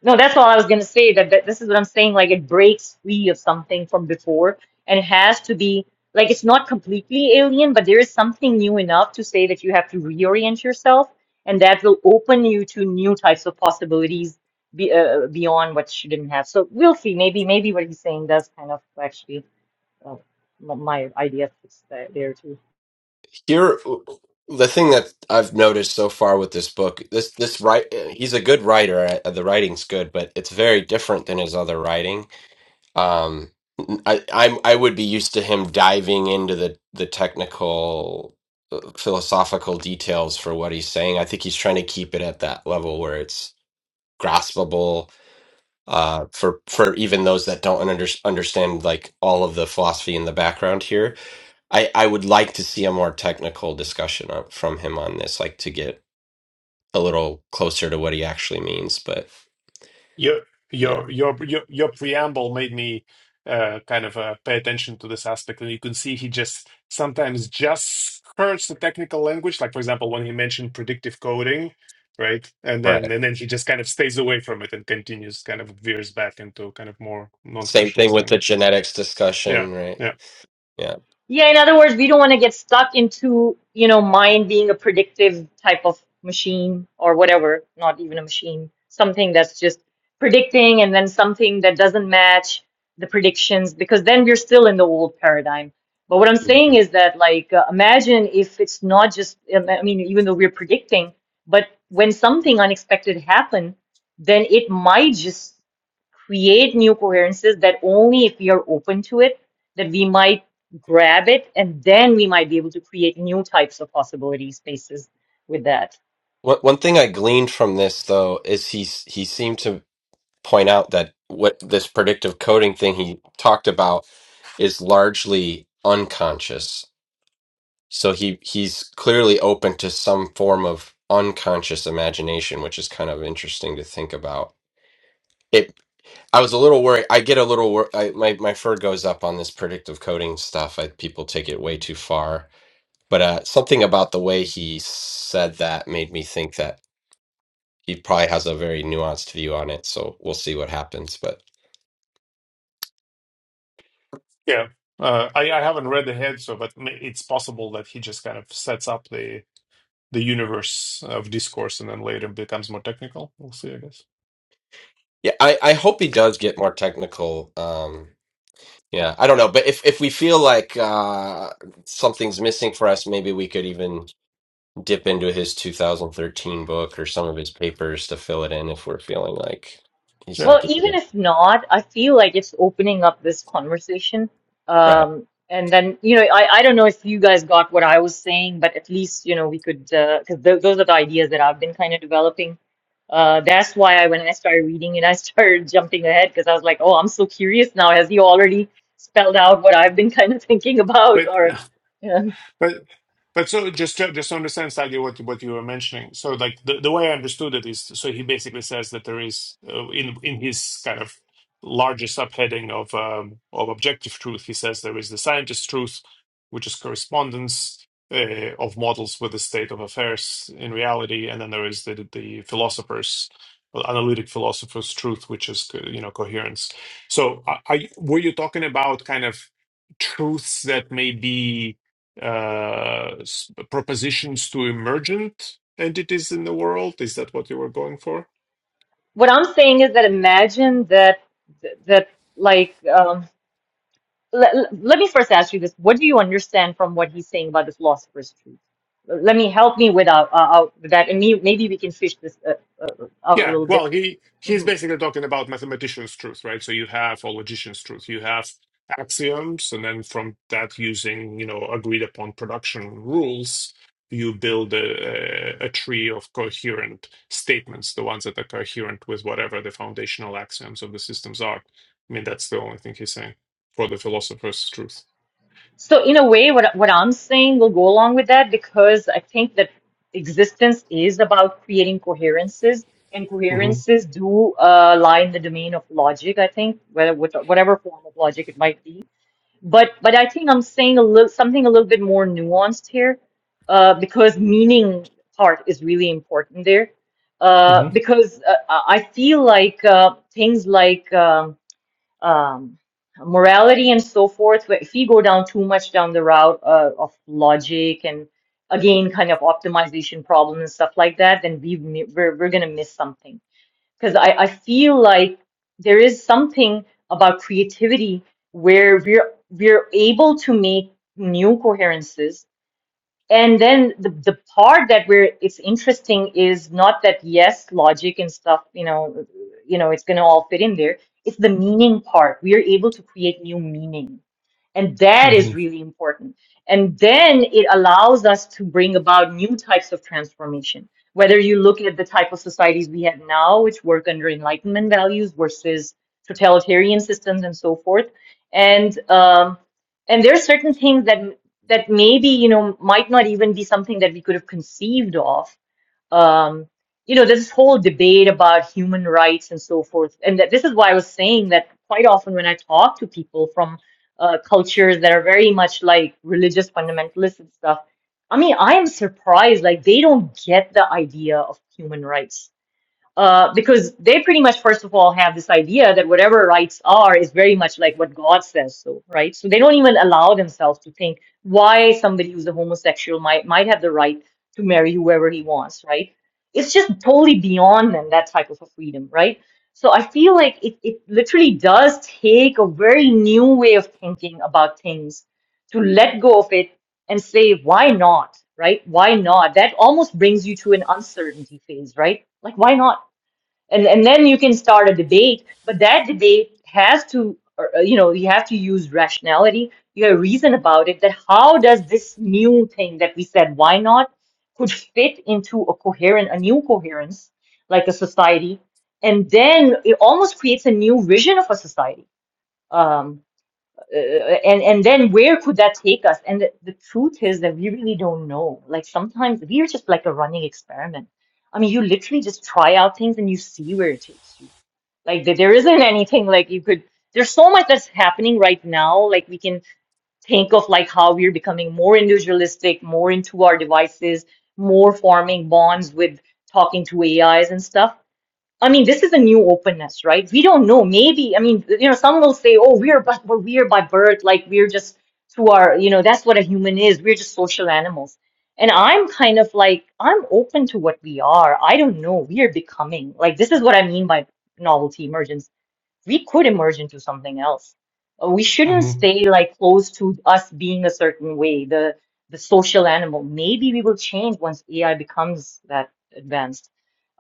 no, that's all I was gonna say. That, that this is what I'm saying. Like it breaks free of something from before, and it has to be like it's not completely alien, but there is something new enough to say that you have to reorient yourself, and that will open you to new types of possibilities be, uh, beyond what you didn't have. So we'll see. Maybe maybe what he's saying does kind of actually uh, m- my idea fits that there too.
Here, the thing that I've noticed so far with this book, this this right, he's a good writer. uh, The writing's good, but it's very different than his other writing. Um, I, I'm I would be used to him diving into the the technical uh, philosophical details for what he's saying. I think he's trying to keep it at that level where it's graspable uh, for for even those that don't under, understand like all of the philosophy in the background here I I would like to see a more technical discussion up from him on this, like to get a little closer to what he actually means. But
Your
yeah,
your your your your preamble made me uh, kind of uh, pay attention to this aspect, and you can see he just sometimes just hurts the technical language. Like for example, when he mentioned predictive coding, right? And
right.
then and then he just kind of stays away from it and continues, kind of veers back into kind of more
Same thing
non-specialist
with the
language.
genetics
Yeah,
discussion, right?
yeah,
Yeah.
Yeah, in other words, we don't want to get stuck into, you know, mind being a predictive type of machine or whatever, not even a machine, something that's just predicting and then something that doesn't match the predictions because then we're still in the old paradigm. But what I'm saying
Mhm.
is that, like, uh, imagine if it's not just, um, I mean, even though we're predicting, but when something unexpected happen, then it might just create new coherences that only if we are open to it that we might grab it, and then we might be able to create new types of possibility spaces with that.
One one thing I gleaned from this though is he s- he seemed to point out that what this predictive coding thing he talked about is largely unconscious. So he he's clearly open to some form of unconscious imagination, which is kind of interesting to think about I was a little worried. I get a little wor- I, my my fur goes up on this predictive coding stuff. I, people take it way too far. But uh, something about the way he said that made me think that he probably has a very nuanced view on it. So we'll see what happens. But
yeah. Uh, I I haven't read ahead, so but ma- it's possible that he just kind of sets up the the universe of discourse and then later becomes more technical. We'll see, I guess.
yeah, I, I hope he does get more technical. Um, yeah, I don't know, but if if we feel like uh something's missing for us, maybe we could even dip into his 2013 book or some of his papers to fill it in if we're feeling like
Yeah.
he's not
Well,
giving
even
it.
if not, I feel like it's opening up this conversation.
Right.
Um, and then, you know, I, I don't know if you guys got what I was saying, but at least, you know, we could, because th those are the ideas that I've been kind of developing. Uh, that's why I, when I started reading it, I started jumping ahead because I was like, oh, I'm so curious now. Has he already spelled out what I've been kind of thinking about?
But
Or, yeah.
but but so just to, just to understand slightly what you- what you were mentioning. So like the, the way I understood it is so he basically says that there is uh, in in his kind of larger subheading of um, of objective truth, he says there is the scientist truth, which is correspondence uh, of models with the state of affairs in reality, and then there is the the philosophers. well, Analytic philosophers' truth, which is uh, you know coherence. So, are, are you, were you talking about kind of truths that may be uh, s- propositions to emergent entities in the world? Is that what you were going for?
What I'm saying is that imagine that that like um, let, let me first ask you this: What do you understand from what he's saying about the philosopher's truth? Let me help me with out, uh, out with that, and me, maybe we can fish this uh, uh, out a
Yeah,
little bit.
well, he he's
Mhm.
basically talking about mathematician's truth, right? So you have or logician's truth, you have axioms, and then from that, using you know agreed upon production rules, you build a, a a tree of coherent statements, the ones that are coherent with whatever the foundational axioms of the systems are. I mean, that's the only thing he's saying for the philosopher's truth.
So, in a way, what what I'm saying will go along with that because I think that existence is about creating coherences, and
hmm
coherences do uh, lie in the domain of logic. I think whether which- whatever form of logic it might be But but I think I'm saying a little something a little bit more nuanced here, uh, because meaning part is really important there. Uh,
hmm
because uh, I I feel like uh, things like um, um, morality and so forth, where if we go down too much down the route uh, of logic and again kind of optimization problems and stuff like that, then we mi- we're we're gonna miss something because I, I feel like there is something about creativity where we're we're able to make new coherences and then the, the part that where it's interesting is not that yes logic and stuff you know you know it's going to all fit in there it's the meaning part we are able to create new meaning and that
hmm
is really important and then it allows us to bring about new types of transformation whether you look at the type of societies we have now which work under enlightenment values versus totalitarian systems and so forth and um, and there are certain things that that maybe you know might not even be something that we could have conceived of um you know there's this whole debate about human rights and so forth and that this is why i was saying that quite often when i talk to people from uh, cultures that are very much like religious fundamentalists and stuff i mean i am surprised like they don't get the idea of human rights uh, because they pretty much first of all have this idea that whatever rights are is very much like what God says so, right? So they don't even allow themselves to think why somebody who's a homosexual might might have the right to marry whoever he wants, right? It's just totally beyond them that type of a freedom, right? So I feel like it, it literally does take a very new way of thinking about things to let go of it and say, why not? Right? Why not? That almost brings you to an uncertainty phase, right? Like, why not? and and then you can start a debate but that debate has to or, uh, you know you have to use rationality you have reason about it that how does this new thing that we said why not could fit into a coherent a new coherence like a society and then it almost creates a new vision of a society Um, uh, and and then where could that take us and the, the truth is that we really don't know like sometimes we're just like a running experiment i mean you literally just try out things and you see where it takes you like there there isn't anything like you could there's so much that's happening right now like we can think of like how we're becoming more individualistic more into our devices more forming bonds with talking to ais and stuff I mean, this is a new openness, right? We don't know. Maybe, I mean, you know, some will say, oh, we're but we're we're by birth, like we're just through our, you know, that's what a human is. We're just social animals. And I'm kind of like, I'm open to what we are. I don't know. We are becoming. Like, this is what I mean by novelty emergence we could emerge into something else. Uh, We shouldn't
Mm-hmm.
stay like close to us being a certain way, the the social animal. Maybe we will change once AI becomes that advanced.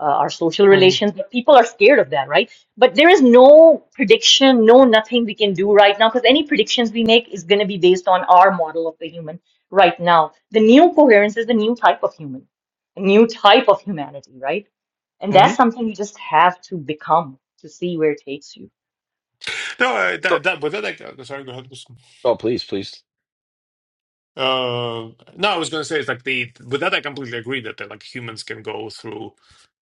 Uh, our social
Mm-hmm.
relations, but people are scared of that, right? But there is no prediction, no nothing we can do right now because any predictions we make is going to be based on our model of the human right now. The new coherence is the new type of human, a new type of humanity, right? And that's
Mm-hmm.
something you just have to become to see where it takes you.
No, uh,
So
that that but that like uh, sorry, go ahead.
Oh, please, please.
Uh, no, I was going to say it's like the with that I completely agree that uh, like humans can go through,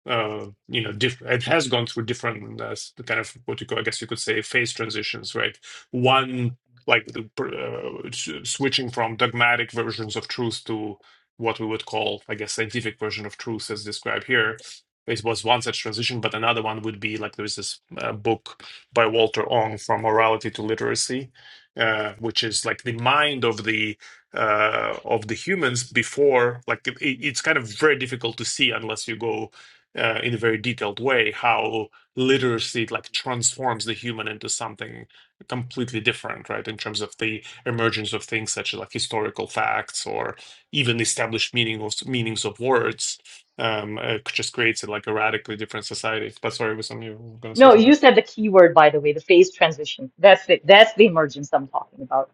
uh, you know, diff it has gone through different uh, s- kind of what you call, I guess you could say, phase transitions, right? One like the, pr- uh, s- switching from dogmatic versions of truth to what we would call, I guess, scientific version of truth, as described here. It was one such transition, but another one would be like there is this uh, book by Walter Ong from morality to literacy, uh, which is like the mind of the uh, of the humans before like it, it's kind of very difficult to see unless you go uh, in a very detailed way how literacy like transforms the human into something completely different right in terms of the emergence of things such as like historical facts or even established meaning of meanings of words um uh, just creates like a radically different society but sorry was something you were gonna say
No,
something
you said the key word, by the way, the phase transition. That's it. That's the emergence I'm talking about.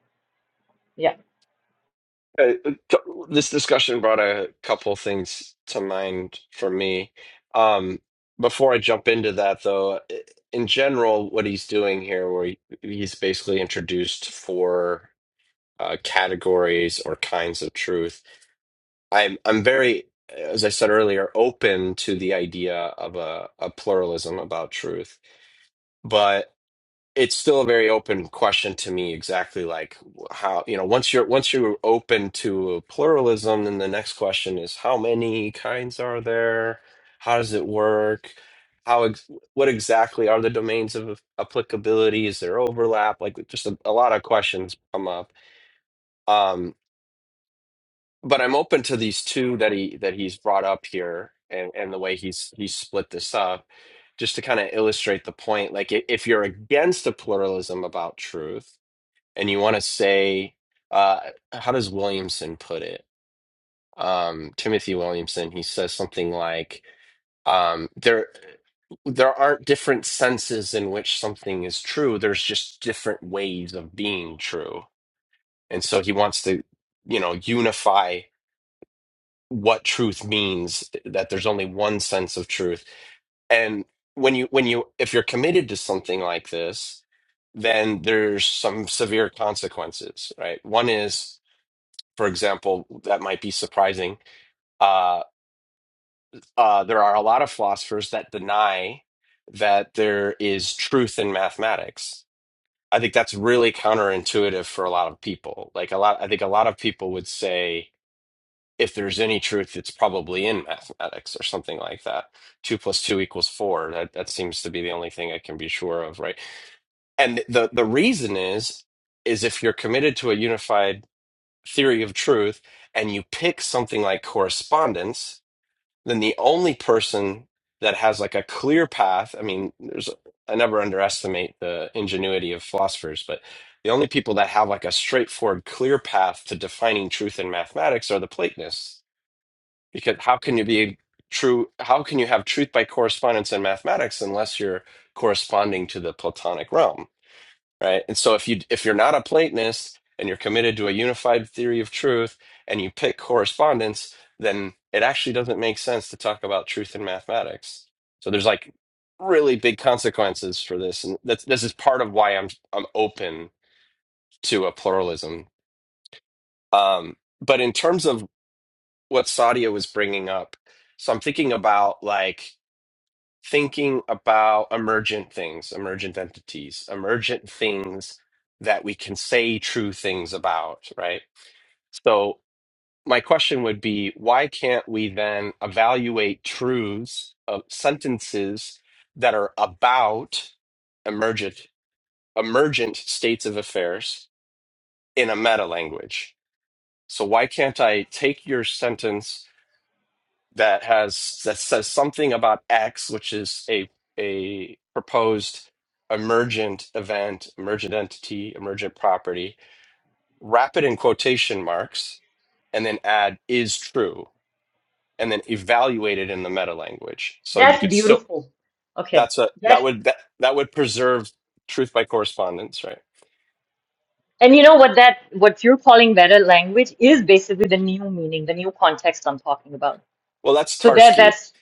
Yeah,
uh, t- this discussion brought a couple things to mind for me. Um, before I jump into that, though, in general, what he's doing here, where he- he's basically introduced four uh, categories or kinds of truth I'm I'm very, as I said earlier, open to the idea of a, a pluralism about truth, but it's still a very open question to me. Exactly like how you know once you're once you're open to a pluralism, then the next question is how many kinds are there? How does it work? How ex what exactly are the domains of applicability? Is there overlap? Like just a, a lot of questions come up. Um, but I'm open to these two that he that he's brought up here and and the way he's he's split this up just to kind of illustrate the point like i- if you're against a pluralism about truth and you want to say uh how does Williamson put it um Timothy Williamson he says something like um there there aren't different senses in which something is true there's just different ways of being true and so he wants to you know unify what truth means that there's only one sense of truth and when you when you if you're committed to something like this then there's some severe consequences right one is for example that might be surprising uh, uh, there are a lot of philosophers that deny that there is truth in mathematics i think that's really counterintuitive for a lot of people like a lot i think a lot of people would say if there's any truth, it's probably in mathematics or something like that. Two plus two equals four. That that seems to be the only thing I can be sure of, right? And the the reason is is if you're committed to a unified theory of truth and you pick something like correspondence, then the only person that has like a clear path, I mean, there's I never underestimate the ingenuity of philosophers, but the only people that have like a straightforward, clear path to defining truth in mathematics are the Platonists because how can you be true how can you have truth by correspondence in mathematics unless you're corresponding to the platonic realm right and so if you if you're not a platonist and you're committed to a unified theory of truth and you pick correspondence then it actually doesn't make sense to talk about truth in mathematics so there's like really big consequences for this and that's this is part of why i'm i'm open to a pluralism um but in terms of what Sadia was bringing up. So I'm thinking about like thinking about emergent things, emergent entities, emergent things that we can say true things about, right? So my question would be, why can't we then evaluate truths of sentences that are about emergent emergent states of affairs in a meta language? So why can't I take your sentence that has that says something about X, which is a a proposed emergent event, emergent entity, emergent property. Wrap it in quotation marks, and then add is true, and then evaluate it in the meta language. So you
that's
could still
beautiful. Okay,
that's a that
that's
would that that would preserve truth by correspondence, right?
and you know what that what you're calling meta language is basically the new meaning, the new context I'm talking about.
Well, that's
So that
Tarski.
that's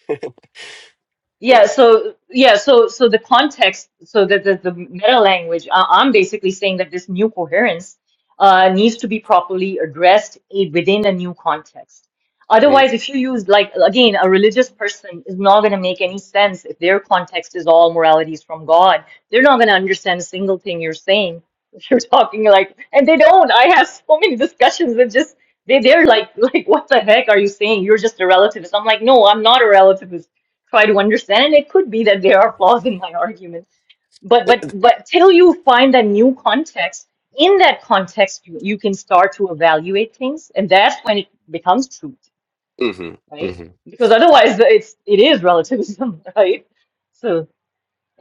Yeah,
Yeah.
so yeah, so so the context, so the the, the meta language, I, I'm basically saying that this new coherence uh, needs to be properly addressed i- within a new context.
Mm.
Otherwise, if you use like again, a religious person is not going to make any sense if their context is all morality is from God. They're not going to understand a single thing you're saying. If you're talking like, and they don't. I have so many discussions with just they they're like like what the heck are you saying? You're just a relativist. I'm like, no, I'm not a relativist try to understand and it could be that there are flaws in my argument but but but till you find that new context in that context you, you can start to evaluate things and that's when it becomes truth
hmm
right because otherwise it's it is relativism right so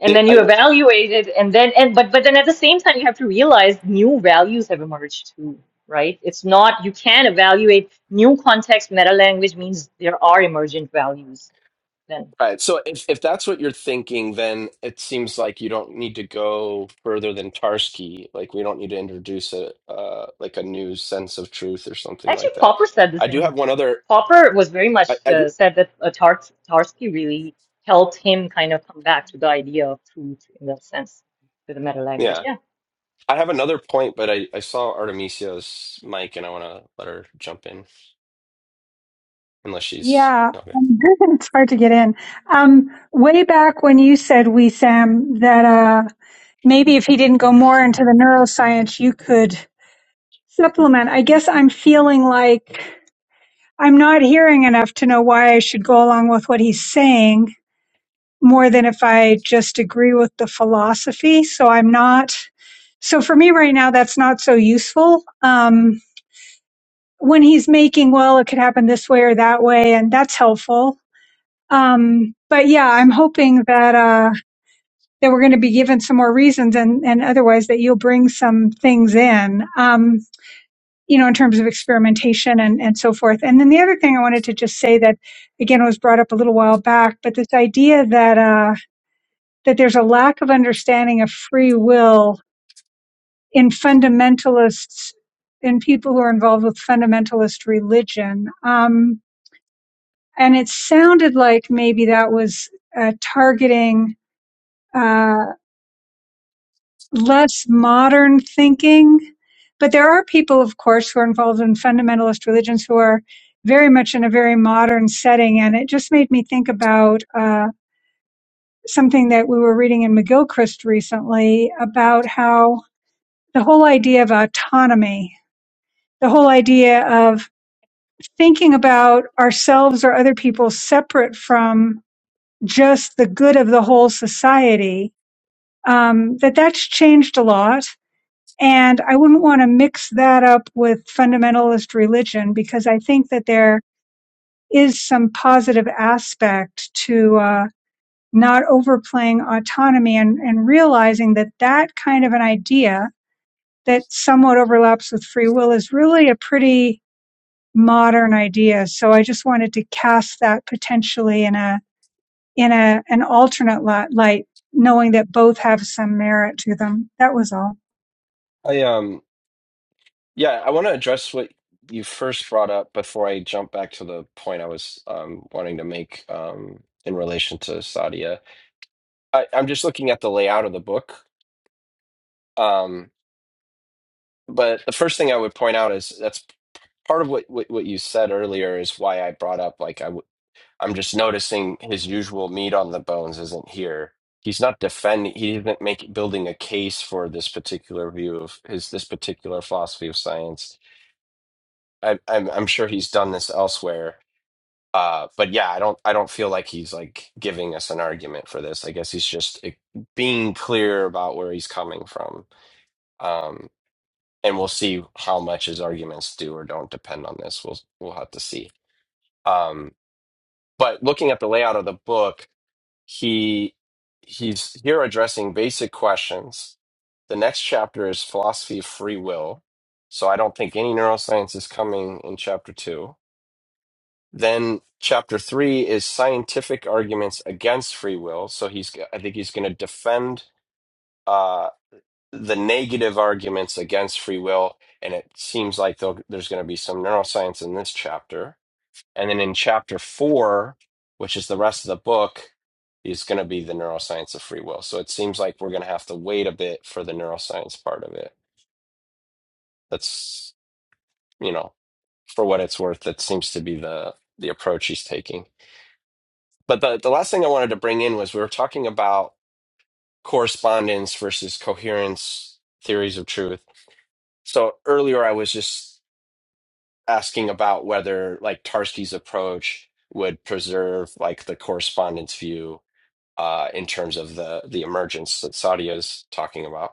and then you evaluate it and then and but but then at the same time you have to realize new values have emerged too right it's not you can evaluate new context meta language means there are emergent values then
Right. So if, if that's what you're thinking, then it seems like you don't need to go further than Tarski. Like we don't need to introduce a uh, like a new sense of truth or something
Actually,
like that.
Popper said the
I do have
same.
one other.
Popper was very
I,
much
I do.
uh, said that uh, Tars Tarski really helped him kind of come back to the idea of truth in that sense, to the meta language.
Yeah,
Yeah.
I have another point, but I, I saw Artemisia's mic and I want to let her jump in unless she's
Yeah,
okay.
I'm it's hard to get in. Um, way back when you said we, Sam, that uh, maybe if he didn't go more into the neuroscience, you could supplement. I guess I'm feeling like I'm not hearing enough to know why I should go along with what he's saying more than if I just agree with the philosophy. So I'm not. So for me right now, that's not so useful. Um, when he's making, well, it could happen this way or that way, and that's helpful Um, but yeah, I'm hoping that, uh, that we're going to be given some more reasons and, and otherwise that you'll bring some things in, um, you know, in terms of experimentation and, and so forth. And then the other thing I wanted to just say that again was brought up a little while back, but this idea that, uh, that there's a lack of understanding of free will in fundamentalists, in people who are involved with fundamentalist religion. Um, and it sounded like maybe that was uh, targeting uh, less modern thinking. But there are people, of course, who are involved in fundamentalist religions who are very much in a very modern setting. And it just made me think about uh, something that we were reading in McGilchrist recently about how the whole idea of autonomy, the whole idea of thinking about ourselves or other people separate from just the good of the whole society, um, that that's changed a lot And I wouldn't want to mix that up with fundamentalist religion because I think that there is some positive aspect to uh, not overplaying autonomy and, and realizing that that kind of an idea that somewhat overlaps with free will is really a pretty modern idea. So I just wanted to cast that potentially in a in a an alternate light, knowing that both have some merit to them. That was all.
I um yeah, I want to address what you first brought up before I jump back to the point I was um wanting to make um in relation to Sadia. I, I'm just looking at the layout of the book. Um, but the first thing I would point out is that's part of what, what, what you said earlier is why I brought up like I w- I'm just noticing his usual meat on the bones isn't here. He's not defending. He isn't making building a case for this particular view of his this particular philosophy of science. I, I'm I'm sure he's done this elsewhere. Uh, but yeah, I don't I don't feel like he's like giving us an argument for this. I guess he's just eh, being clear about where he's coming from. Um, and we'll see how much his arguments do or don't depend on this. We'll we'll have to see. Um, but looking at the layout of the book, he he's here addressing basic questions. The next chapter is philosophy of free will. So I don't think any neuroscience is coming in chapter two. Then chapter three is scientific arguments against free will. So he's I think he's going to defend. uh, the negative arguments against free will, and it seems like there'll- there's going to be some neuroscience in this chapter. And then in chapter four, which is the rest of the book, is going to be the neuroscience of free will. So it seems like we're going to have to wait a bit for the neuroscience part of it. That's, you know, for what it's worth, that seems to be the the approach he's taking. But the, the last thing I wanted to bring in was we were talking about correspondence versus coherence theories of truth. So earlier I was just asking about whether like Tarski's approach would preserve like the correspondence view uh, in terms of the the emergence that Sadia is talking about.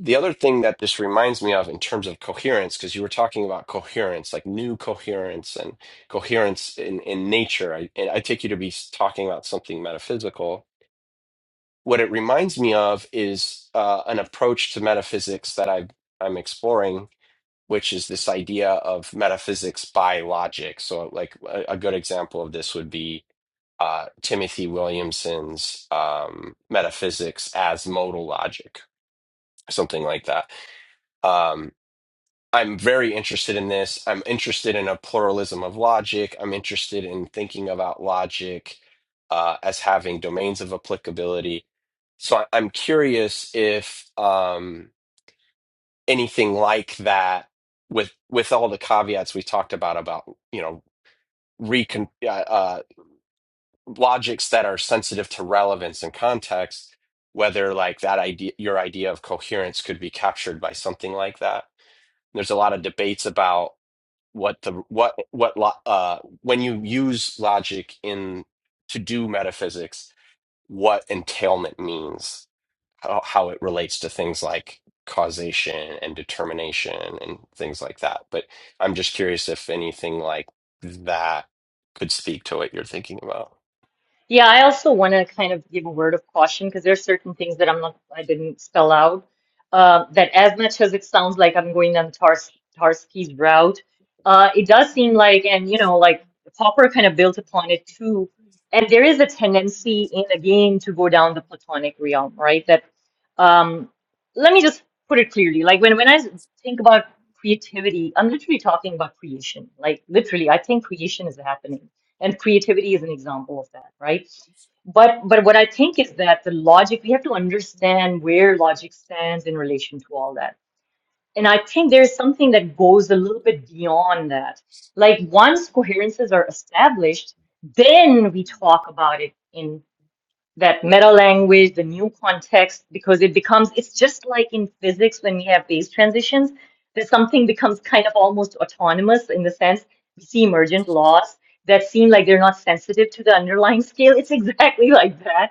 The other thing that this reminds me of in terms of coherence, because you were talking about coherence, like new coherence and coherence in, in nature. I, and I take you to be talking about something metaphysical. What it reminds me of is uh, an approach to metaphysics that I, I'm exploring which is this idea of metaphysics by logic. So, like a, a good example of this would be uh, Timothy Williamson's um, Metaphysics as Modal Logic, something like that. Um, I'm very interested in this. I'm interested in a pluralism of logic. I'm interested in thinking about logic uh, as having domains of applicability. So I- I'm curious if um, anything like that with with all the caveats we talked about about you know recon uh, uh, logics that are sensitive to relevance and context whether like that idea your idea of coherence could be captured by something like that there's a lot of debates about what the what what lo- uh when you use logic in to do metaphysics what entailment means how, how it relates to things like causation and determination and things like that. But I'm just curious if anything like that could speak to what you're thinking about.
Yeah, I also want to kind of give a word of caution because there's certain things that I'm not, I didn't spell out. Uh, that as much as it sounds like I'm going down Tars Tarski's route, uh, it does seem like, and you know, like Popper kind of built upon it too. And there is a tendency in a game to go down the platonic realm, right? That, um, let me just put it clearly. Like when when I think about creativity, I'm literally talking about creation. Like literally, I think creation is happening and creativity is an example of that right but but what i think is that the logic we have to understand where logic stands in relation to all that and i think there's something that goes a little bit beyond that like once coherences are established then we talk about it in that meta language, the new context, because it becomes, it's just like in physics when we have phase transitions, that something becomes kind of almost autonomous in the sense we see emergent laws that seem like they're not sensitive to the underlying scale. It's exactly like that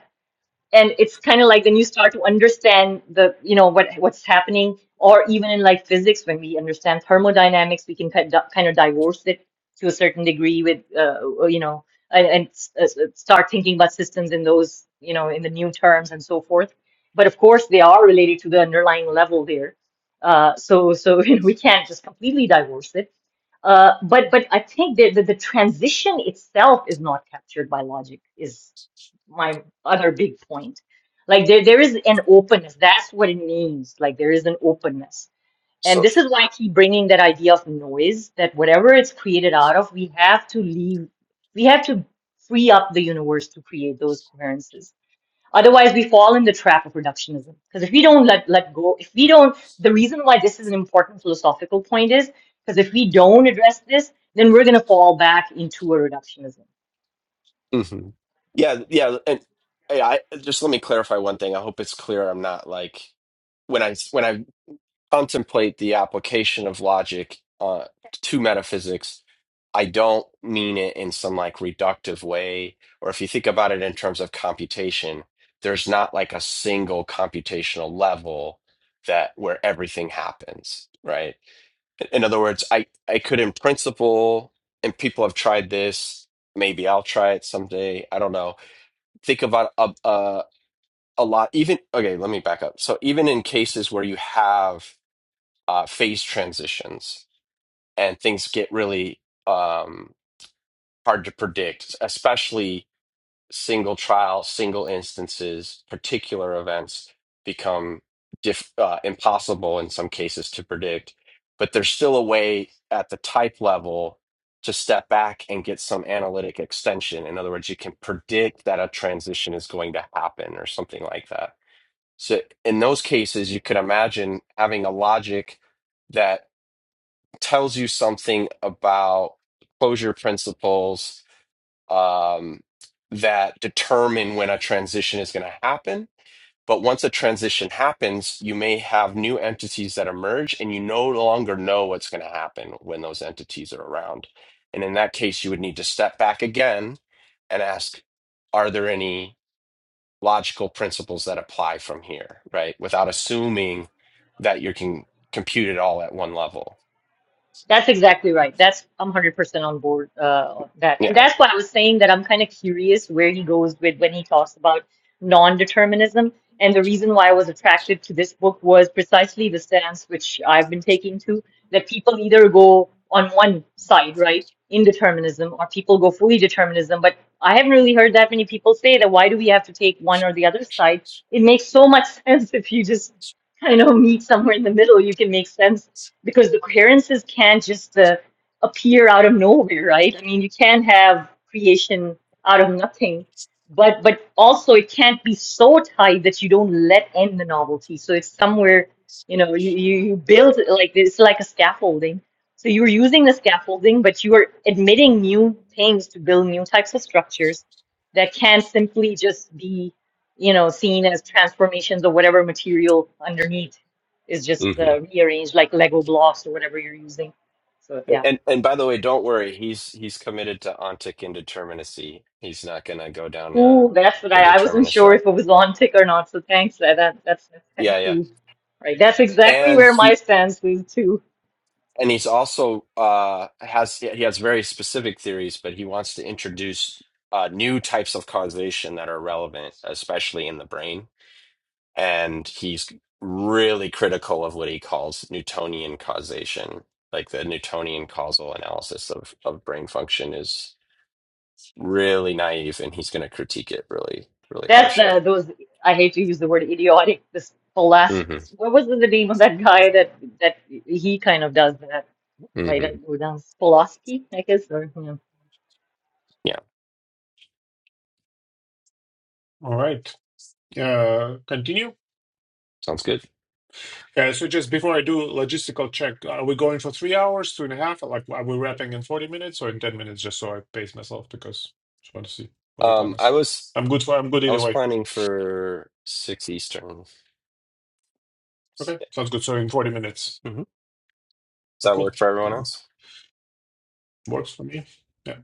and it's kind of like when you start to understand the you know what what's happening or even in like physics when we understand thermodynamics we can kind of, kind of divorce it to a certain degree with uh, you know and, and s- uh, start thinking about systems in those you know in the new terms and so forth but of course they are related to the underlying level there uh, so so you know, we can't just completely divorce it uh, but but I think that the, the transition itself is not captured by logic Is my other big point. Like there, there is an openness. That's what it means. Like there is an openness. And
So,
this is why I keep bringing that idea of noise, that whatever it's created out of, we have to leave, we have to free up the universe to create those coherences. Otherwise, we fall in the trap of reductionism. Because if we don't let, let go, if we don't, the reason why this is an important philosophical point is because if we don't address this, then we're going to fall back into a reductionism
hmm yeah, yeah, and hey, I just let me clarify one thing. I hope it's clear. I'm not like when I when I contemplate the application of logic uh, to metaphysics, I don't mean it in some like reductive way. Or if you think about it in terms of computation, there's not like a single computational level that where everything happens, right? In other words, I, I could in principle, and people have tried this, maybe I'll try it someday. I don't know. Think about a, a, a lot, even, okay, let me back up. So even in cases where you have uh, phase transitions and things get really um, hard to predict, especially single trial, single instances, particular events become diff- uh, impossible in some cases to predict. But there's still a way at the type level to step back and get some analytic extension. In other words, you can predict that a transition is going to happen or something like that. So in those cases, you could imagine having a logic that tells you something about closure principles um, that determine when a transition is going to happen. But once a transition happens, you may have new entities that emerge, and you no longer know what's going to happen when those entities are around. And in that case, you would need to step back again and ask, are there any logical principles that apply from here, right? Without assuming that you can compute it all at one level.
That's exactly right. That's I'm 100% on board uh, on that. And
Yeah.
that's why I was saying that I'm kind of curious where he goes with when he talks about non-determinism. And the reason why I was attracted to this book was precisely the stance which I've been taking to that people either go on one side, right, indeterminism, or people go fully determinism. But I haven't really heard that many people say that why do we have to take one or the other side? It makes so much sense if you just kind of meet somewhere in the middle, you can make sense because the coherences can't just uh, appear out of nowhere, right? I mean, you can't have creation out of nothing, but but also it can't be so tight that you don't let in the novelty. So it's somewhere, you know, you you, you build it like it's like a scaffolding. So you're using the scaffolding, but you are admitting new things to build new types of structures that can simply just be, you know, seen as transformations of whatever material underneath is just uh, rearranged like Lego blocks or whatever you're using. So yeah,
And and by the way, don't worry. He's he's committed to ontic indeterminacy. He's not going to go down uh,
cool. That's what
the
I, I wasn't
determinist
sure
route.
if it was on tick or not. So thanks. That, that that's that's kind of
Yeah, yeah.
cool. Right. That's exactly
And
where my
he
stance is too.
and he's also uh, has he has very specific theories, but he wants to introduce uh, new types of causation that are relevant, especially in the brain. And he's really critical of what he calls Newtonian causation, like the Newtonian causal analysis of of brain function is. really naive and he's going to critique it really really
That's
harshly
the those I hate to use the word idiotic. This last
hmm
what was the name of that guy that that he kind of does that right?
hmm
Like, Who does Pulaski, I guess or you know.
yeah
all right uh continue
sounds good
Yeah. so just before I do logistical check, are we going for three hours, two and a half? Like, are we wrapping in 40 minutes or in 10 minutes? Just so I pace myself because just want to see what your plan
um i
is.
was
I'm good for, I'm good
i
either
was
way.
planning for six eastern
Okay, sounds good. So in 40 minutes.
hmm does
Oh,
that
cool.
work for everyone
Uh,
else
works for me. Yeah.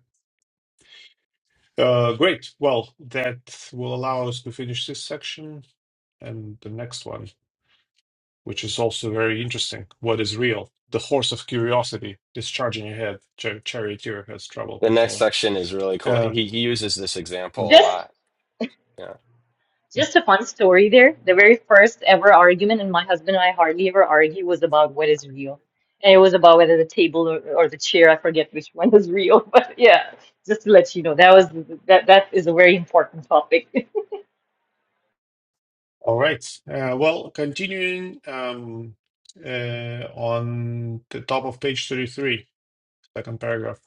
Uh, great. Well, that will allow us to finish this section and the next one, which is also very interesting. What is real? The horse of curiosity is charging ahead. Char- charioteer has trouble
the next
controlling.
section is really cool
Uh,
he, he uses this
Mm,
example a
just.
lot yeah
mm.
Just a fun story there. The very first ever argument, and my husband and I hardly ever argue, was about what is real. And it was about whether the table or, or the chair, I forget which one is real, but yeah, just to let you know, that was that that is a very important topic
All right. Uh, well, continuing um, uh, on the top of page 33, second paragraph.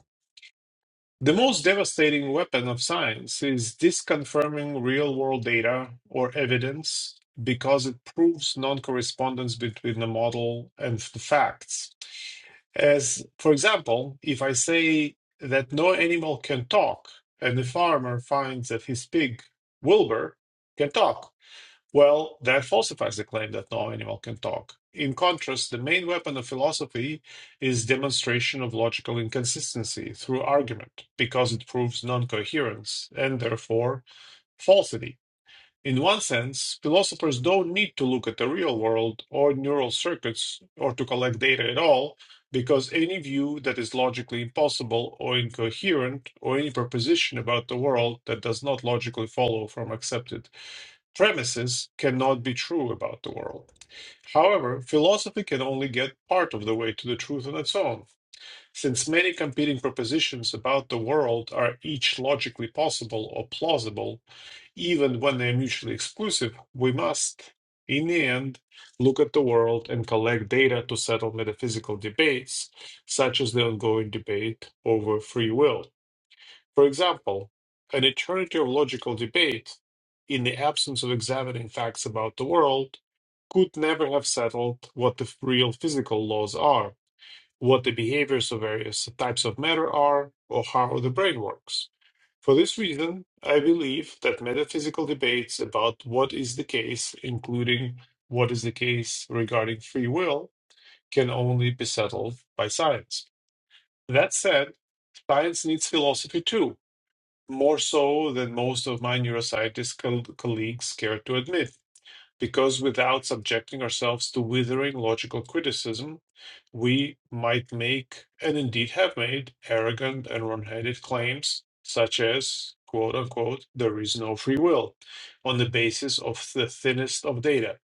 The most devastating weapon of science is disconfirming real world data or evidence because it proves non correspondence between the model and the facts. As, for example, if I say that no animal can talk and the farmer finds that his pig, Wilbur, can talk, well, that falsifies the claim that no animal can talk. In contrast, the main weapon of philosophy is demonstration of logical inconsistency through argument, because it proves non coherence and therefore falsity. In one sense, philosophers don't need to look at the real world or neural circuits or to collect data at all, because any view that is logically impossible or incoherent, or any proposition about the world that does not logically follow from accepted premises cannot be true about the world. However, philosophy can only get part of the way to the truth on its own, since many competing propositions about the world are each logically possible or plausible, even when they are mutually exclusive, we must, in the end, look at the world and collect data to settle metaphysical debates, such as the ongoing debate over free will. For example, an eternity of logical debate, in the absence of examining facts about the world, could never have settled what the real physical laws are, what the behaviors of various types of matter are, or how the brain works. For this reason, I believe that metaphysical debates about what is the case, including what is the case regarding free will, can only be settled by science. That said, science needs philosophy too more so than most of my neuroscientist col- colleagues care to admit, because without subjecting ourselves to withering logical criticism, we might make, and indeed have made, arrogant and wrong headed claims such as, quote unquote, there is no free will on the basis of the thinnest of data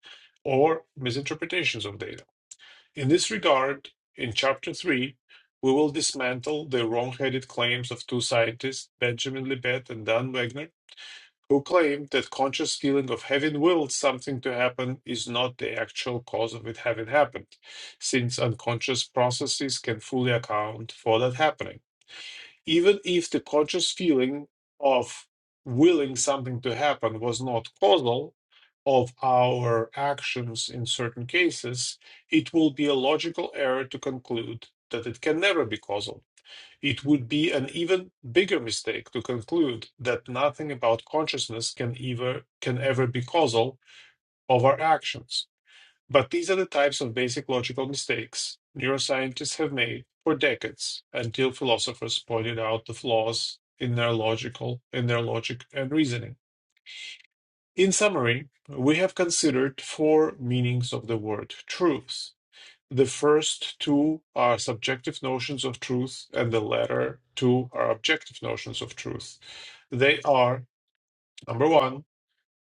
or misinterpretations of data. In this regard, in Chapter 3, we will dismantle the wrong-headed claims of two scientists, Benjamin Libet and Dan Wegner, who claim that conscious feeling of having willed something to happen is not the actual cause of it having happened, since unconscious processes can fully account for that happening. Even if the conscious feeling of willing something to happen was not causal, of our actions in certain cases, it will be a logical error to conclude that it can never be causal. It would be an even bigger mistake to conclude that nothing about consciousness can ever can ever be causal of our actions. But these are the types of basic logical mistakes neuroscientists have made for decades until philosophers pointed out the flaws in their logical in their logic and reasoning. In summary, we have considered four meanings of the word truths. The first two are subjective notions of truth, and the latter two are objective notions of truth. They are number one,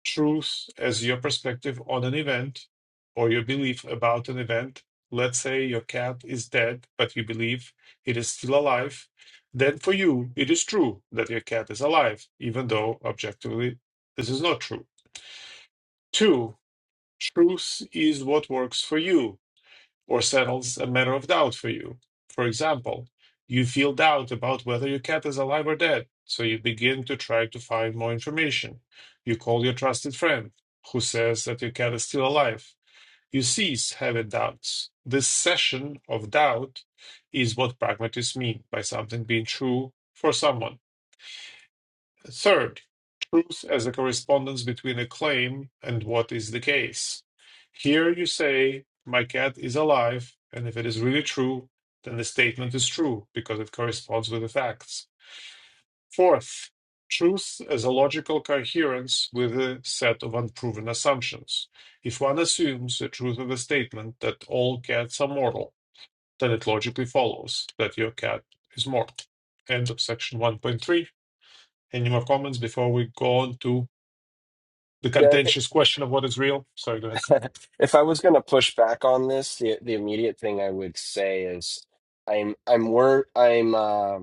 truth as your perspective on an event or your belief about an event. Let's say your cat is dead, but you believe it is still alive. Then for you, it is true that your cat is alive, even though objectively this is not true. Two, Truth is what works for you or settles a matter of doubt for you. For example, you feel doubt about whether your cat is alive or dead, so you begin to try to find more information. You call your trusted friend, who says that your cat is still alive. You cease having doubts. This session of doubt is what pragmatists mean by something being true for someone. The Third, truth as a correspondence between a claim and what is the case. Here you say, My cat is alive, and if it is really true, then the statement is true because it corresponds with the facts. Fourth, truth as a logical coherence with a set of unproven assumptions. If one assumes the truth of a statement that all cats are mortal, then it logically follows that your cat is mortal. End of section 1.3. Any more comments before we go on to the
yeah it-
contentious question of what is real. Sorry, go ahead.
if i was going to push back on this the, the immediate thing i would say is i'm i'm wor- i'm um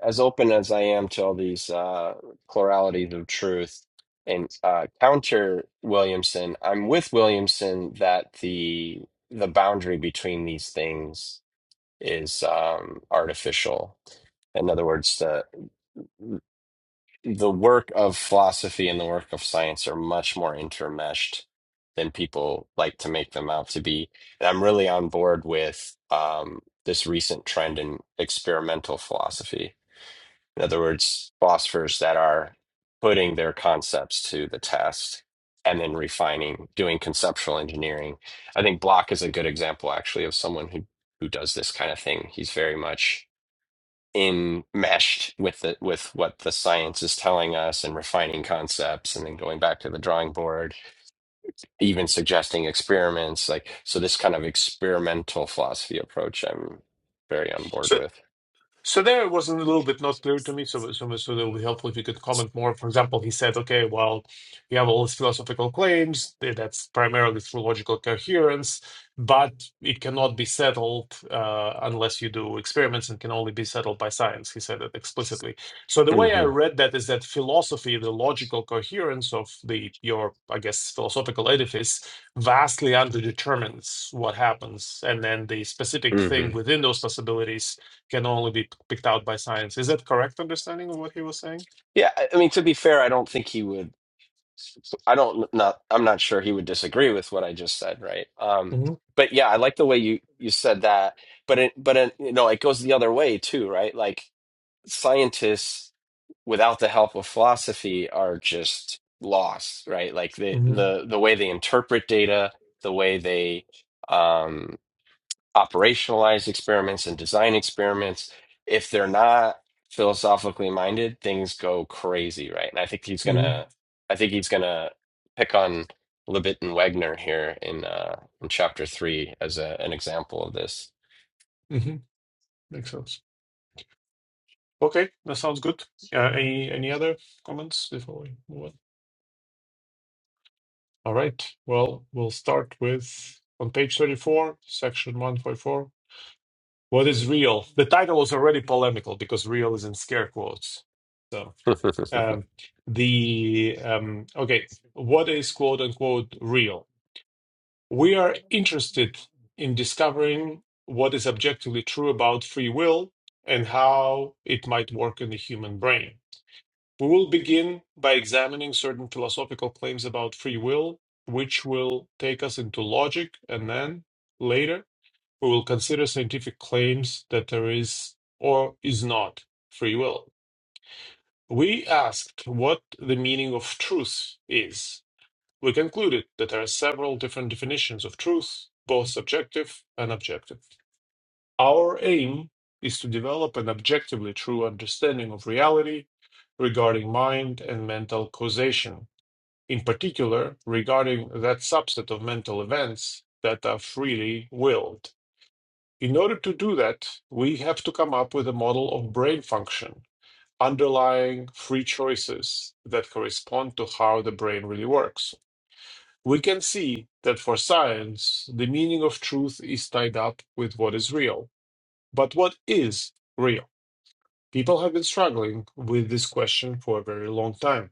as open as I am to all these uh, pluralities of truth and uh, counter Williamson, I'm with Williamson that the the boundary between these things is um, artificial. In other words, the the work of philosophy and the work of science are much more intermeshed than people like to make them out to be. And I'm really on board with um, this recent trend in experimental philosophy in other words, philosophers that are putting their concepts to the test and then refining, doing conceptual engineering. I think Block is a good example, actually, of someone who who does this kind of thing. He's very much enmeshed with the with what the science is telling us and refining concepts and then going back to the drawing board, even suggesting experiments. Like so, this kind of experimental philosophy approach, I'm very on board
So,
with.
So there it was a little bit not clear to me, so so so that would be helpful if you could comment more. For example, he said, okay, well, you have all these philosophical claims, th- that's primarily through logical coherence, but it cannot be settled uh, unless you do experiments and can only be settled by science. He said it explicitly. So the way
hmm
I read that is that philosophy, the logical coherence of the your, I guess, philosophical edifice vastly underdetermines what happens, and then the specific
hmm
thing within those possibilities can only be picked out by science. Is that correct understanding of what he was saying?
yeah, I I mean, to be fair, I don't think he would. I don't not I'm not sure he would disagree with what I just said, right? Um,
hmm
but yeah, I like the way you you said that. But it but it, you know, it goes the other way too, right? Like scientists without the help of philosophy are just lost, right? Like the
hmm
the the way they interpret data, the way they um operationalize experiments and design experiments. If they're not philosophically minded, things go crazy, right? And I think he's
hmm
gonna, I think he's gonna pick on Libet and Wegner here in uh, in chapter three as a, an example of this.
hmm Makes sense. Okay, that sounds good. Uh, any any other comments before we move on? All right. Well, we'll start with on page thirty four, section one point four. What is real? The title was already polemical because real is in scare quotes. So um, the um, okay, what is quote unquote real? We are interested in discovering what is objectively true about free will and how it might work in the human brain. We will begin by examining certain philosophical claims about free will, which will take us into logic, and then later we will consider scientific claims that there is or is not free will. We asked what the meaning of truth is we concluded that there are several different definitions of truth, both subjective and objective. Our aim is to develop an objectively true understanding of reality regarding mind and mental causation, in particular regarding that subset of mental events that are freely willed. In order to do that, we have to come up with a model of brain function, underlying free choices that correspond to how the brain really works. We can see that for science, the meaning of truth is tied up with what is real. But what is real? People have been struggling with this question for a very long time.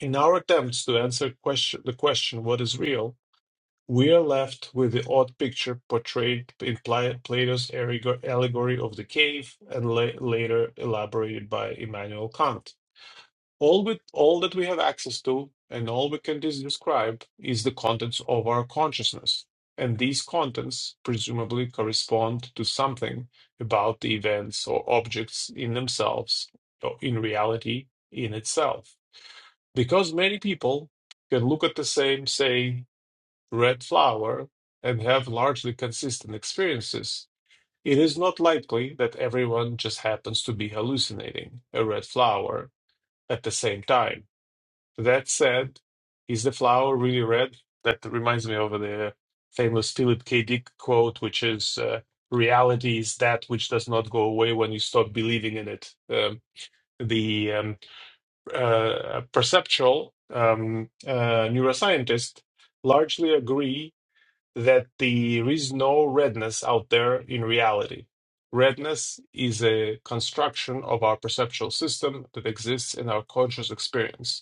In our attempts to answer question, the question, what is real, we are left with the odd picture portrayed in Pla- Plato's allegor- allegory of the cave and la- later elaborated by Immanuel Kant. All with all that we have access to and all we can dis- describe is the contents of our consciousness. And these contents presumably correspond to something about the events or objects in themselves or in reality in itself. Because many people can look at the same, say, red flower and have largely consistent experiences, it is not likely that everyone just happens to be hallucinating a red flower at the same time that said, is the flower really red? That reminds me of the famous Philip K. Dick quote, which is uh, reality is that which does not go away when you stop believing in it. Um, the um, uh, uh, perceptual um, uh, neuroscientists largely agree that there is no redness out there in reality. Redness is a construction of our perceptual system that exists in our conscious experience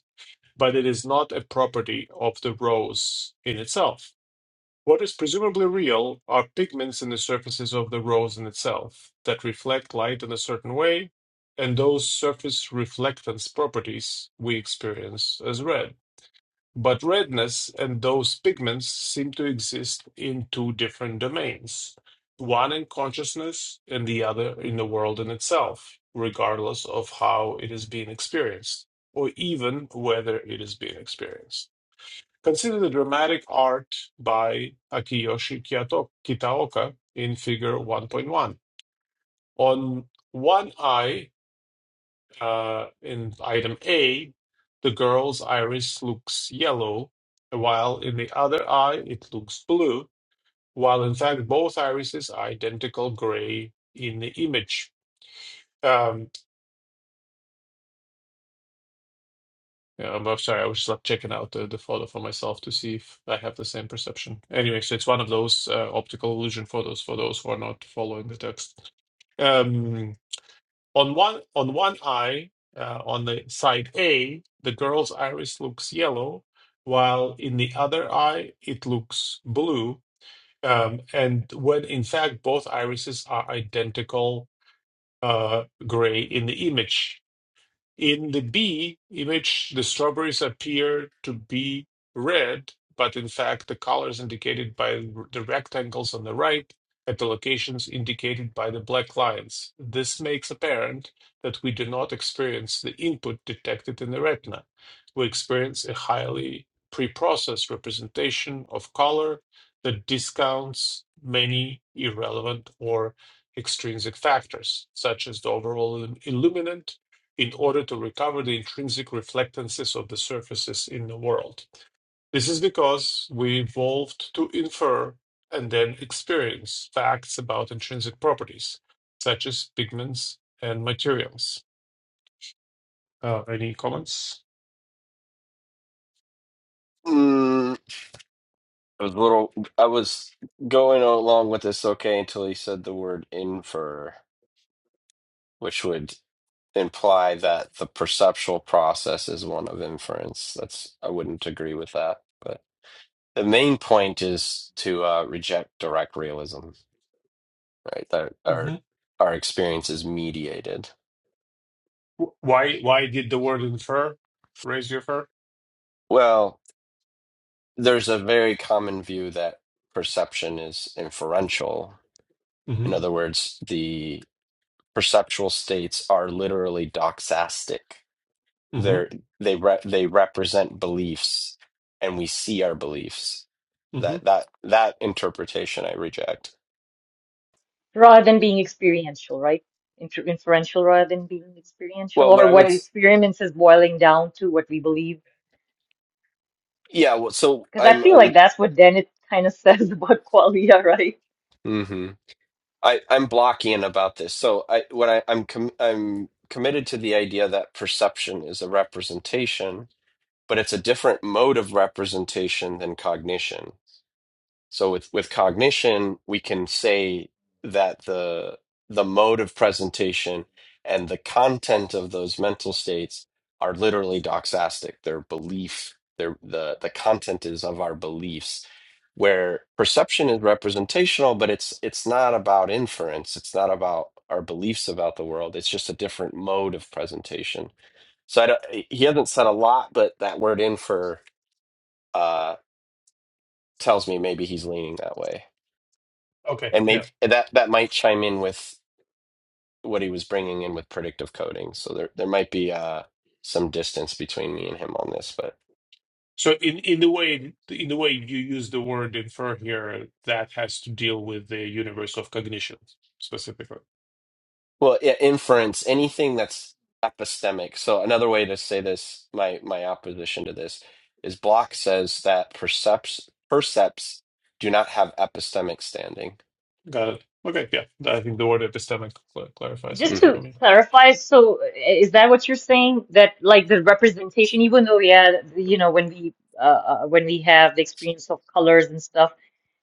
but it is not a property of the rose in itself. What is presumably real are pigments in the surfaces of the rose in itself that reflect light in a certain way, and those surface reflectance properties we experience as red. But redness and those pigments seem to exist in two different domains, one in consciousness and the other in the world in itself, regardless of how it is being experienced, or even whether it is being experienced. Consider the dramatic art by Akiyoshi Kiyato- Kitaoka in Figure 1.1. On one eye uh, in item A, the girl's iris looks yellow, while in the other eye it looks blue, while in fact both irises are identical gray in the image. Um, yeah, I'm sorry, I was just like checking out the, the photo for myself to see if I have the same perception. Anyway, so it's one of those uh, optical illusion photos for those who are not following the text. Um, On one on one eye, uh, on the side A, the girl's iris looks yellow, while in the other eye it looks blue. Um, and when in fact both irises are identical uh, gray in the image in the bee image, the strawberries appear to be red, but in fact, the colors indicated by the rectangles on the right at the locations indicated by the black lines. This makes apparent that we do not experience the input detected in the retina. We experience a highly preprocessed representation of color that discounts many irrelevant or extrinsic factors, such as the overall illuminant in order to recover the intrinsic reflectances of the surfaces in the world. This is because we evolved to infer and then experience facts about intrinsic properties, such as pigments and materials. Uh, any comments?
Mm, I was a little, I was going along with this okay until he said the word infer. which would imply that the perceptual process is one of inference. That's I wouldn't agree with that. But the main point is to uh, reject direct realism, right? That our
Mhm.
our experience is mediated.
Why why did the word infer raise your fur?
Well, there's a very common view that perception is inferential.
hmm
In other words, the perceptual states are literally doxastic.
hmm
they're they re- they represent beliefs and we see our beliefs
hmm
that that that interpretation i reject
rather than being experiential, right? Infer inferential rather than being experiential,
well what
or
i
what
would s-
experiments is boiling down to what we believe.
yeah well, so
Because I
i'm
feel like
i'm
that's what then it kind of says about qualia, right?
hmm i i'm blocking about this so i when i i'm com- i'm committed to the idea that perception is a representation but it's a different mode of representation than cognition So with with cognition, we can say that the the mode of presentation and the content of those mental states are literally doxastic. Their belief. their the the content is of our beliefs. Where perception is representational, but it's it's not about inference. It's not about our beliefs about the world. It's just a different mode of presentation. So I don't, he hasn't said a lot, but that word infer uh, tells me maybe he's leaning that way.
Okay,
and maybe
yeah.
that that might chime in with what he was bringing in with predictive coding. So there there might be uh, some distance between me and him on this, but
So in, in the way in the way you use the word infer here, that has to deal with the universe of cognition specifically.
well, yeah, inference, anything that's epistemic. So another way to say this, my my opposition to this is Block says that percepts percepts do not have epistemic standing.
Got it. Okay, yeah. I think the word epistemic cl- clarifies
Just
it
hmm
to
for me.
clarify, so uh, is that what you're saying? That like the representation, even though yeah, you know, when we uh, uh, when we have the experience of colors and stuff,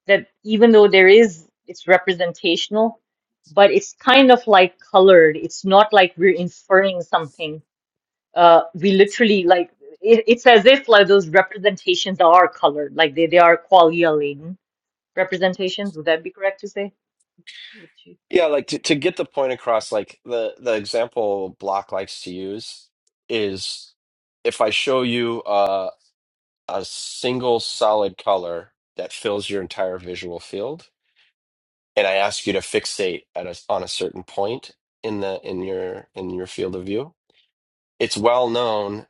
that even though there is, it's representational, but it's kind of like colored. It's not like we're inferring something. Uh, we literally like it, it's as if like those representations are colored, like they they are qualia laden representations. Would that be correct to say?
Yeah, like to, to get the point across, like the the example Block likes to use is if I show you. a single solid color that fills your entire visual field and i ask you to fixate at a, on a certain point in the in your in your field of view it's well known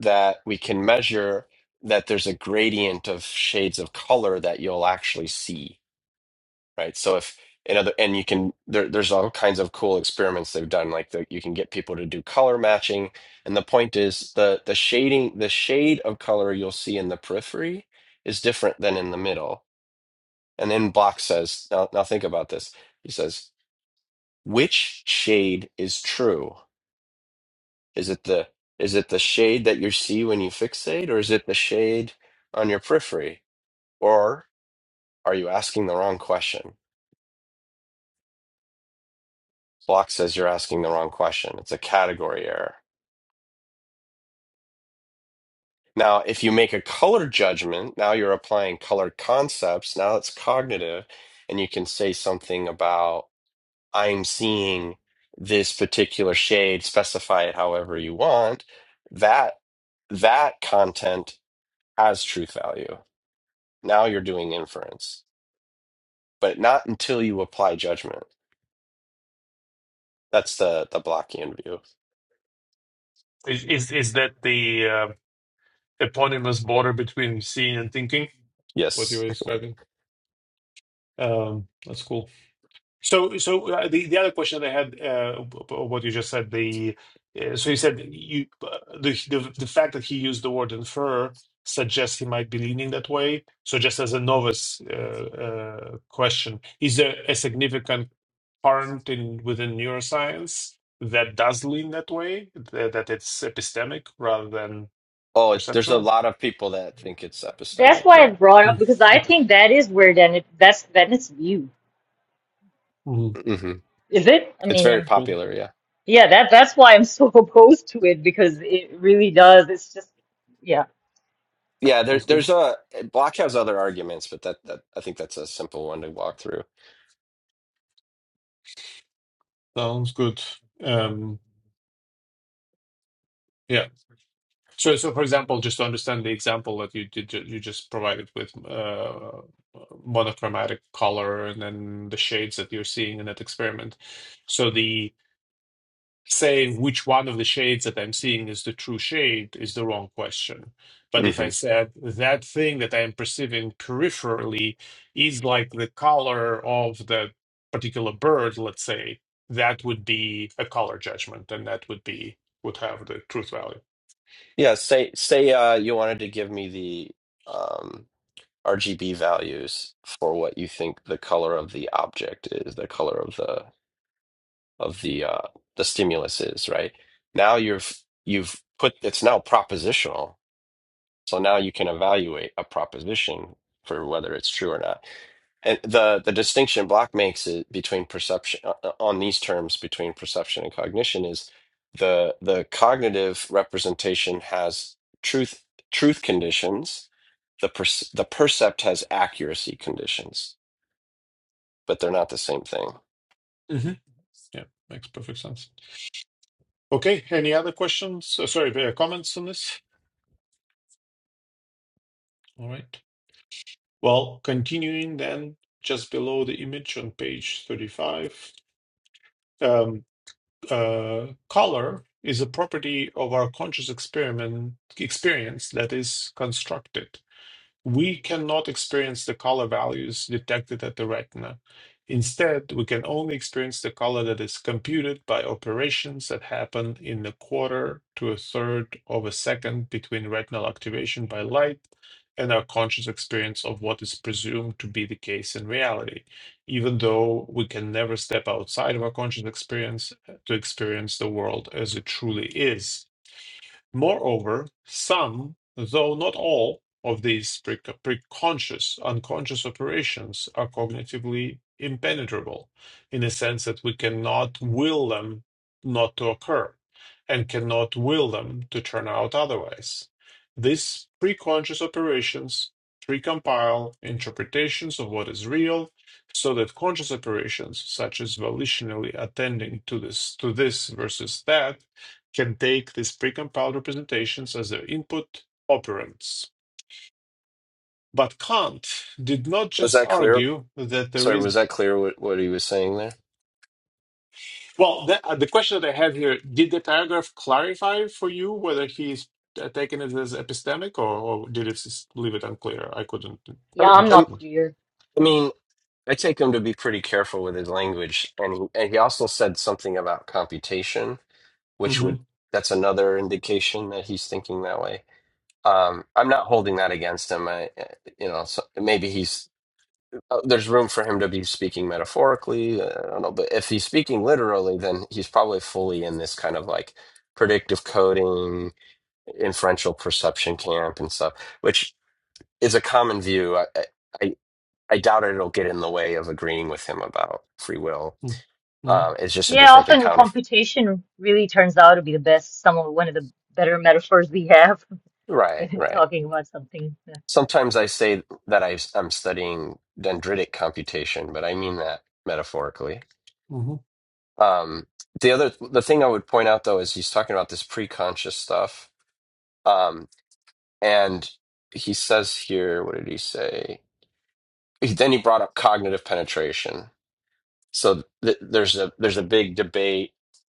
that we can measure that there's a gradient of shades of color that you'll actually see right? So if in other and you can there there's all kinds of cool experiments they've done like the, you can get people to do color matching and the point is the the shading the shade of color you'll see in the periphery is different than in the middle. And then Block says now now think about this. He says which shade is true? Is it the is it the shade that you see when you fixate or is it the shade on your periphery? Or are you asking the wrong question? Block says you're asking the wrong question. It's a category error. Now, if you make a color judgment, now you're applying color concepts. Now it's cognitive. And you can say something about, I'm seeing this particular shade, specify it however you want. That, that content has truth value. Now you're doing inference, but not until you apply judgment. That's the, the Blockian view.
Is is, is that the uh, eponymous border between seeing and thinking? What you
Yes.
were describing? Um, that's cool. So, so uh, the the other question that I had, uh, b- b- what you just said, the uh, so you said you uh, the, the the fact that he used the word infer suggests he might be leaning that way. So, just as a novice uh, uh, question, is there a significant current in within neuroscience that does lean that way, that, that it's epistemic rather than
Oh, there's a
perceptual.
lot of people that think it's
That's
epistemic.
why I
Yeah.
brought up
Mm,
because I
Okay.
think that is where then it that's then it's view.
hmm
hmm
Is it? I
It's
mean,
very
um,
Cool.
popular, yeah.
yeah, that that's why I'm so opposed to it because it really does. It's just, yeah,
Yeah, there,
Sounds good.
there's a Block has other arguments, but that, that I think that's a simple one to walk through.
Sounds good. Um, yeah. So, so for example, just to understand the example that you did, you just provided with uh, monochromatic color and then the shades that you're seeing in that experiment. So the saying which one of the shades that I'm seeing is the true shade is the wrong question. But if I
hmm
said that thing that I'm perceiving peripherally is like the color of the particular bird, let's say, that would be a color judgment and that would be would have the truth value.
Yeah, say say uh, you wanted to give me the um, RGB values for what you think the color of the object is, the color of the of the uh, the stimulus is, right? Now you've you've put it's now propositional, so now you can evaluate a proposition for whether it's true or not. And the the distinction Block makes it between perception uh, uh, on these terms between perception and cognition is the the cognitive representation has truth truth conditions. The per, the percept has accuracy conditions, but they're not the same thing.
hmm Yeah, makes perfect sense. Okay, any other questions? Uh, sorry, uh, comments on this? All right. Well, continuing then just below the image on page 35. Um, uh, color is a property of our conscious experiment experience that is constructed. We cannot experience the color values detected at the retina. Instead, we can only experience the color that is computed by operations that happen in a quarter to a third of a second between retinal activation by light and our conscious experience of what is presumed to be the case in reality, even though we can never step outside of our conscious experience to experience the world as it truly is. Moreover, some, though not all, of these pre- preconscious, unconscious operations are cognitively impenetrable in a sense that we cannot will them not to occur and cannot will them to turn out otherwise. These preconscious operations precompile interpretations of what is real so that conscious operations such as volitionally attending to this to this versus that can take these precompiled representations as their input operands. But Kant did not
Was
just
that clear?
argue that there
Sorry,
is.
was that clear what, what he was saying there?
Well, the, uh, the question that I have here did the paragraph clarify for you whether he's uh, taking it as epistemic or, or did it just leave it unclear? I couldn't
yeah,
I,
I'm
I,
not
understand.
clear.
mean, I take him to be pretty careful with his language, and he, and he also said something about computation which would
Mm-hmm.
that's another indication that he's thinking that way. Um, I'm not holding that against him. I, eh, you know, so maybe he's uh, there's room for him to be speaking metaphorically. uh, I don't know, but if he's speaking literally, then he's probably fully in this kind of like predictive coding, inferential perception camp and stuff, which is a common view. I, I, I I doubt it'll get in the way of agreeing with him about free will.
Mm-hmm.
Um, it's just a
Yeah,
different
often
account of
computation really turns out to be the best, some of one of the better metaphors we have
right,
in
right.
talking about something.
Sometimes I say that I, I'm studying dendritic computation, but I mean that metaphorically. Um, the other, the thing I would point out though is he's talking about this pre-conscious stuff, um, and he says here, what did he say? He, then he brought up cognitive penetration. So th- there's a there's a big debate.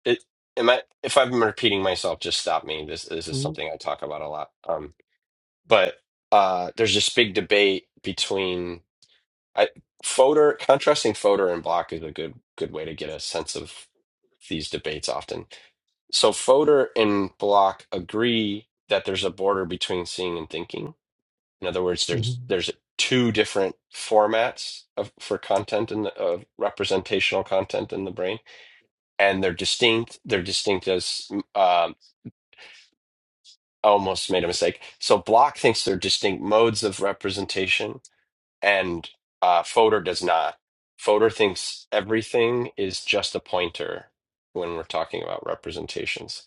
It, am I if I'm repeating myself, just stop me. This this is
Mm-hmm.
something I talk about a lot. Um, but uh, there's this big debate between I voter contrasting Fodor and block is a good good way to get a sense of these debates often. So Fodor and block agree that there's a border between seeing and thinking. In other words,
Mm-hmm.
there's
Mm-hmm.
there's two different formats of for content and of representational content in the brain, and they're distinct. They're distinct as um, I almost made a mistake. So block thinks they're distinct modes of representation, and uh, Fodor does not. Fodor thinks everything is just a pointer when we're talking about representations.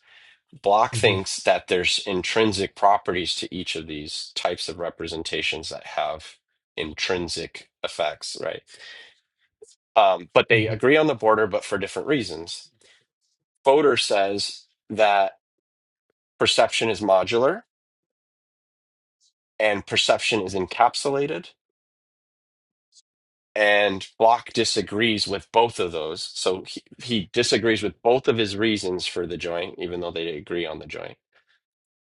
Block thinks that there's intrinsic properties to each of these types of representations that have intrinsic effects, right? Um, but they agree on the border, but for different reasons. Fodor says that perception is modular and perception is encapsulated and Block disagrees with both of those. So he, he disagrees with both of his reasons for the joint, even though they agree on the joint.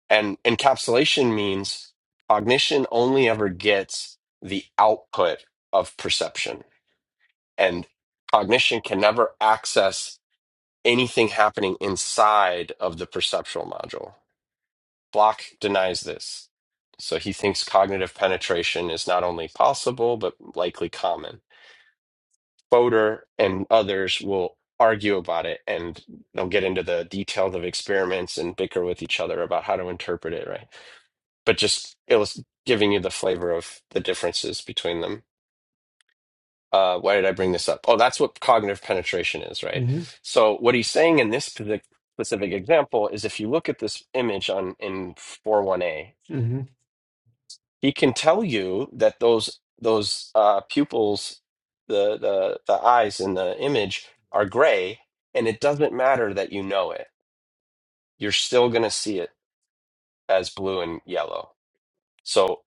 And encapsulation means cognition only ever gets the output of perception, and cognition can never access anything happening inside of the perceptual module. Block denies this. So he thinks cognitive penetration is not only possible, but likely common. Fodor and others will argue about it and they'll get into the details of experiments and bicker with each other about how to interpret it, right? But just it was giving you the flavor of the differences between them. Uh, why did I bring this up? Oh, that's what cognitive penetration is, right?
Mm-hmm.
So what he's saying in this specific specific example is if you look at this image on in four one a
Mm-hmm.
he can tell you that those those uh, pupils, the the the eyes in the image are gray, and it doesn't matter that you know it. You're still going to see it as blue and yellow. So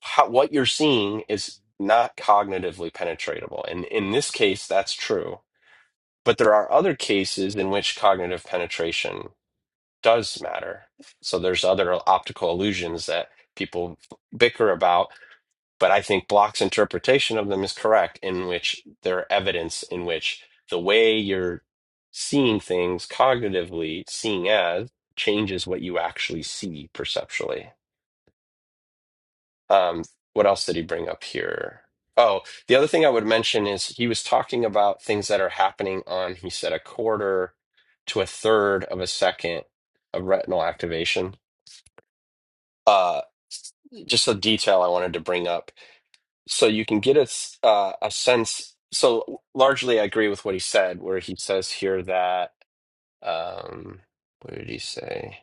how, what you're seeing is not cognitively penetratable, and in this case, that's true. But there are other cases in which cognitive penetration does matter. So there's other optical illusions that people bicker about but I think Block's interpretation of them is correct, in which there are evidence in which the way you're seeing things cognitively, seeing as, changes what you actually see perceptually. Um, what else did he bring up here? Oh, the other thing I would mention is he was talking about things that are happening on, he said, a quarter to a third of a second of retinal activation. Uh, just a detail I wanted to bring up so you can get a, s- uh, a sense. So largely, I agree with what he said, where he says here that, um, what did he say?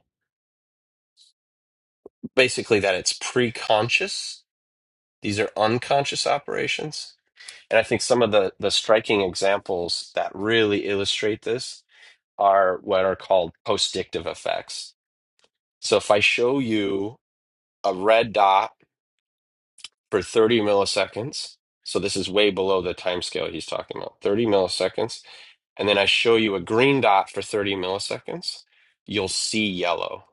Basically, that it's pre-conscious. These are unconscious operations. And I think some of the, the striking examples that really illustrate this are what are called postdictive effects. So if I show you a red dot for 30 milliseconds, so this is way below the timescale he's talking about, 30 milliseconds and then I show you a green dot for 30 milliseconds, you'll see yellow.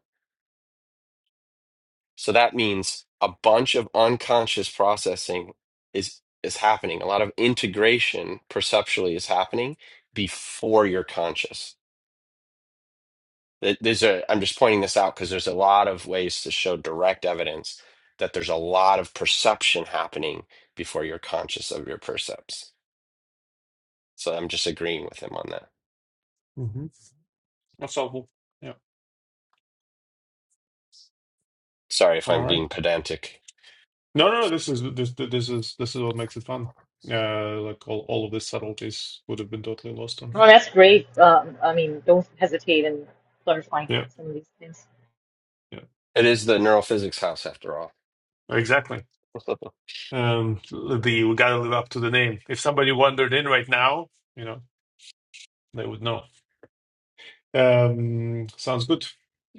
So that means a bunch of unconscious processing is is happening. A lot of integration perceptually is happening before you're conscious. Th- There's a, I'm just pointing this out because there's a lot of ways to show direct evidence that there's a lot of perception happening before you're conscious of your percepts. So I'm just agreeing with him on that.
Mm-hmm. That's helpful. Yeah.
Sorry if
All
I'm being
right.
pedantic.
No, no, no. This is this this is this is what makes it fun. Uh, like all all of these subtleties would have been totally lost on me.
No, that's great. Um, I mean, don't hesitate in clarifying
Yeah,
some of these things.
yeah,
It is the neurophysics house after all.
exactly. Um, the we gotta live up to the name. If somebody wandered in right now, you know, they would know. Um, sounds good.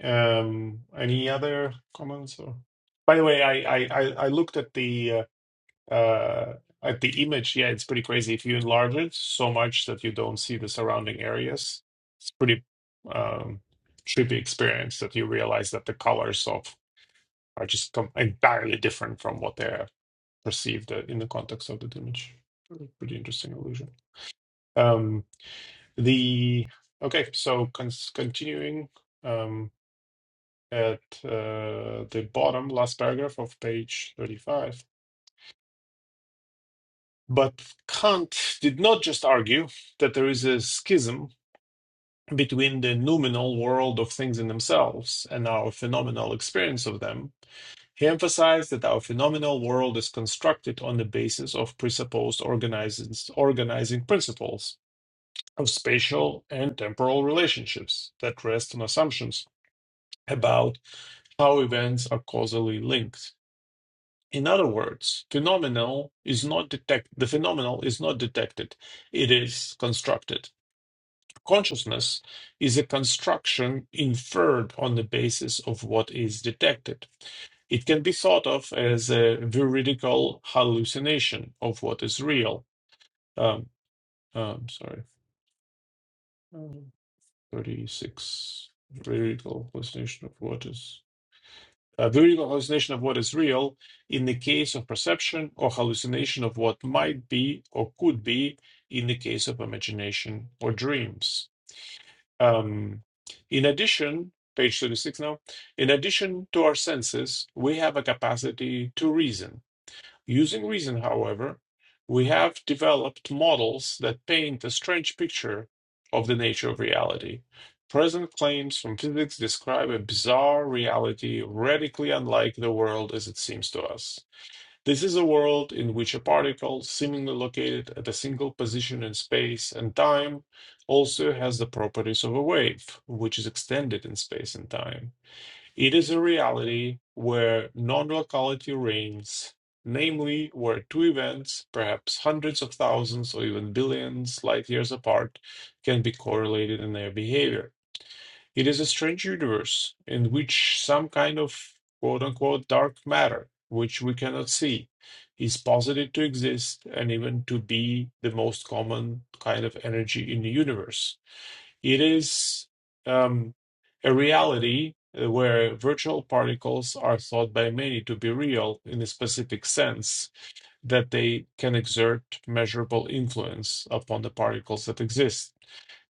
Um, any other comments or? By the way, I I I I looked at the uh, uh, at the image, yeah, it's pretty crazy. If you enlarge it so much that you don't see the surrounding areas, it's pretty um, trippy experience that you realize that the colors of are just com entirely different from what they're perceived uh, in the context of the image. Really Pretty interesting illusion. Um, the okay, so con continuing um, at uh, the bottom last paragraph of page 35. But Kant did not just argue that there is a schism between the noumenal world of things in themselves and our phenomenal experience of them. He emphasized that our phenomenal world is constructed on the basis of presupposed organizing principles of spatial and temporal relationships that rest on assumptions about how events are causally linked. In other words, phenomenal is not detect the phenomenal is not detected, it is constructed. Consciousness is a construction inferred on the basis of what is detected. It can be thought of as a veridical hallucination of what is real. Um, um sorry, um, 36 veridical hallucination of what is. a vertical hallucination of what is real in the case of perception or hallucination of what might be or could be in the case of imagination or dreams. Um, in addition, page 36 now, in addition to our senses, we have a capacity to reason Using reason, however, we have developed models that paint a strange picture of the nature of reality. Present claims from physics describe a bizarre reality radically unlike the world as it seems to us. This is a world in which a particle, seemingly located at a single position in space and time, also has the properties of a wave, which is extended in space and time. It is a reality where non locality reigns, namely, where two events, perhaps hundreds of thousands or even billions light years apart, can be correlated in their behavior. It is a strange universe in which some kind of quote unquote dark matter, which we cannot see, is posited to exist and even to be the most common kind of energy in the universe. It is um, a reality uh, where virtual particles are thought by many to be real in a specific sense that they can exert measurable influence upon the particles that exist.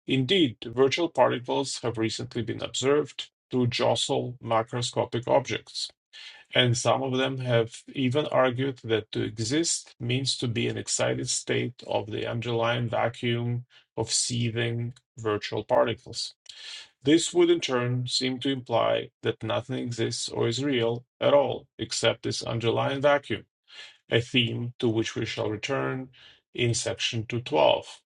Indeed, virtual particles have recently been observed to jostle macroscopic objects, and some of them have even argued that to exist means to be an excited state of the underlying vacuum of seething virtual particles. This would in turn seem to imply that nothing exists or is real at all except this underlying vacuum, a theme to which we shall return in section 212.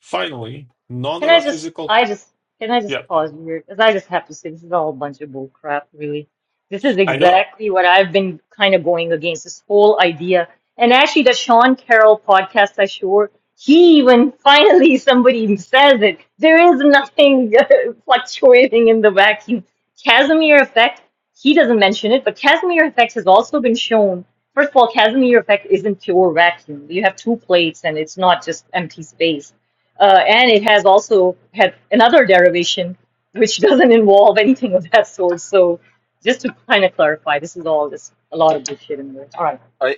Finally, none
Can
of
I
our
just,
physical.
I just, can I
Yeah,
just pause here? Because I just have to say, this is all a bunch of bull crap, really. This is
I know.
exactly what I've been kind of going against this whole idea. And actually, the Sean Carroll podcast, I sure, he even finally somebody says it. There is nothing fluctuating in the vacuum. Casimir effect, he doesn't mention it, but Casimir effect has also been shown. First of all, Casimir effect isn't pure vacuum. You have two plates and it's not just empty space uh, and it has also had another derivation, which doesn't involve anything of that sort. So, just to kind of clarify, this is all this a lot of bullshit in there. All right,
I,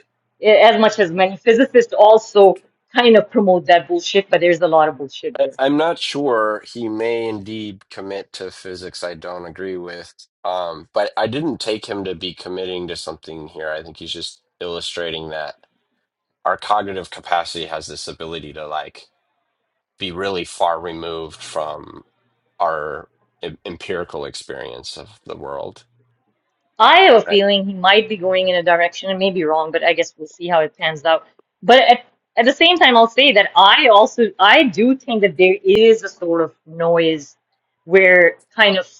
as much as many physicists also kind of promote that bullshit, but there's a lot of bullshit
I
there.
I'm not sure he may indeed commit to physics I don't agree with. Um, but I didn't take him to be committing to something here. I think he's just illustrating that our cognitive capacity has this ability to like be really far removed from our em- empirical experience of the world.
I have a
Right?
feeling he might be going in a direction, and maybe wrong, but I guess we'll see how it pans out. But at at the same time, I'll say that I also I do think that there is a sort of noise where kind of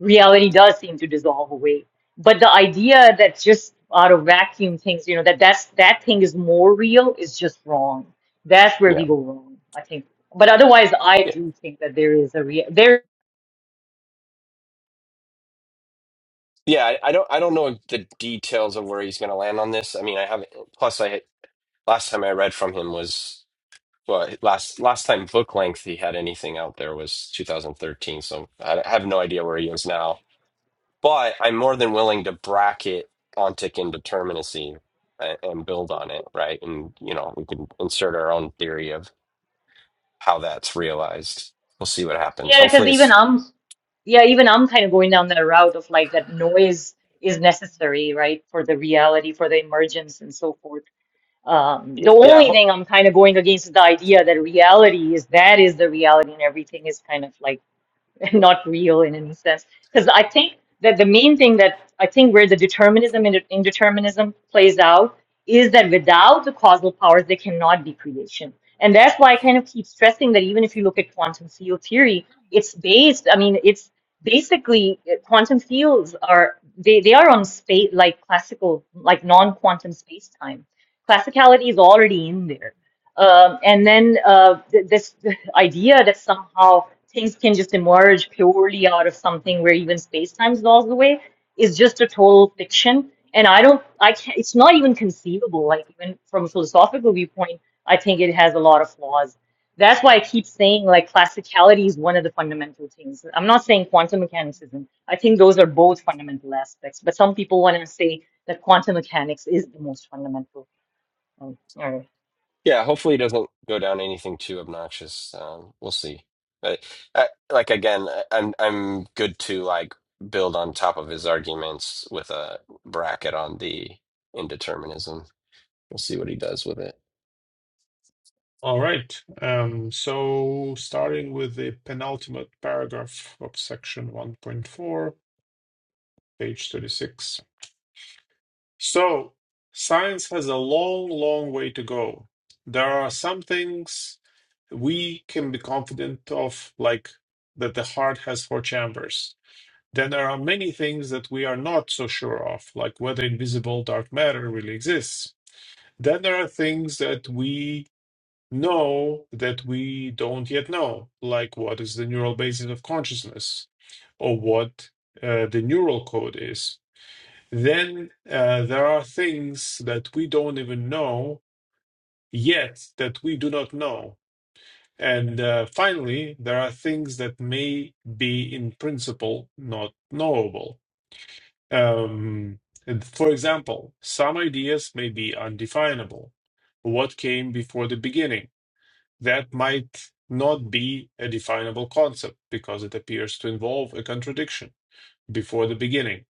reality does seem to dissolve away. But the idea that just out of vacuum things, you know, that that's that thing is more real is just wrong. That's where
Yeah.
we go wrong, I think. But otherwise, I
Yeah.
do think that there is a real there.
Yeah, I, I don't I don't know the details of where he's going to land on this. I mean, I haven't plus I last time I read from him was Well, last last time book length he had anything out there was 2013, so I have no idea where he is now. But I'm more than willing to bracket ontic indeterminacy and, and build on it, right? And you know, we can insert our own theory of how that's realized. We'll see what happens.
Yeah, because
Hopefully,
even
it's
I'm yeah, even I'm kind of going down that route of like that noise is necessary, right, for the reality, for the emergence, and so forth. Um, the
yeah.
only thing I'm kind of going against is the idea that reality is that is the reality, and everything is kind of like not real in any sense. Because I think that the main thing that I think where the determinism and indeterminism plays out is that without the causal powers, there cannot be creation. And that's why I kind of keep stressing that even if you look at quantum field theory, it's based, I mean, it's basically uh, quantum fields are, they, they are on space, like classical, like non quantum space time. Classicality is already in there. Um, and then uh, th- this the idea that somehow things can just emerge purely out of something where even space time lost away is just a total fiction. And I don't, I can't, it's not even conceivable. Like, even from a philosophical viewpoint, I think it has a lot of flaws. That's why I keep saying, like, classicality is one of the fundamental things. I'm not saying quantum mechanics isn't. I think those are both fundamental aspects. But some people want to say that quantum mechanics is the most fundamental. Um, all right.
Yeah, hopefully it doesn't go down anything too obnoxious. Um, we'll see. But I, like again, I- I'm I'm good to like build on top of his arguments with a bracket on the indeterminism. We'll see what he does with it.
All right. Um, so, starting with the penultimate paragraph of section 1.4, page 36. So, science has a long, long way to go. There are some things we can be confident of, like that the heart has four chambers. Then there are many things that we are not so sure of, like whether invisible dark matter really exists. Then there are things that we know that we don't yet know, like what is the neural basis of consciousness or what uh, the neural code is then uh, there are things that we don't even know yet that we do not know. And uh, finally, there are things that may be in principle not knowable. Um, and for example, some ideas may be undefinable. What came before the beginning? That might not be a definable concept because it appears to involve a contradiction before the beginning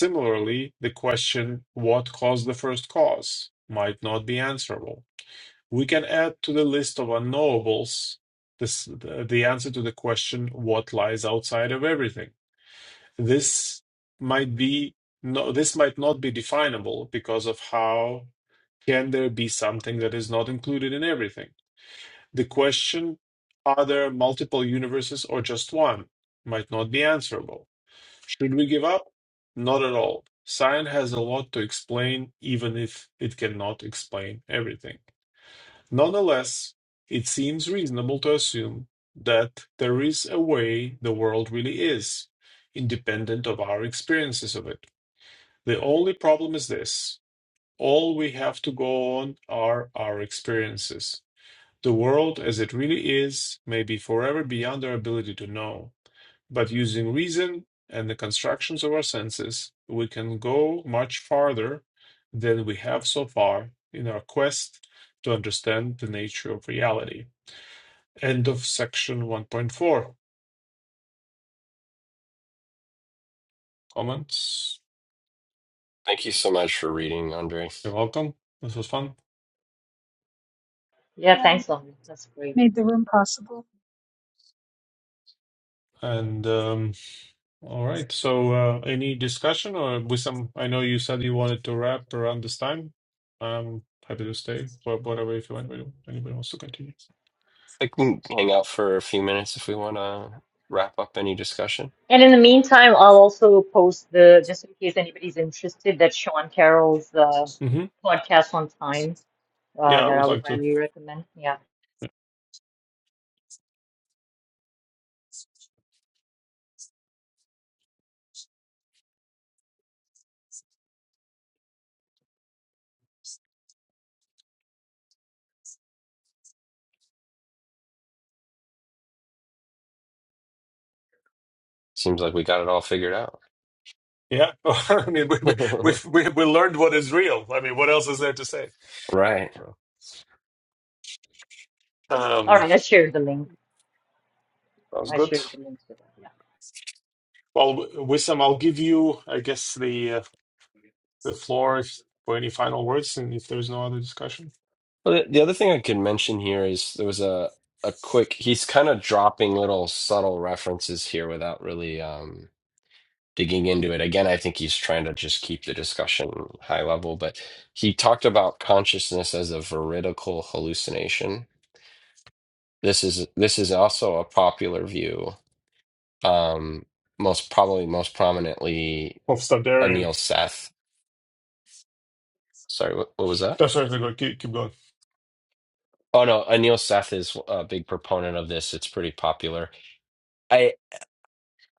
Similarly, the question, what caused the first cause, might not be answerable. We can add to the list of unknowables this, the answer to the question, what lies outside of everything. This might be no, this might not be definable because of how can there be something that is not included in everything. The question, are there multiple universes or just one, might not be answerable should we give up? Not at all. Science has a lot to explain, even if it cannot explain everything. Nonetheless, it seems reasonable to assume that there is a way the world really is, independent of our experiences of it. The only problem is this all we have to go on are our experiences. The world as it really is may be forever beyond our ability to know. But using reason and the constructions of our senses, we can go much farther than we have so far in our quest to understand the nature of reality. End of section 1.4. Comments?
Thank you so much for reading, Andre. I
You're welcome. This was fun.
Yeah,
Yeah, you
thanks, Lovely. That's great.
made the room possible.
And um, all right. So, uh, any discussion or with some? I know you said you wanted to wrap around this time. I'm happy to stay. But whatever, if you want, anybody wants to continue.
think we can hang out for a few minutes if we want to wrap up any discussion.
And in the meantime, I'll also post the, just in case anybody's interested, that Sean Carroll's uh,
hmm
podcast on time uh,
Yeah, I
that I
would
would
like to.
highly recommend. Yeah.
Seems like we got it all figured out.
Yeah, well, I mean, we, we we we learned what is real. I mean, what else is there to say?
right.
All
Um,
right. I shared the link.
sounds
I
good.
shared the link to that. Yeah.
Well, Wissam, I'll give you, I guess, the uh, the floor if, for any final words, and if there's no other discussion,
Well, the, the other thing I could mention here is there was a a quick. He's kind of dropping little subtle references here without really um, digging into it. Again, I think he's trying to just keep the discussion high level. But he talked about consciousness as a veridical hallucination. This is this is also a popular view. Um, most probably, most prominently,
we'll stop there. And
Anil Seth. Sorry, what, what was that?
that's right. Go keep keep going.
Oh no, Anil Seth is a big proponent of this. It's pretty popular.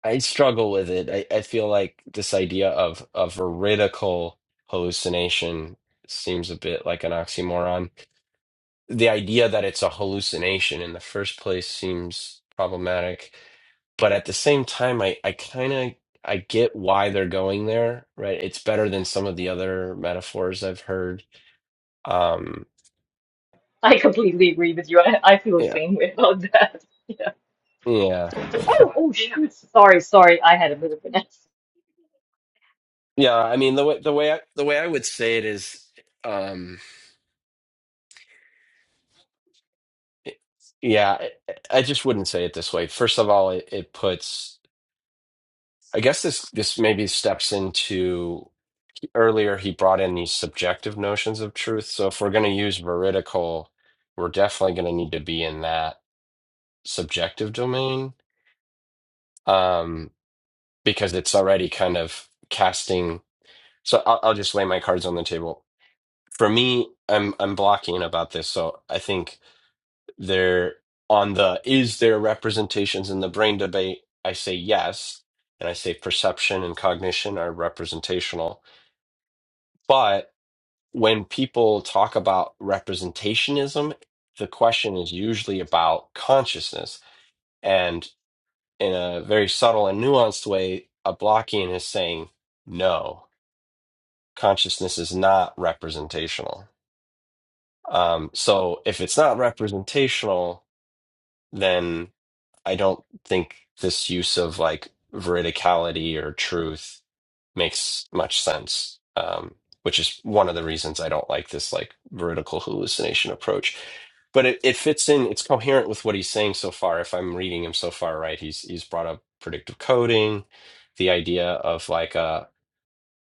I struggle with it. I, I feel like this idea of a veridical hallucination seems a bit like an oxymoron. The idea that it's a hallucination in the first place seems problematic, but at the same time, I, I kind of I get why they're going there, right? It's better than some of the other metaphors I've heard. Um,
I completely agree with you. I, I feel the
yeah,
same way about that. Yeah.
yeah,
Oh, oh, shoot. Sorry, sorry. I had a bit of an accident.
yeah. I mean, the way the way I, the way I would say it is. um, yeah, I I just wouldn't say it this way. First of all, it, it puts, I guess this this maybe steps into earlier he brought in these subjective notions of truth. So if we're going to use veridical, we're definitely going to need to be in that subjective domain um, because it's already kind of casting. So I'll, I'll just lay my cards on the table. For me, I'm I'm blocking about this. So I think There on the is there representations in the brain debate? I say yes, and I say perception and cognition are representational. But when people talk about representationism, the question is usually about consciousness. And in a very subtle and nuanced way, a Blockian is saying no, consciousness is not representational. Um, so if it's not representational, then I don't think this use of like veridicality or truth makes much sense. Um, which is one of the reasons I don't like this like vertical hallucination approach. But it, it fits in, it's coherent with what he's saying so far. If I'm reading him so far right, he's he's brought up predictive coding, the idea of like a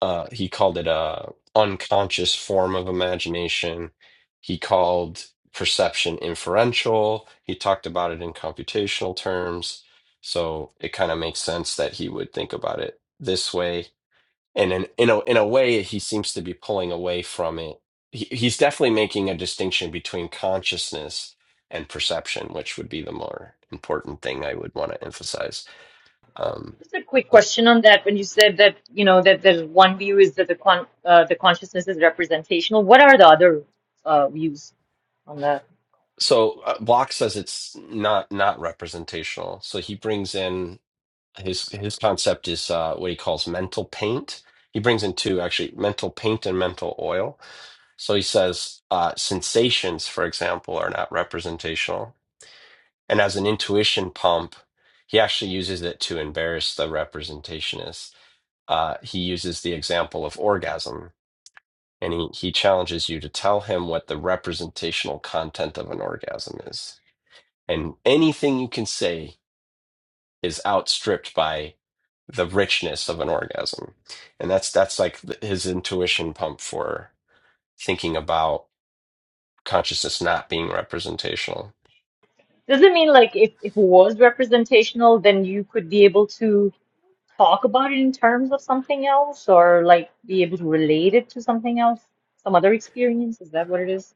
uh he called it a unconscious form of imagination he called perception inferential he talked about it in computational terms so it kind of makes sense that he would think about it this way and in in a, in a way he seems to be pulling away from it he, he's definitely making a distinction between consciousness and perception which would be the more important thing i would want to emphasize um
Just a quick
yeah.
question on that. When you said that, you know, that there's one view is that the con uh, the consciousness is representational. What are the other uh, views on that?
so uh, Block says it's not not representational. So he brings in his his concept is uh, what he calls mental paint. He brings in two actually, mental paint and mental oil. So he says uh, sensations, for example, are not representational. And as an intuition pump, he actually uses it to embarrass the representationist. Uh, he uses the example of orgasm, and he, he challenges you to tell him what the representational content of an orgasm is and anything you can say is outstripped by the richness of an orgasm and that's that's like th- his intuition pump for thinking about consciousness not being representational
Does it mean like if, if it was representational, then you could be able to talk about it in terms of something else or like be able to relate it to something else, some other experience? Is that what it is?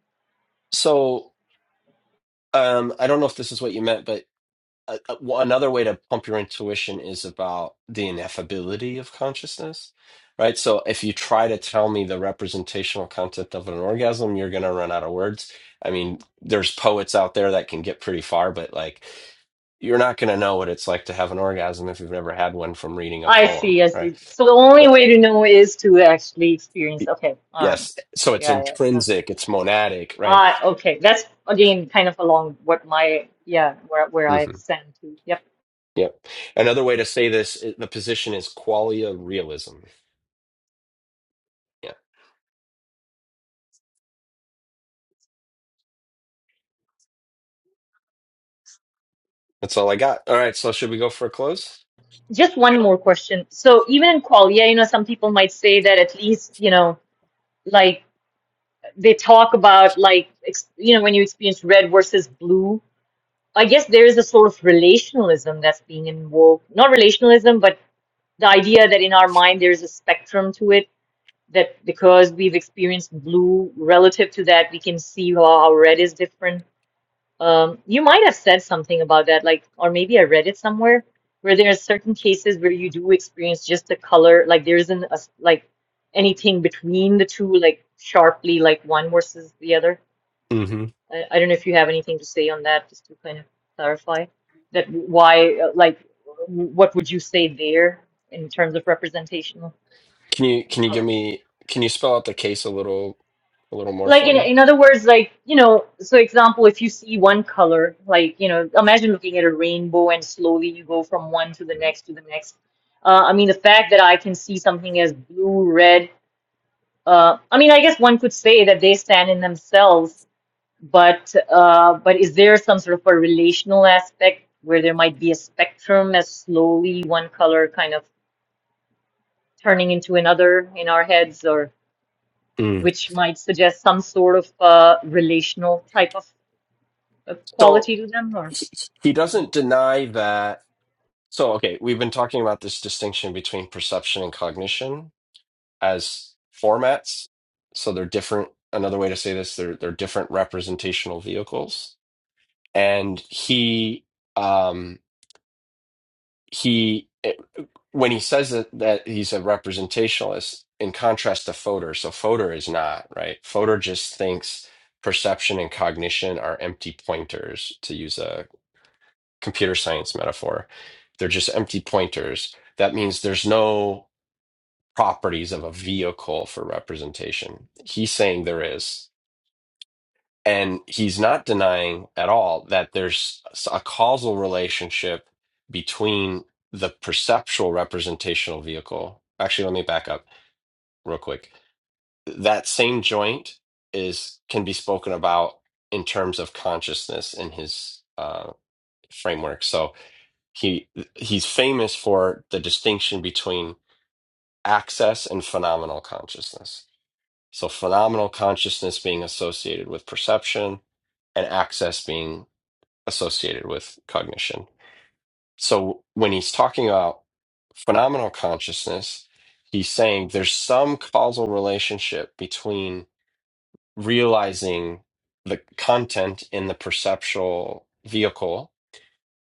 so um i don't know if this is what you meant but a, a- well, another way to pump your intuition is about the ineffability of consciousness, right? So if you try to tell me the representational concept of an orgasm, you're going to run out of words. I mean, there's poets out there that can get pretty far, but like you're not going to know what it's like to have an orgasm if you've never had one from reading a
I
poem,
see, I
right?
see. So the only
Right.
way to know is to actually experience. Okay, all right.
Yes. So it's
Yeah, yeah. No.
intrinsic, it's monadic, right?
Ah, okay. That's again kind of along what my yeah, where where
hmm
I've sent to. Yep.
Yep. Another way to say this, i- the position is qualia realism. That's all I got. All right, so should we go for a close?
Just one more question. So even in qual, yeah, you know, some people might say that at least, you know, like they talk about like ex you know when you experience red versus blue i guess there is a sort of relationalism that's being invoked not relationalism but the idea that in our mind there is a spectrum to it that because we've experienced blue relative to that we can see how, how red is different um, you might have said something about that like or maybe i read it somewhere where there are certain cases where you do experience just the color like there isn't a s like anything between the two like sharply like one versus the other
hmm
I, I don't know if you have anything to say on that, just to kind of clarify that why, uh, like, what would you say there in terms of representational?
Can you
Like,
can you give
how-
me can you spell out the case a little a little more
like,
for
in,
me?
in other words, like, you know, so example, if you see one color, like, you know, imagine looking at a rainbow and slowly you go from one to the next to the next. Uh, I mean, the fact that I can see something as blue, red, uh, I mean, I guess one could say that they stand in themselves But uh, but is there some sort of a relational aspect where there might be a spectrum as slowly one color kind of turning into another in our heads, or
Mm.
which might suggest some sort of uh, relational type of, of
So
quality to them, or?
he he
Mhm.
doesn't deny that. So okay, we've been talking about this distinction between perception and cognition as formats. So they're different. Another way to say this, they're they're different representational vehicles. And he um he when he says that, that he's a representationalist in contrast to Fodor, so Fodor is not, right? Fodor just thinks perception and cognition are empty pointers, to use a computer science metaphor. They're just empty pointers. That means there's no properties of a vehicle for representation. He's saying there is. And he's not denying at all that there's a causal relationship between the perceptual representational vehicle. Actually, let me back up real quick. That same joint is can be spoken about in terms of consciousness in his uh, framework. So he he's famous for the distinction between access and phenomenal consciousness. So phenomenal consciousness being associated with perception, and access being associated with cognition. So when he's talking about phenomenal consciousness, he's saying there's some causal relationship between realizing the content in the perceptual vehicle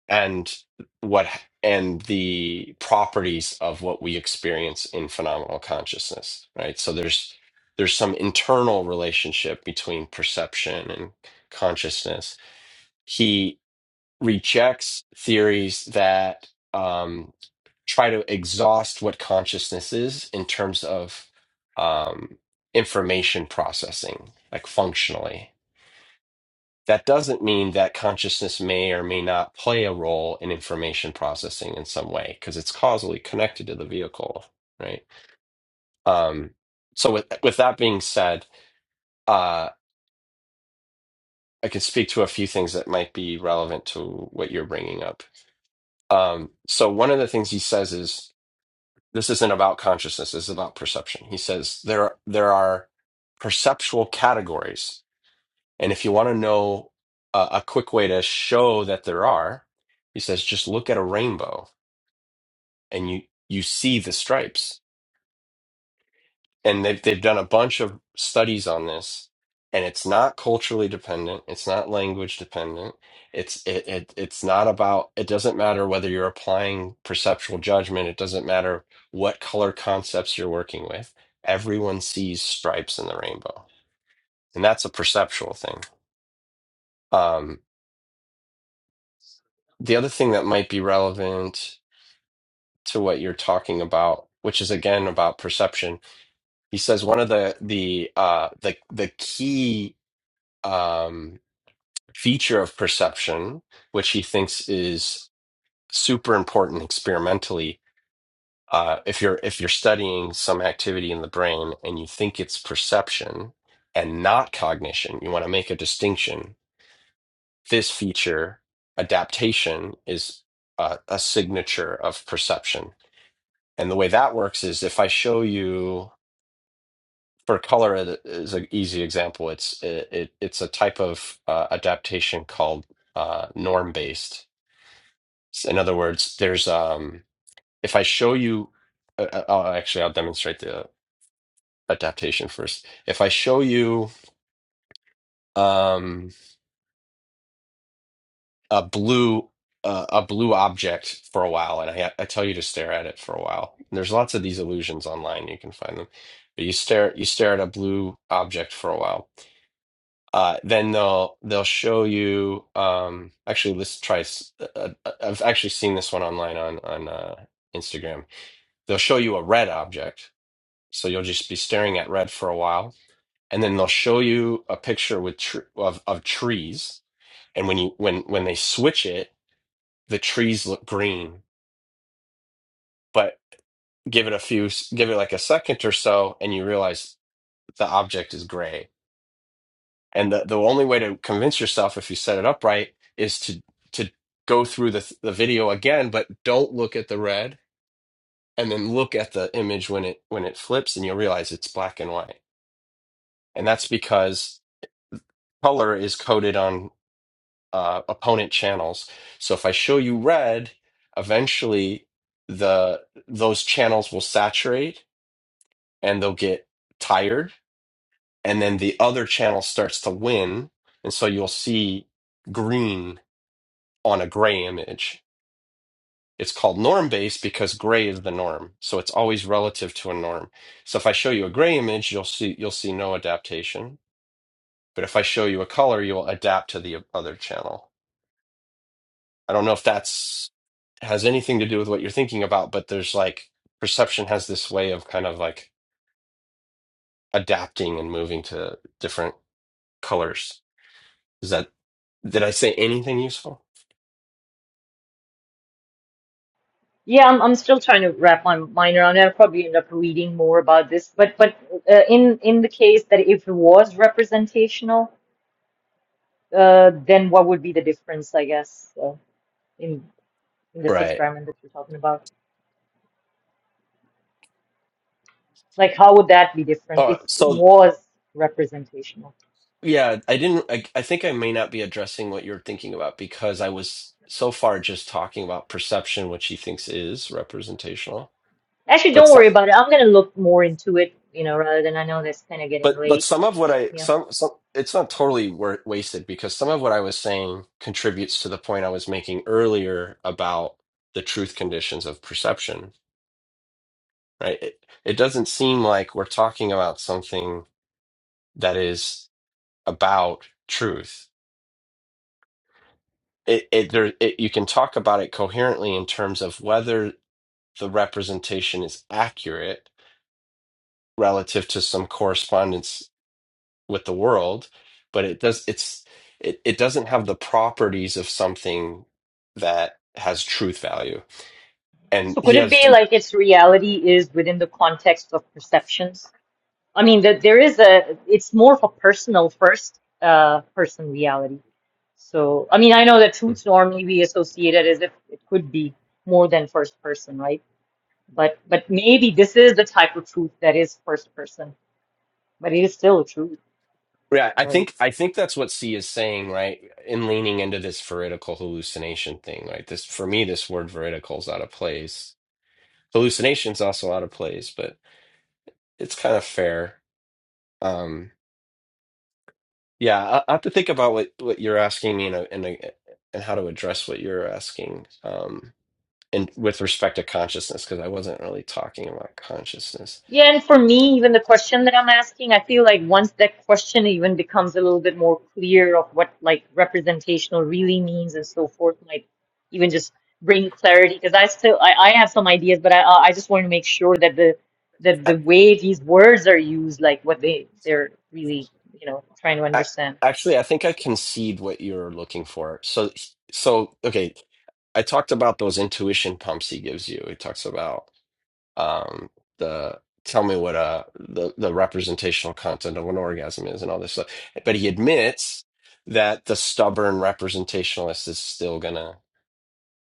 and what and the properties of what we experience in phenomenal consciousness, right? So there's there's some internal relationship between perception and consciousness. He rejects theories that um, try to exhaust what consciousness is in terms of um, information processing, like functionally. That doesn't mean that consciousness may or may not play a role in information processing in some way, because it's causally connected to the vehicle, right? Um, so, with with that being said, uh, I can speak to a few things that might be relevant to what you're bringing up. Um, so, one of the things he says is this isn't about consciousness this is about perception he says there there are perceptual categories and if you want to know a, a quick way to show that there are he says just look at a rainbow and you you see the stripes and they've they've done a bunch of studies on this and it's not culturally dependent it's not language dependent it's it, it it's not about it doesn't matter whether you're applying perceptual judgment it doesn't matter what color concepts you're working with everyone sees stripes in the rainbow and that's a perceptual thing um the other thing that might be relevant to what you're talking about which is again about perception he says one of the the uh the the key um feature of perception, which he thinks is super important experimentally. Uh, if you're if you're studying some activity in the brain and you think it's perception and not cognition, you want to make a distinction. This feature, adaptation, is uh, a signature of perception. And the way that works is if I show you for color it is an easy example. It's it, it it's a type of uh, adaptation called uh, norm based S- In other words, there's um, if I show you, uh, uh, oh, actually, I'll demonstrate the adaptation first. If I show you um, a blue uh, a blue object for a while, and I I tell you to stare at it for a while, and there's lots of these illusions online. You can find them, but you stare you stare at a blue object for a while. Uh, then they'll they'll show you. Um, actually, let's try. s- Uh, uh, I've actually seen this one online on on uh, Instagram. They'll show you a red object So you'll just be staring at red for a while, and then they'll show you a picture with tr of of trees. And when you when when they switch it, the trees look green. But give it a few, s- give it like a second or so, and you realize the object is gray. And the the only way to convince yourself if you set it up right is to to go through the the video again, but don't look at the red, and then look at the image when it when it flips, and you'll realize it's black and white. And that's because color is coded on uh, opponent channels. So if I show you red, eventually the those channels will saturate and they'll get tired, and then the other channel starts to win, and so you'll see green on a gray image. It's called norm based because gray is the norm, so it's always relative to a norm. So if I show you a gray image, you'll see you'll see no adaptation. But if I show you a color, you'll adapt to the other channel. I don't know if that's has anything to do with what you're thinking about, but there's like perception has this way of kind of like adapting and moving to different colors. Is that did I say anything useful?
Yeah, I'm I'm still trying to wrap my mind around it. I'll probably end up reading more about this, but but uh, in in the case that if it was representational, uh, then what would be the difference, I guess, uh, in in this
Right.
experiment that you're talking about? Like, how would that be different
Uh,
if it
so
was representational?
yeah, I didn't. I, I think I may not be addressing what you're thinking about because I was so far just talking about perception, which he thinks is representational.
Actually,
But
don't
so-
worry about it. I'm gonna look more into it, you know, rather than I know that's kind of getting
but but
late,
some of what
but
I
yeah.
some some it's not totally wa- wasted because some of what I was saying contributes to the point I was making earlier about the truth conditions of perception, right? It, it doesn't seem like we're talking about something that is about truth. It, it there it, you can talk about it coherently in terms of whether the representation is accurate relative to some correspondence with the world, but it does it's it, it doesn't have the properties of something that has truth value. And
So could
he
it
has
be
deep
like its reality is within the context of perceptions? I mean, that there is a, it's more of a personal first, uh, person reality. So, I mean, I know that
Mm.
truths normally we associate it as if it could be more than first person, right? But but maybe this is the type of truth that is first person, but it is still a truth.
Yeah, I
Or
think I think that's what C is saying, right? In leaning into this veridical hallucination thing, right? This for me, this word veridical is out of place. Hallucination's also out of place, but it's kind of fair. Um, yeah, I, I have to think about what what you're asking me and and and how to address what you're asking, um, and with respect to consciousness, because I wasn't really talking about consciousness.
yeah, and for me, even the question that I'm asking, I feel like once that question even becomes a little bit more clear of what like representational really means and so forth, might even just bring clarity. Because I still I, I have some ideas, but I I just want to make sure that the that
I,
the way these words are used, like what they they're really you know trying to
I
understand.
actually I think I concede what you're looking for. So so okay. I talked about those intuition pumps he gives you. He talks about um, the tell me what uh the the representational content of an orgasm is and all this stuff. But he admits that the stubborn representationalist is still gonna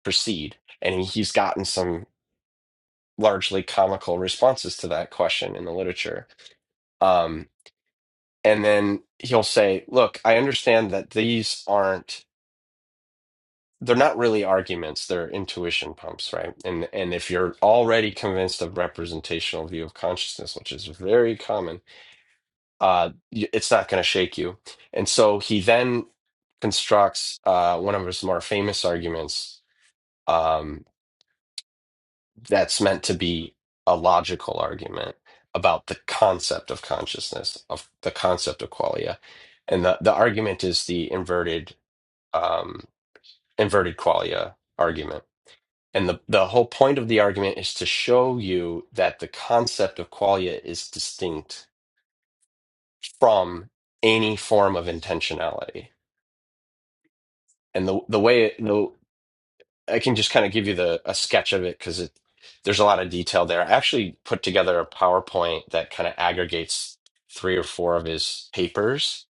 proceed, and he's gotten some largely comical responses to that question in the literature. Um, and then he'll say, "Look, I understand that these aren't." they're not really arguments they're intuition pumps right and and if you're already convinced of representational view of consciousness which is very common uh y- it's not going to shake you and so he then constructs uh one of his more famous arguments um that's meant to be a logical argument about the concept of consciousness of the concept of qualia and the the argument is the inverted um inverted qualia argument And the, the whole point of the argument is to show you that the concept of qualia is distinct from any form of intentionality. And the the way it, the I can just kind of give you the a sketch of it because it there's a lot of detail there. I actually put together a PowerPoint that kind of aggregates three or four of his papers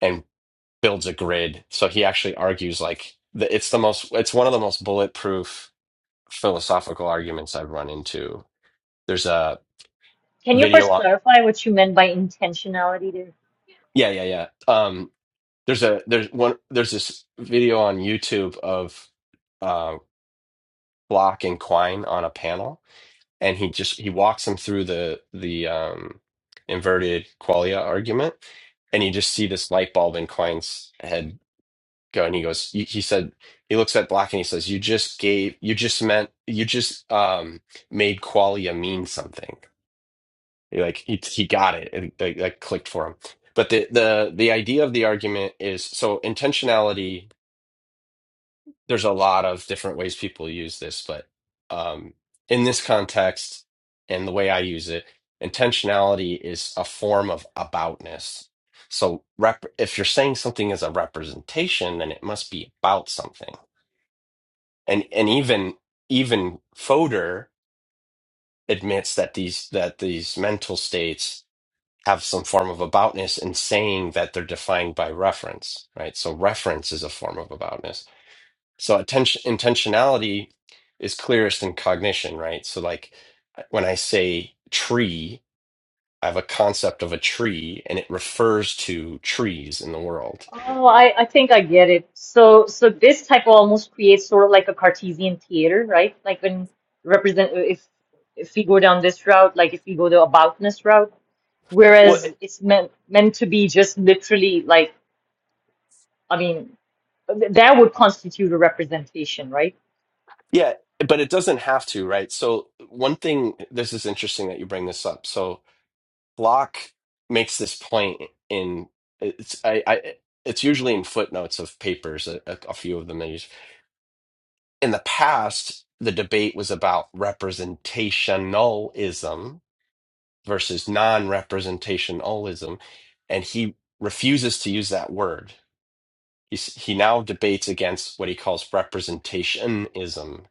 and builds a grid. So he actually argues like the, it's the most it's one of the most bulletproof philosophical arguments I've run into. There's a
Can you first
video.
clarify what you meant by intentionality there?
Yeah, yeah, yeah. Um, there's a there's one there's this video on YouTube of uh, Block and Quine on a panel, and he just he walks him through the the um, inverted qualia argument, and you just see this light bulb in Quine's head go, and he goes, he, he said he looks at Block and he says, "You just gave you just meant you just um, made qualia mean something." like he he got it and like that clicked for him but the the the idea of the argument is so intentionality there's a lot of different ways people use this but um in this context and the way I use it intentionality is a form of aboutness so rep if you're saying something is a representation then it must be about something and and even even Fodor admits that these that these mental states have some form of aboutness and saying that they're defined by reference, right? So reference is a form of aboutness. So attention intentionality is clearest in cognition, right? So like when I say tree, I have a concept of a tree and it refers to trees in the world.
Oh, I, I think I get it. So so this type of almost creates sort of like a Cartesian theater, right? Like when represent if if we go down this route, like if we go the aboutness route,
Well,
whereas
it-
it's meant meant to be just literally like I mean th- that would constitute a representation, right?
yeah, but it doesn't have to, right? So one thing this is interesting that you bring this up. So Locke makes this point in it's I, I it's usually in footnotes of papers, a, a, a few of them. They use. In the past, the debate was about representationalism versus non-representationalism, and he refuses to use that word. He's, he now debates against what he calls representationism,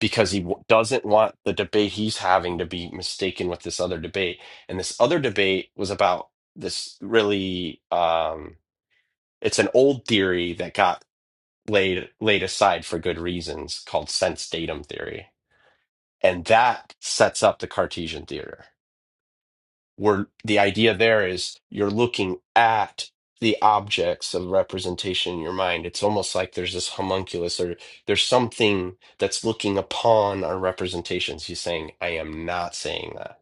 because he w- doesn't want the debate he's having to be mistaken with this other debate. And this other debate was about this really um it's an old theory that got laid laid aside for good reasons called sense datum theory. And that sets up the Cartesian theory we're the idea there is you're looking at the objects of representation in your mind. It's almost like there's this homunculus or there's something that's looking upon our representations. He's saying, I am not saying that.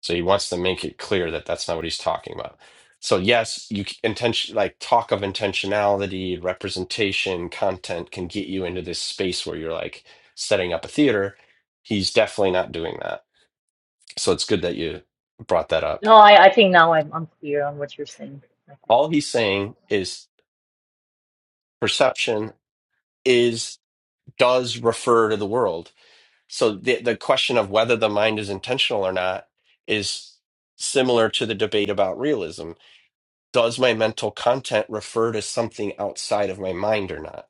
So he wants to make it clear that that's not what he's talking about. So yes, you c- intention like talk of intentionality, representation, content can get you into this space where you're like setting up a theater. He's definitely not doing that. So it's good that you brought that up.
No, I, I think now I'm I'm clear on what you're saying. Okay.
all he's saying is perception is does refer to the world so the, the question of whether the mind is intentional or not is similar to the debate about realism does my mental content refer to something outside of my mind or not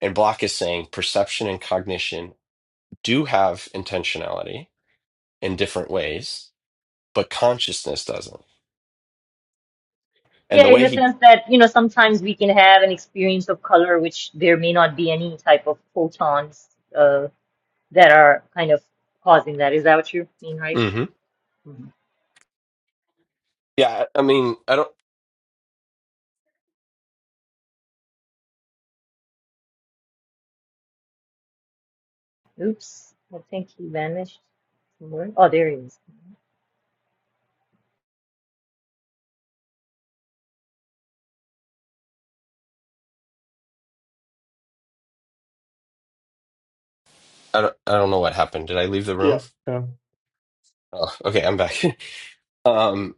and block is saying perception and cognition do have intentionality in different ways but consciousness doesn't and
Yeah,
the
in
way
the
he
sense that, you know, sometimes we can have an experience of color which there may not be any type of photons. that are kind of causing that. Is that what you mean, right?
Mhm.
Mhm.
yeah i I mean i don't
Oops, I think he vanished somewhere. Oh, there he is.
i don't i don't know what happened did i leave the
Yeah,
room
yeah,
Oh, okay, I'm back. Um,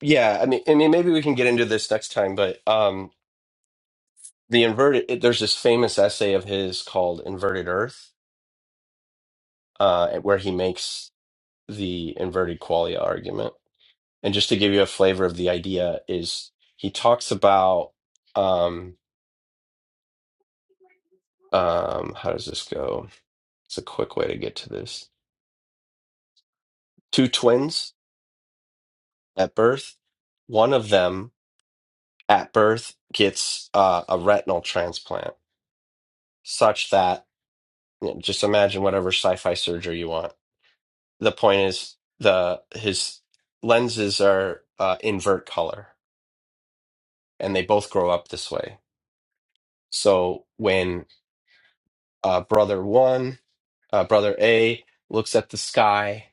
yeah, I mean, I mean, maybe we can get into this next time, but um, the inverted, it- there's this famous essay of his called "Inverted Earth," uh, where he makes the inverted qualia argument. And just to give you a flavor of the idea, is he talks about um, um, how does this go? It's a quick way to get to this. Two twins at birth. One of them at birth gets uh, a retinal transplant, such that Yeah, just imagine whatever sci-fi surgery you want. The point is the his lenses are uh, invert color, and they both grow up this way. So when uh, brother one, uh, brother A looks at the sky,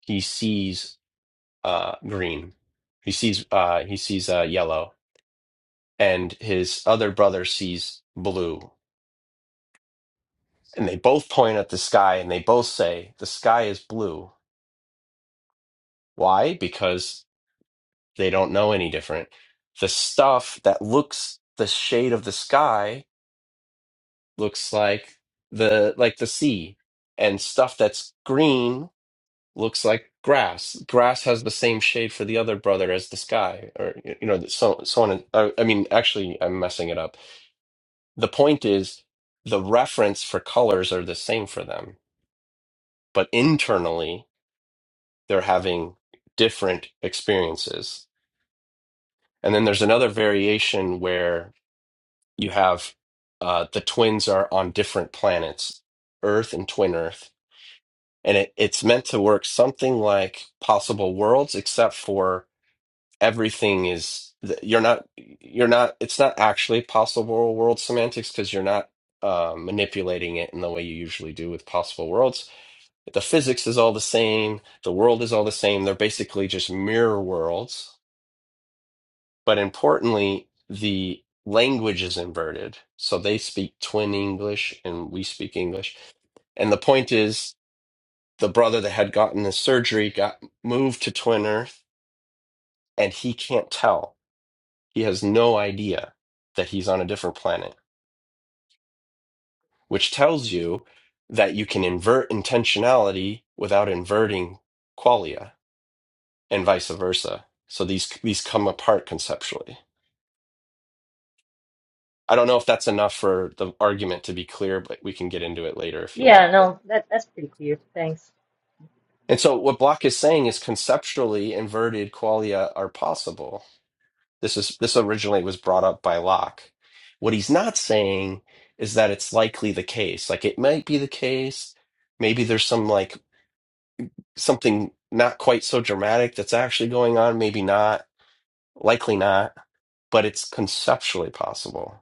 he sees uh, green. He sees uh, he sees uh, yellow, and his other brother sees blue. And they both point at the sky, and they both say the sky is blue. Why? Because They don't know any different. The stuff that looks the shade of the sky looks like the like the sea, and stuff that's green looks like grass. Grass has the same shade for the other brother as the sky, or you know, so so on. And, uh, I mean, actually, I'm messing it up. The point is, the reference for colors are the same for them, but internally they're having different experiences. And then there's another variation where you have uh, the twins are on different planets, Earth and Twin Earth, and it, it's meant to work something like Possible Worlds, except for everything is th- you're not you're not it's not actually Possible World semantics because you're not uh, manipulating it in the way you usually do with Possible Worlds. The physics is all the same, the world is all the same. They're basically just mirror worlds but importantly, the language is inverted. So they speak twin English and we speak English. And the point is, the brother that had gotten the surgery got moved to Twin Earth, and he can't tell. He has no idea that he's on a different planet, which tells you that you can invert intentionality without inverting qualia, and vice versa. So these these come apart conceptually. I don't know if that's enough for the argument to be clear, but we can get into it later if you
Yeah,
want. But
no, that that's pretty clear. Thanks.
and so what Block is saying is conceptually inverted qualia are possible. This is this originally was brought up by Locke. What he's not saying is that it's likely the case. Like it might be the case. Maybe there's some like something not quite so dramatic that's actually going on. Maybe not. Likely not. But it's conceptually possible.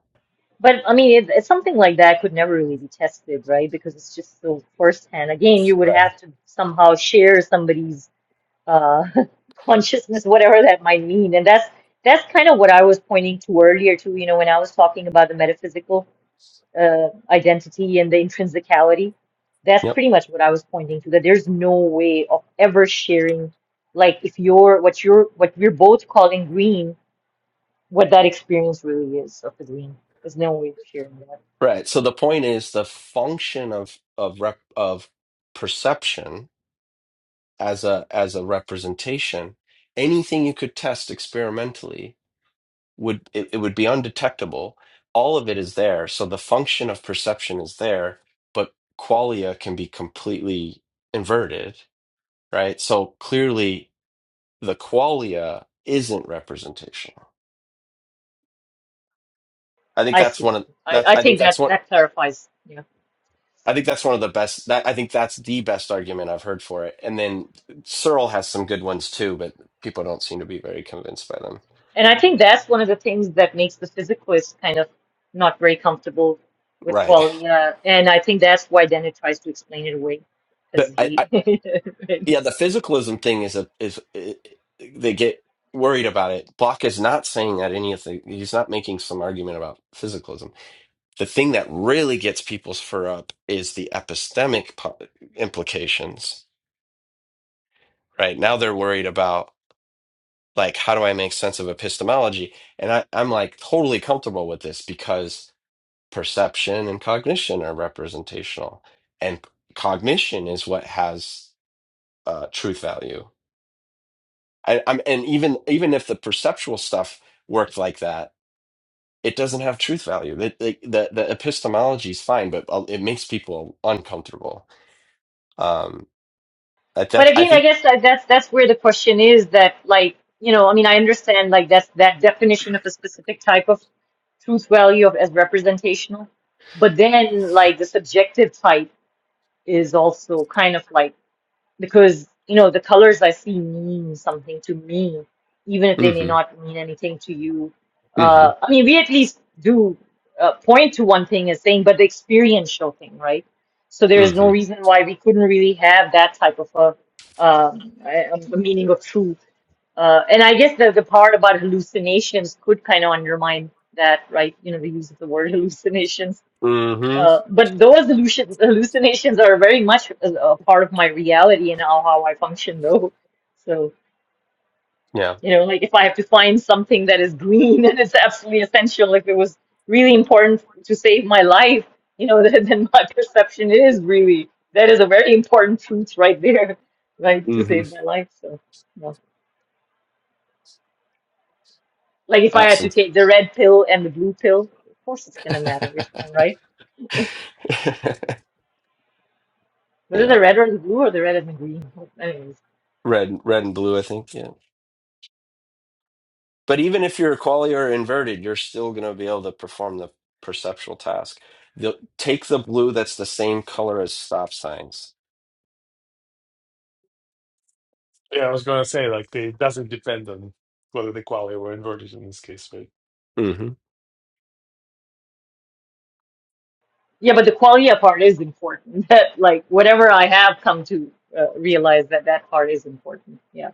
But I mean, it, it's something like that could never really be tested, right? Because it's just so firsthand. Again, you would
Right.
have to somehow share somebody's uh, consciousness, whatever that might mean, and that's that's kind of what I was pointing to earlier, too. You know, when I was talking about the metaphysical. uh, identity and the intrinsicality. That's pretty much what I was pointing to, that there's no way of ever sharing, like if you're what you're what we're both calling green, what that experience really is of the green. There's no way of sharing that.
Right. So the point is the function of of rep, of perception as a as a representation, anything you could test experimentally would it, it would be undetectable. All of it is there. So the function of perception is there, but qualia can be completely inverted, right? So clearly the qualia isn't representational. I think
I
that's
see.
one of
I,
that's
I
I think
think
that's
that
one.
that clarifies. Yeah.
I think that's one of the best. That I think that's the best argument I've heard for it. And then Searle has some good ones too, but people don't seem to be very convinced by them.
And I think that's one of the things that makes the physicalist kind of not very comfortable with
Right.
quality. Uh, and I think that's why Dennett tries to explain it away because
But I, I
he
yeah, the physicalism thing is a is it, they get worried about it. Block is not saying that any of the he's not making some argument about physicalism. The thing that really gets people's fur up is the epistemic po- implications. Right now, they're worried about like how do i make sense of epistemology and I, i'm like totally comfortable with this because perception and cognition are representational and cognition is what has uh, truth value I, i'm and even even if the perceptual stuff worked like that it doesn't have truth value the, the, the the epistemology is fine but uh, it makes people uncomfortable um that,
But
that i
again, I
think
guess like that's that's where the question is that like, you know, I mean, I understand like that's that definition of a specific type of truth value of as representational, but then like the subjective type is also kind of like because you know the colors I see mean something to me, even if they may
hmm
not mean anything to you.
hmm
Uh, I mean, we at least do uh, point to one thing as saying, but the experiential thing, right? So there is no
hmm
reason why we couldn't really have that type of a, um, a, a meaning of truth. Uh, and I guess the, the part about hallucinations could kind of undermine that, right? You know, the use of the word hallucinations
hmm
uh, but those hallucin hallucinations are very much a, a part of my reality and how, how I function, though. So,
yeah
you know, like if I have to find something that is green and it's absolutely essential, if it was really important to save my life, you know, then, then my perception is really that is a very important truth right there, right, to
hmm
save my life. So, no. Like if I had to
awesome
take the red pill and the blue pill, of course it's gonna matter which one, right? Whether
Yeah,
the red or the blue or the red and the green, anyways.
red, red and blue, I think. Yeah, but even if your qualia are inverted, you're still going to be able to perform the perceptual task. They'll take the blue that's the same color as stop signs.
yeah. I was gonna say like they, it doesn't depend on whether the qualify were inverted in this case, right?
hmm
Yeah, but the qualia part is important. That like whatever I have come to uh, realize that that part is important. Yeah.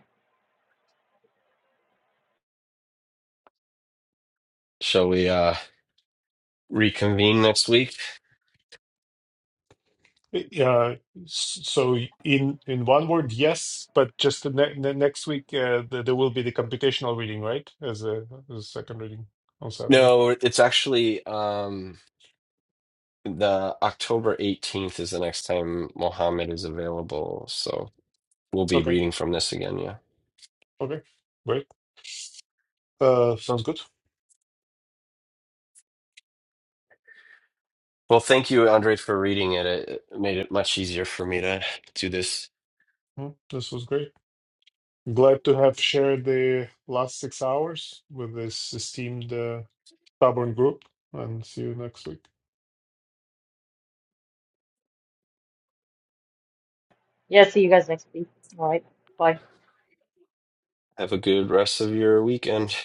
Shall we uh, reconvene next week?
Yeah, so in in one word, yes, but just the, ne the next week uh, the, there will be the computational reading, right? As a, as a second reading on Saturday.
No, it's actually um, the October 18th is the next time Mohammed is available. So we'll be
Okay,
reading from this again. Yeah.
okay, great. Uh, sounds good.
Well, thank you, Andre, for reading it. It it made it much easier for me to do this.
Mm, This was great. Glad to have shared the last six hours with this esteemed uh, stubborn group, and see you next week.
Yeah. See you guys next week. All right. Bye.
Have a good rest of your weekend.